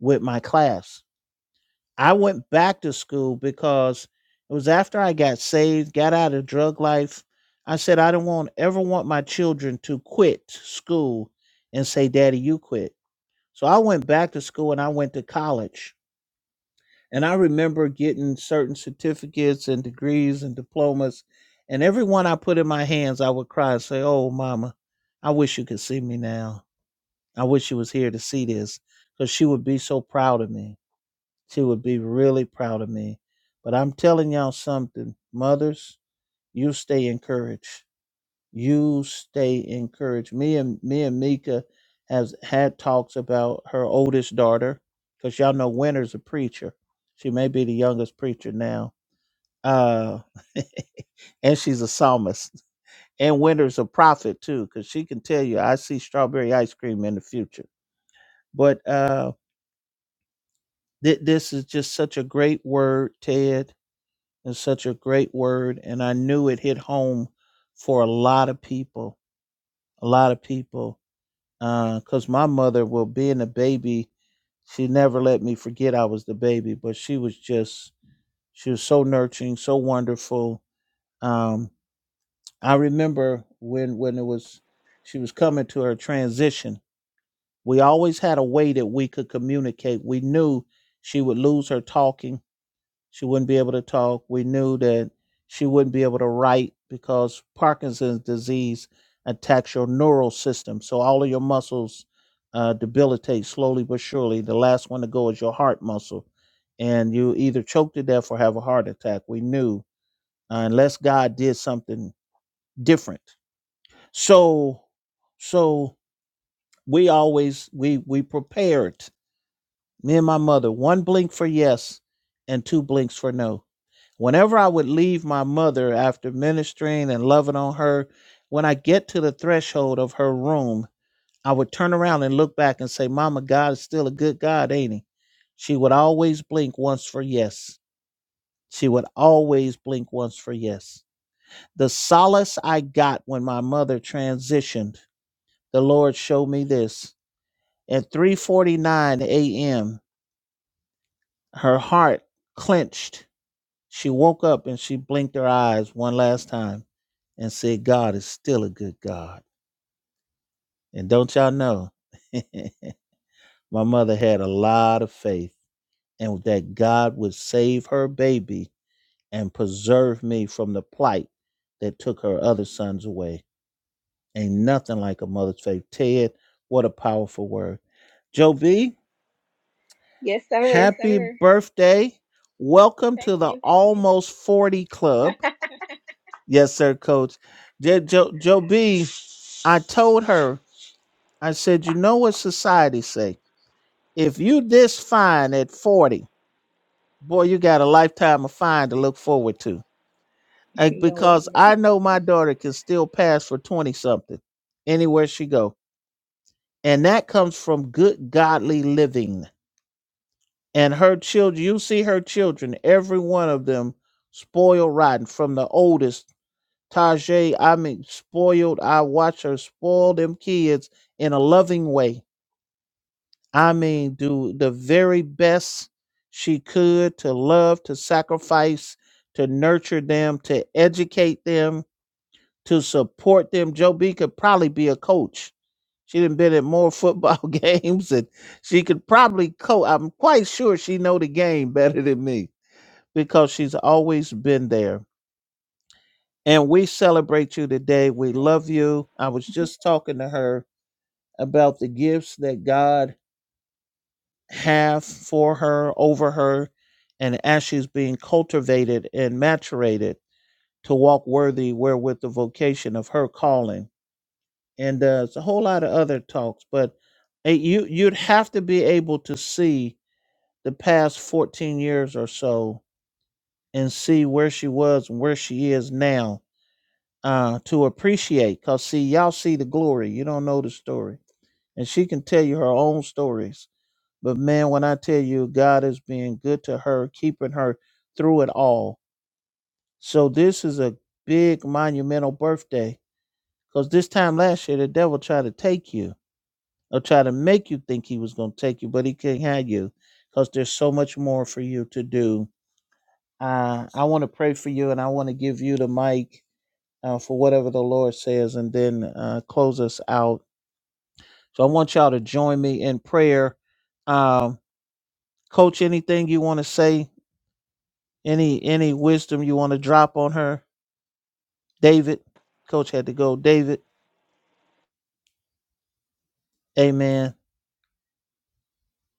[SPEAKER 2] with my class I went back to school because it was after I got saved, got out of drug life. I said, I don't want ever want my children to quit school and say, Daddy, you quit. So I went back to school and I went to college. And I remember getting certain certificates and degrees and diplomas. And every one I put in my hands, I would cry and say, Oh, mama, I wish you could see me now. I wish you was here to see this because she would be so proud of me. She would be really proud of me. But I'm telling y'all something, mothers, you stay encouraged. You stay encouraged. Me and me and Mika has had talks about her oldest daughter, because y'all know Winter's a preacher. She may be the youngest preacher now. Uh (laughs) and she's a psalmist. And Winter's a prophet too, because she can tell you, I see strawberry ice cream in the future. But uh, th- this is just such a great word, Ted It's such a great word, and I knew it hit home for a lot of people. A lot of people, because my mother, well, being a baby, she never let me forget I was the baby, but she was just, she was so nurturing, so wonderful. Um, I remember when when it was, she was coming to her transition. We always had a way that we could communicate. We knew she would lose her talking She wouldn't be able to talk. We knew that she wouldn't be able to write because Parkinson's disease attacks your neural system. So all of your muscles uh, debilitate slowly but surely. The last one to go is your heart muscle. And you either choke to death or have a heart attack. We knew, uh, unless God did something different. So, so we always we we prepared. Me and my mother, one blink for yes, and two blinks for no Whenever I would leave my mother after ministering and loving on her, when I get to the threshold of her room, I would turn around and look back and say, Mama, God is still a good God, ain't he? She would always blink once for yes. She would always blink once for yes. The solace I got when my mother transitioned, the Lord showed me this. At 3:49 a.m., her heart clenched She woke up and she blinked her eyes one last time and said, God is still a good God. And don't y'all know, (laughs) my mother had a lot of faith and that God would save her baby and preserve me from the plight that took her other sons away. Ain't nothing like a mother's faith. Ted, what a powerful word. Joe B,
[SPEAKER 9] Yes,
[SPEAKER 2] Yes,
[SPEAKER 9] sir.
[SPEAKER 2] happy sir. birthday. Welcome to
[SPEAKER 9] Thank
[SPEAKER 2] the
[SPEAKER 9] you.
[SPEAKER 2] Almost 40 Club. Yes, sir, coach. Joe, Joe, Joe B, I told her, I said, you know what society say? If you this fine at 40, boy, you got a lifetime of fine to look forward to. Like,
[SPEAKER 9] You know
[SPEAKER 2] because
[SPEAKER 9] what?
[SPEAKER 2] I know my daughter can still pass for 20 something anywhere she go. And that comes from good godly living. And her children, you see her children, every one of them spoiled rotten from the oldest. Tajay, I mean spoiled. I watch her spoil them kids in a loving way I mean, do the very best she could to love, to sacrifice, to nurture them, to educate them, to support them. Joe B could probably be a coach. She done been at more football (laughs) games and she could probably coach. I'm quite sure she know the game better than me because she's always been there. And we celebrate you today. We love you. I was just talking to her about the gifts that God have for her, over her, and as she's being cultivated and maturated to walk worthy wherewith the vocation of her calling. And uh, it's a whole lot of other talks, but uh, you you'd have to be able to see the past 14 years or so and see where she was and where she is now uh, to appreciate. Cause see, y'all see the glory, you don't know the story, and she can tell you her own stories But man, when I tell you God is being good to her, keeping her through it all. So this is a big monumental birthday. Because this time last year, the devil tried to take you or try to make you think he was going to take you, but he can't have you because there's so much more for you to do. Uh, I want to pray for you and I want to give you the mic uh, for whatever the Lord says and then uh, close us out. So I want y'all to join me in prayer. Um, Coach, anything you want to say? Any any wisdom you want to drop on her? David, coach had to go. David, amen.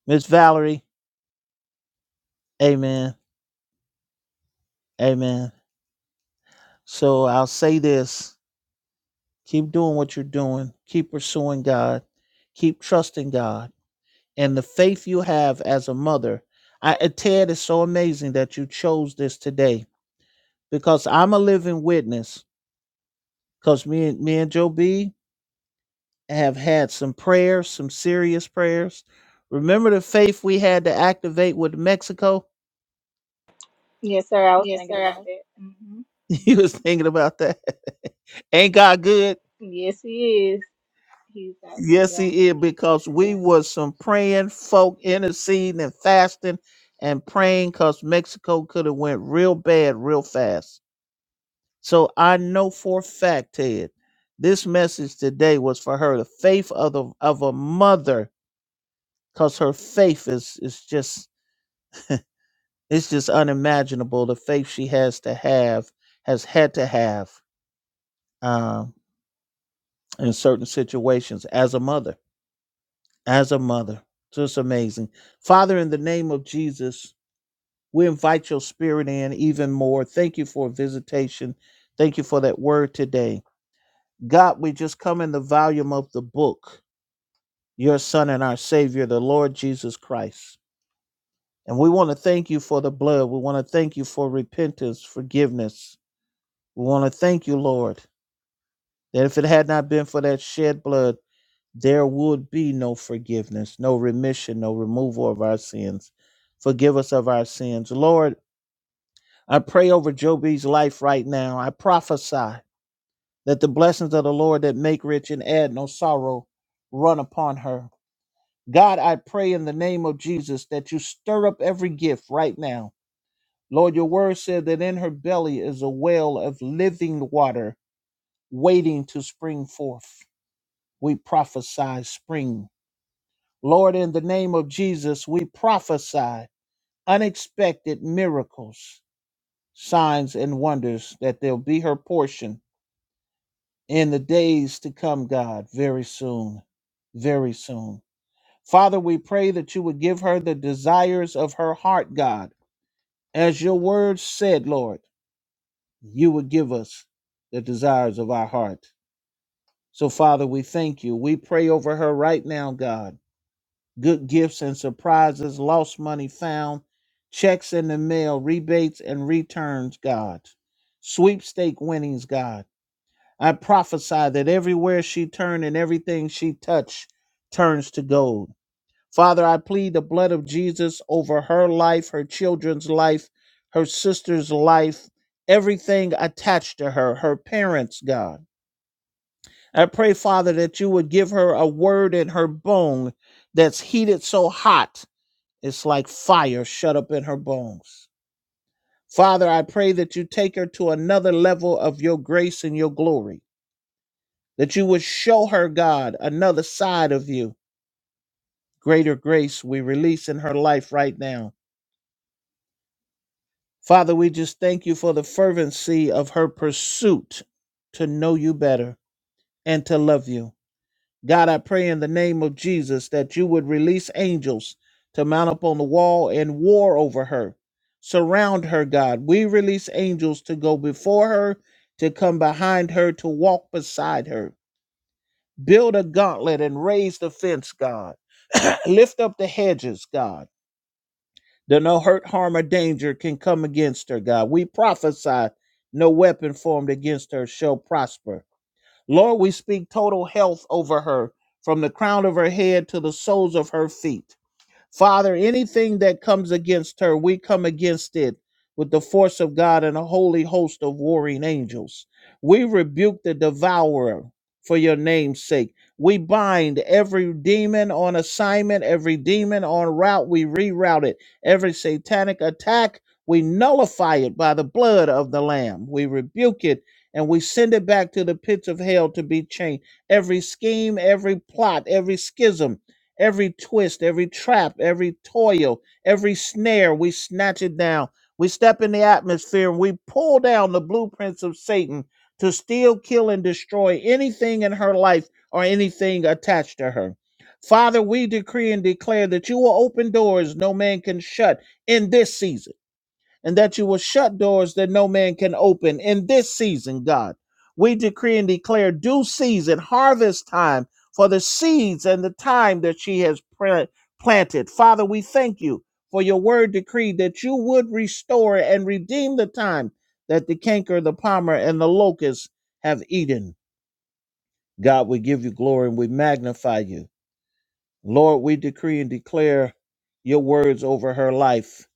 [SPEAKER 2] Miss Valerie, amen. Amen. So I'll say this. Keep doing what you're doing. Keep pursuing God. Keep trusting God. And the faith you have as a mother. I uh, Ted is so amazing that you chose this today because I'm a living witness. Because me and me and Joe B, have had some prayers, some serious prayers. Remember the faith we had to activate with Mexico? (laughs)
[SPEAKER 9] Yes, sir. I was
[SPEAKER 2] Yes,
[SPEAKER 9] thinking
[SPEAKER 2] sir.
[SPEAKER 9] about that. hmm
[SPEAKER 2] You was thinking about that. (laughs) Ain't God good?
[SPEAKER 9] Yes, he is. He's awesome.
[SPEAKER 2] Yes,
[SPEAKER 9] Yeah.
[SPEAKER 2] he is, because we was some praying folk interceding and fasting and praying because Mexico could have went real bad real fast. So I know for a fact, Ted, this message today was for her, the faith of the, of a mother, because her faith is is just It's just unimaginable the faith she has to have, has had to have um, in certain situations as a mother, as a mother. Just amazing. Father, in the name of Jesus, we invite your spirit in even more. Thank you for a visitation. Thank you for that word today. God, we just come in the volume of the book, your son and our savior, the Lord Jesus Christ. And we want to thank you for the blood. We want to thank you for repentance, forgiveness. We want to thank you, Lord. That if it had not been for that shed blood, there would be no forgiveness, no remission, no removal of our sins. Forgive us of our sins. Lord, I pray over Job's life right now. I prophesy that the blessings of the Lord that make rich and add no sorrow run upon her. God, I pray in the name of Jesus that you stir up every gift right now. Lord, your word said that in her belly is a well of living water waiting to spring forth. we prophesy spring. Lord, in the name of Jesus, we prophesy unexpected miracles, signs, and wonders that they'll be her portion in the days to come, God, very soon, very soon. Father, we pray that you would give her the desires of her heart, God. As your word said, Lord, you would give us the desires of our heart. So, Father, we thank you. We pray over her right now, God good gifts and surprises, lost money found, checks in the mail, rebates and returns, God. Sweepstake winnings, God. I prophesy that everywhere she turned and everything she touched turns to gold. Father, I plead the blood of Jesus over her life, her children's life, her sister's life, everything attached to her, her parents, God. I pray, Father, that you would give her a word in her bone that's heated so hot it's like fire shut up in her bones. Father, I pray that you take her to another level of your grace and your glory, that you would show her, God, another side of you. Greater grace we release in her life right now. Father, we just thank you for the fervency of her pursuit to know you better and to love you. God, I pray in the name of Jesus that you would release angels to mount up on the wall and war over her. Surround her, God. We release angels to go before her, to come behind her, to walk beside her. Build a gauntlet and raise the fence, God. (clears throat) Lift up the hedges, God. That no hurt, harm, or danger can come against her, God. We prophesy no weapon formed against her shall prosper. Lord, we speak total health over her from the crown of her head to the soles of her feet. Father, anything that comes against her, we come against it with the force of God and a holy host of warring angels. We rebuke the devourer for your name's sake. We bind every demon on assignment, every demon on route, we reroute it. Every satanic attack, we nullify it by the blood of the Lamb. We rebuke it and we send it back to the pits of hell to be chained. Every scheme, every plot, every schism, Every twist, every trap, every toil, every snare, we snatch it down. We step in the atmosphere and we pull down the blueprints of Satan to steal, kill, and destroy anything in her life or anything attached to her. Father, we decree and declare that you will open doors no man can shut in this season and that you will shut doors that no man can open in this season, God. We decree and declare due season, harvest time for the seeds and the time that she has pla- planted. Father, we thank you for your word decree that you would restore and redeem the time that the canker, the palmer, and the locust have eaten. God, we give you glory and we magnify you. Lord, we decree and declare your words over her life.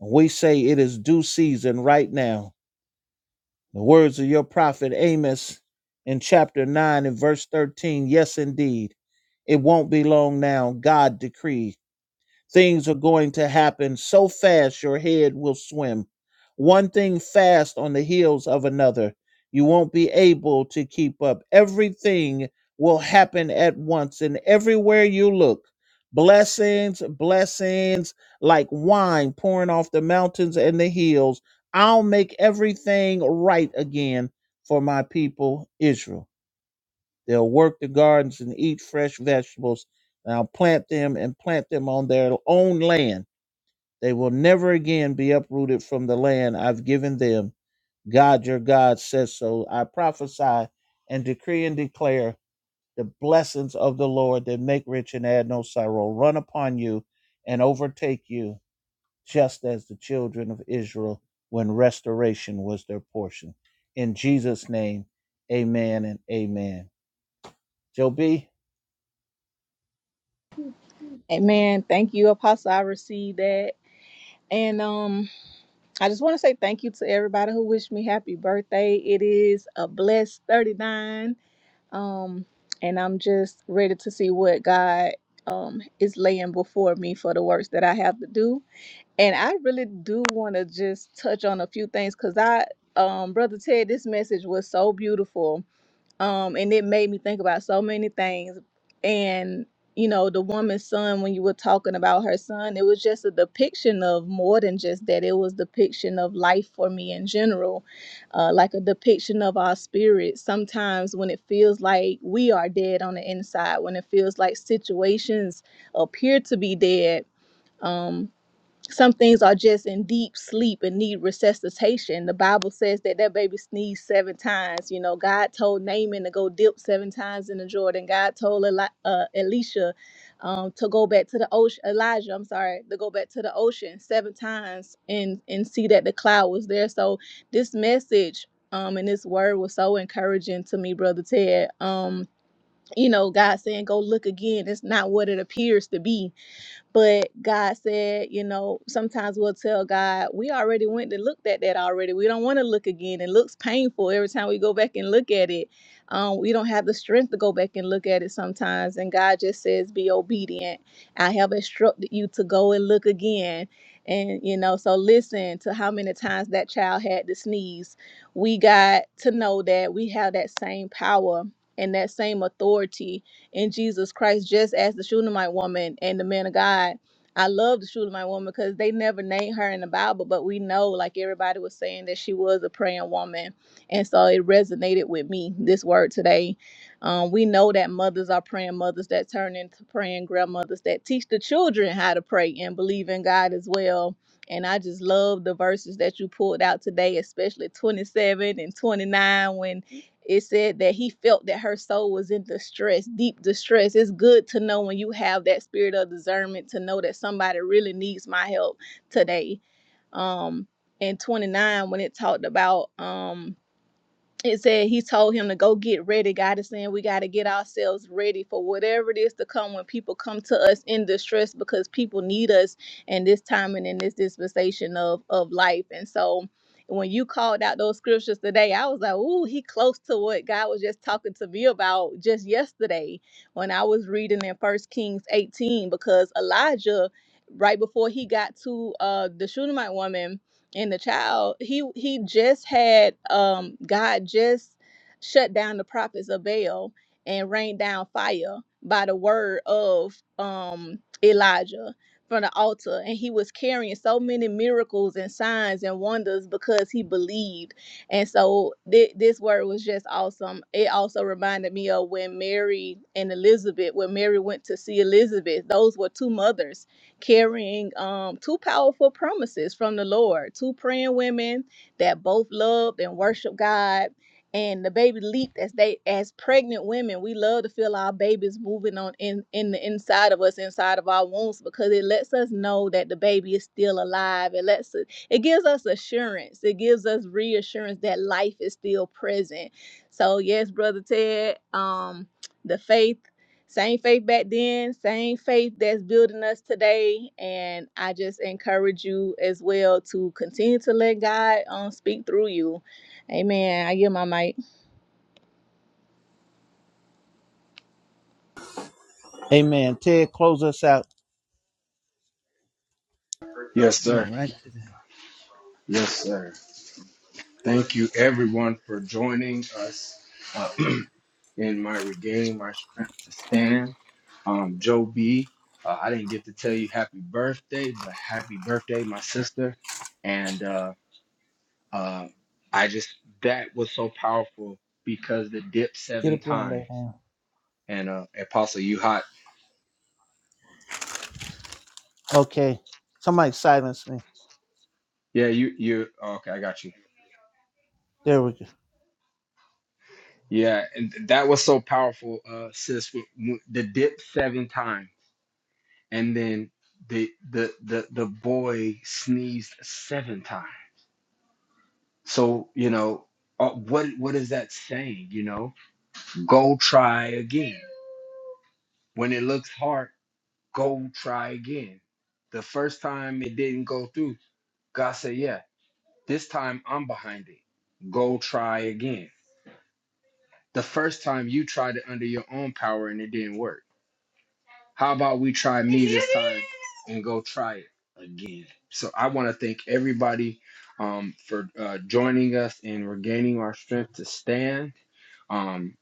[SPEAKER 2] We say it is due season right now The words of your prophet Amos in chapter 9 and verse 13 yes, indeed, it won't be long now. God decreed. Things are going to happen so fast your head will swim. One thing fast on the heels of another. You won't be able to keep up. Everything will happen at once, and everywhere you look, blessings, blessings like wine pouring off the mountains and the hills. I'll make everything right again for my people, Israel. They'll work the gardens and eat fresh vegetables. And I'll plant them and plant them on their own land. They will never again be uprooted from the land I've given them. God, your God, says so. I prophesy and decree and declare the blessings of the Lord that make rich and add no sorrow run upon you and overtake you, just as the children of Israel when restoration was their portion. In Jesus' name, amen and amen. Joe B.
[SPEAKER 9] Amen. Thank you, Apostle. I received that. And um, I just want to say thank you to everybody who wished me happy birthday. It is a blessed 39. um and i'm just ready to see what god um is laying before me for the works that i have to do and i really do want to just touch on a few things because i um brother ted this message was so beautiful um, and it made me think about so many things. And you know, the woman's son, when you were talking about her son, it was just a depiction of more than just that. It was depiction of life for me in general, uh, like a depiction of our spirit. Sometimes when it feels like we are dead on the inside, when it feels like situations appear to be dead. Um, some things are just in deep sleep and need resuscitation. The Bible says that that baby sneezed seven times. You know, God told Naaman to go dip seven times in the Jordan. God told Eli- uh, Elisha um, to go back to the ocean. Elijah, I'm sorry, to go back to the ocean seven times and and see that the cloud was there. So this message um, and this word was so encouraging to me, brother Ted. Um, you know, God saying, "Go look again. It's not what it appears to be." But God said, you know, sometimes we'll tell God, we already went and looked at that already. We don't want to look again. It looks painful every time we go back and look at it. Um, we don't have the strength to go back and look at it sometimes. And God just says, be obedient. I have instructed you to go and look again. And, you know, so listen to how many times that child had to sneeze. We got to know that we have that same power and that same authority in Jesus Christ, just as the Shunammite woman and the man of God. I love the Shunammite woman because they never named her in the Bible, but we know, like everybody was saying, that she was a praying woman. And so it resonated with me, this word today. Um, we know that mothers are praying mothers that turn into praying grandmothers that teach the children how to pray and believe in God as well. And I just love the verses that you pulled out today, especially 27 and 29 when it said that he felt that her soul was in distress, deep distress. It's good to know when you have that spirit of discernment to know that somebody really needs my help today. Um, and 29, when it talked about um it said he told him to go get ready. God is saying we got to get ourselves ready for whatever it is to come when people come to us in distress because people need us in this time and in this dispensation of of life. And so when you called out those scriptures today, I was like, ooh, he close to what God was just talking to me about just yesterday when I was reading in First Kings 18 because Elijah, right before he got to uh the Shunammite woman and the child he he just had um god just shut down the prophets of baal and rained down fire by the word of um elijah from the altar and he was carrying so many miracles and signs and wonders because he believed and so thi- this word was just awesome it also reminded me of when mary and elizabeth when mary went to see elizabeth those were two mothers carrying um, two powerful promises from the Lord, two praying women that both loved and worshiped God. And the baby leaped as they, as pregnant women, we love to feel our babies moving on in, in the inside of us, inside of our wombs, because it lets us know that the baby is still alive. It lets us, it gives us assurance. It gives us reassurance that life is still present. So yes, brother Ted, um, the faith same faith back then, same faith that's building us today. And I just encourage you as well to continue to let God um, speak through you. Amen. I give my mic.
[SPEAKER 2] Amen. Ted, close us out.
[SPEAKER 1] Yes, sir.
[SPEAKER 2] Went right to that.
[SPEAKER 1] Yes, sir. Thank you, everyone, for joining us uh, (clears throat) in my regain my strength to stand. Um, Joe B, uh, I didn't get to tell you happy birthday, but happy birthday, my sister. And uh, uh, I just that was so powerful because the dip
[SPEAKER 2] Get
[SPEAKER 1] seven
[SPEAKER 2] up there and
[SPEAKER 1] times.
[SPEAKER 2] lay down.
[SPEAKER 1] and uh, Apostle, you hot?
[SPEAKER 2] Okay. Somebody silence me.
[SPEAKER 1] Yeah, you you. oh, okay, I got you.
[SPEAKER 2] There we go.
[SPEAKER 1] Yeah, and th- that was so powerful, uh, sis. with- with The dip seven times, and then the the the the boy sneezed seven times. So you know, uh, what what is that saying? You know, go try again. When it looks hard, go try again. The first time it didn't go through, God said, "Yeah, this time I'm behind it. Go try again." the first time you tried it under your own power and it didn't work. How about we try me this time and go try it again? So I want to thank everybody um, for uh, joining us and regaining our strength to stand. Um,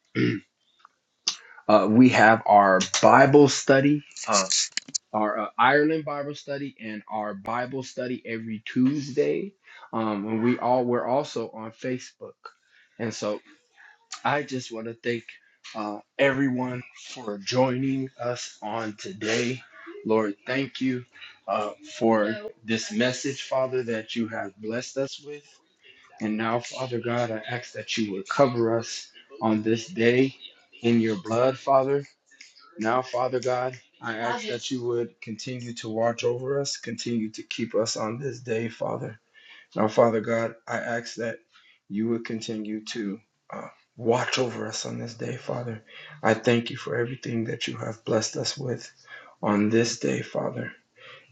[SPEAKER 1] (clears throat) uh, we have our Bible study, uh, our uh, Ireland Bible study, and our Bible study every Tuesday. Um, and we all we're also on Facebook, and so I just want to thank uh, everyone for joining us on today. Lord, thank you uh, for this message, Father, that you have blessed us with. And now, Father God, I ask that you would cover us on this day in your blood, Father. Now, Father God, I ask that you would continue to watch over us, continue to keep us on this day, Father. Now, Father God, I ask that you would continue to uh, watch over us on this day, Father. I thank you for everything that you have blessed us with on this day, Father.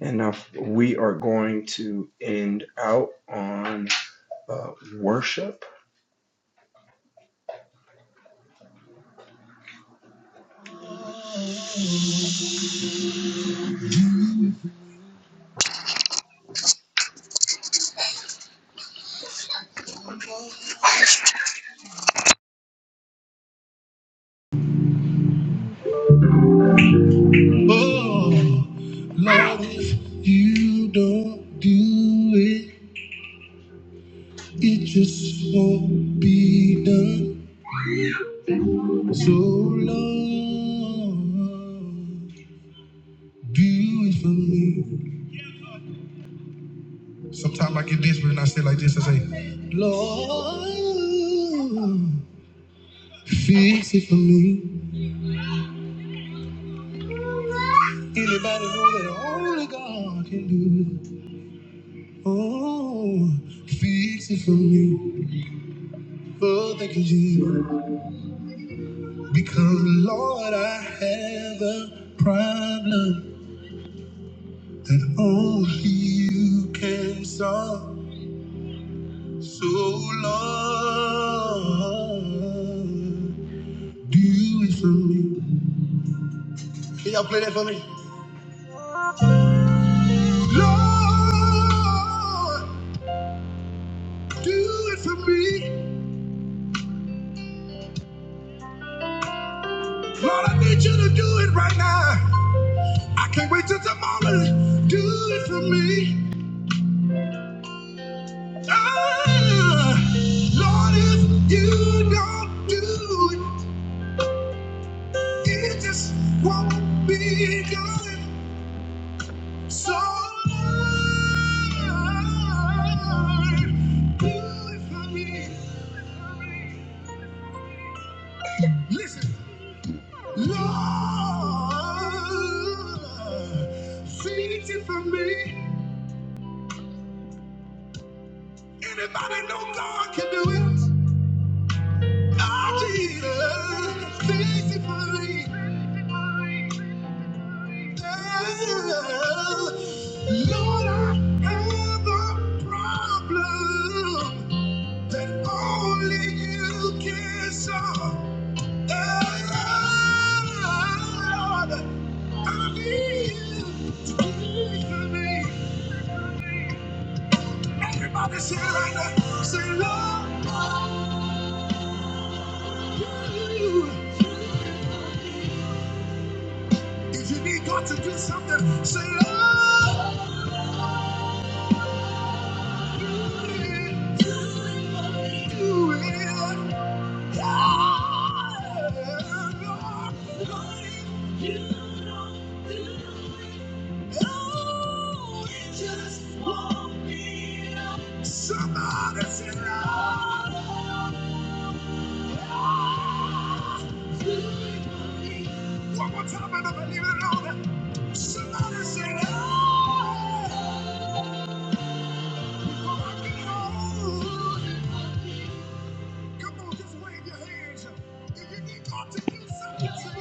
[SPEAKER 1] And now we are going to end out on uh, worship. Oh, Lord, if you don't do it, it just won't be done. So, Lord. Do it for me. Sometimes I get desperate and I say like this. I say, Lord, fix it for me. Anybody know that only God can do it? Oh, fix it for me. Oh, thank you, Jesus. Because, Lord, I have a problem that only you can solve. So, Lord. Do it for me. Can y'all play that for me? Lord, do it for me. Lord, I need you to do it right now. I can't wait till tomorrow. Do it for me. Ah, Lord, if you don't do it, it just won't be done. So, Lord, do it for me. Listen. Lord, see it for me. Anybody know God can do it? Oh, Jesus, see it for me. Yeah. Lord, I have a problem that only you can solve. Yeah, Lord, I need you to do it for me. Everybody say it right now. Say, Lord, If you need God to do something, say, Lord, you. Do it. Yeah, Lord, Lord, you don't do it. Oh, it just won't be enough. Somebody say, Lord. One more time, and I believe it all that somebody said, "Oh, before I can hold." Come on, just wave your hands if you need God to do something.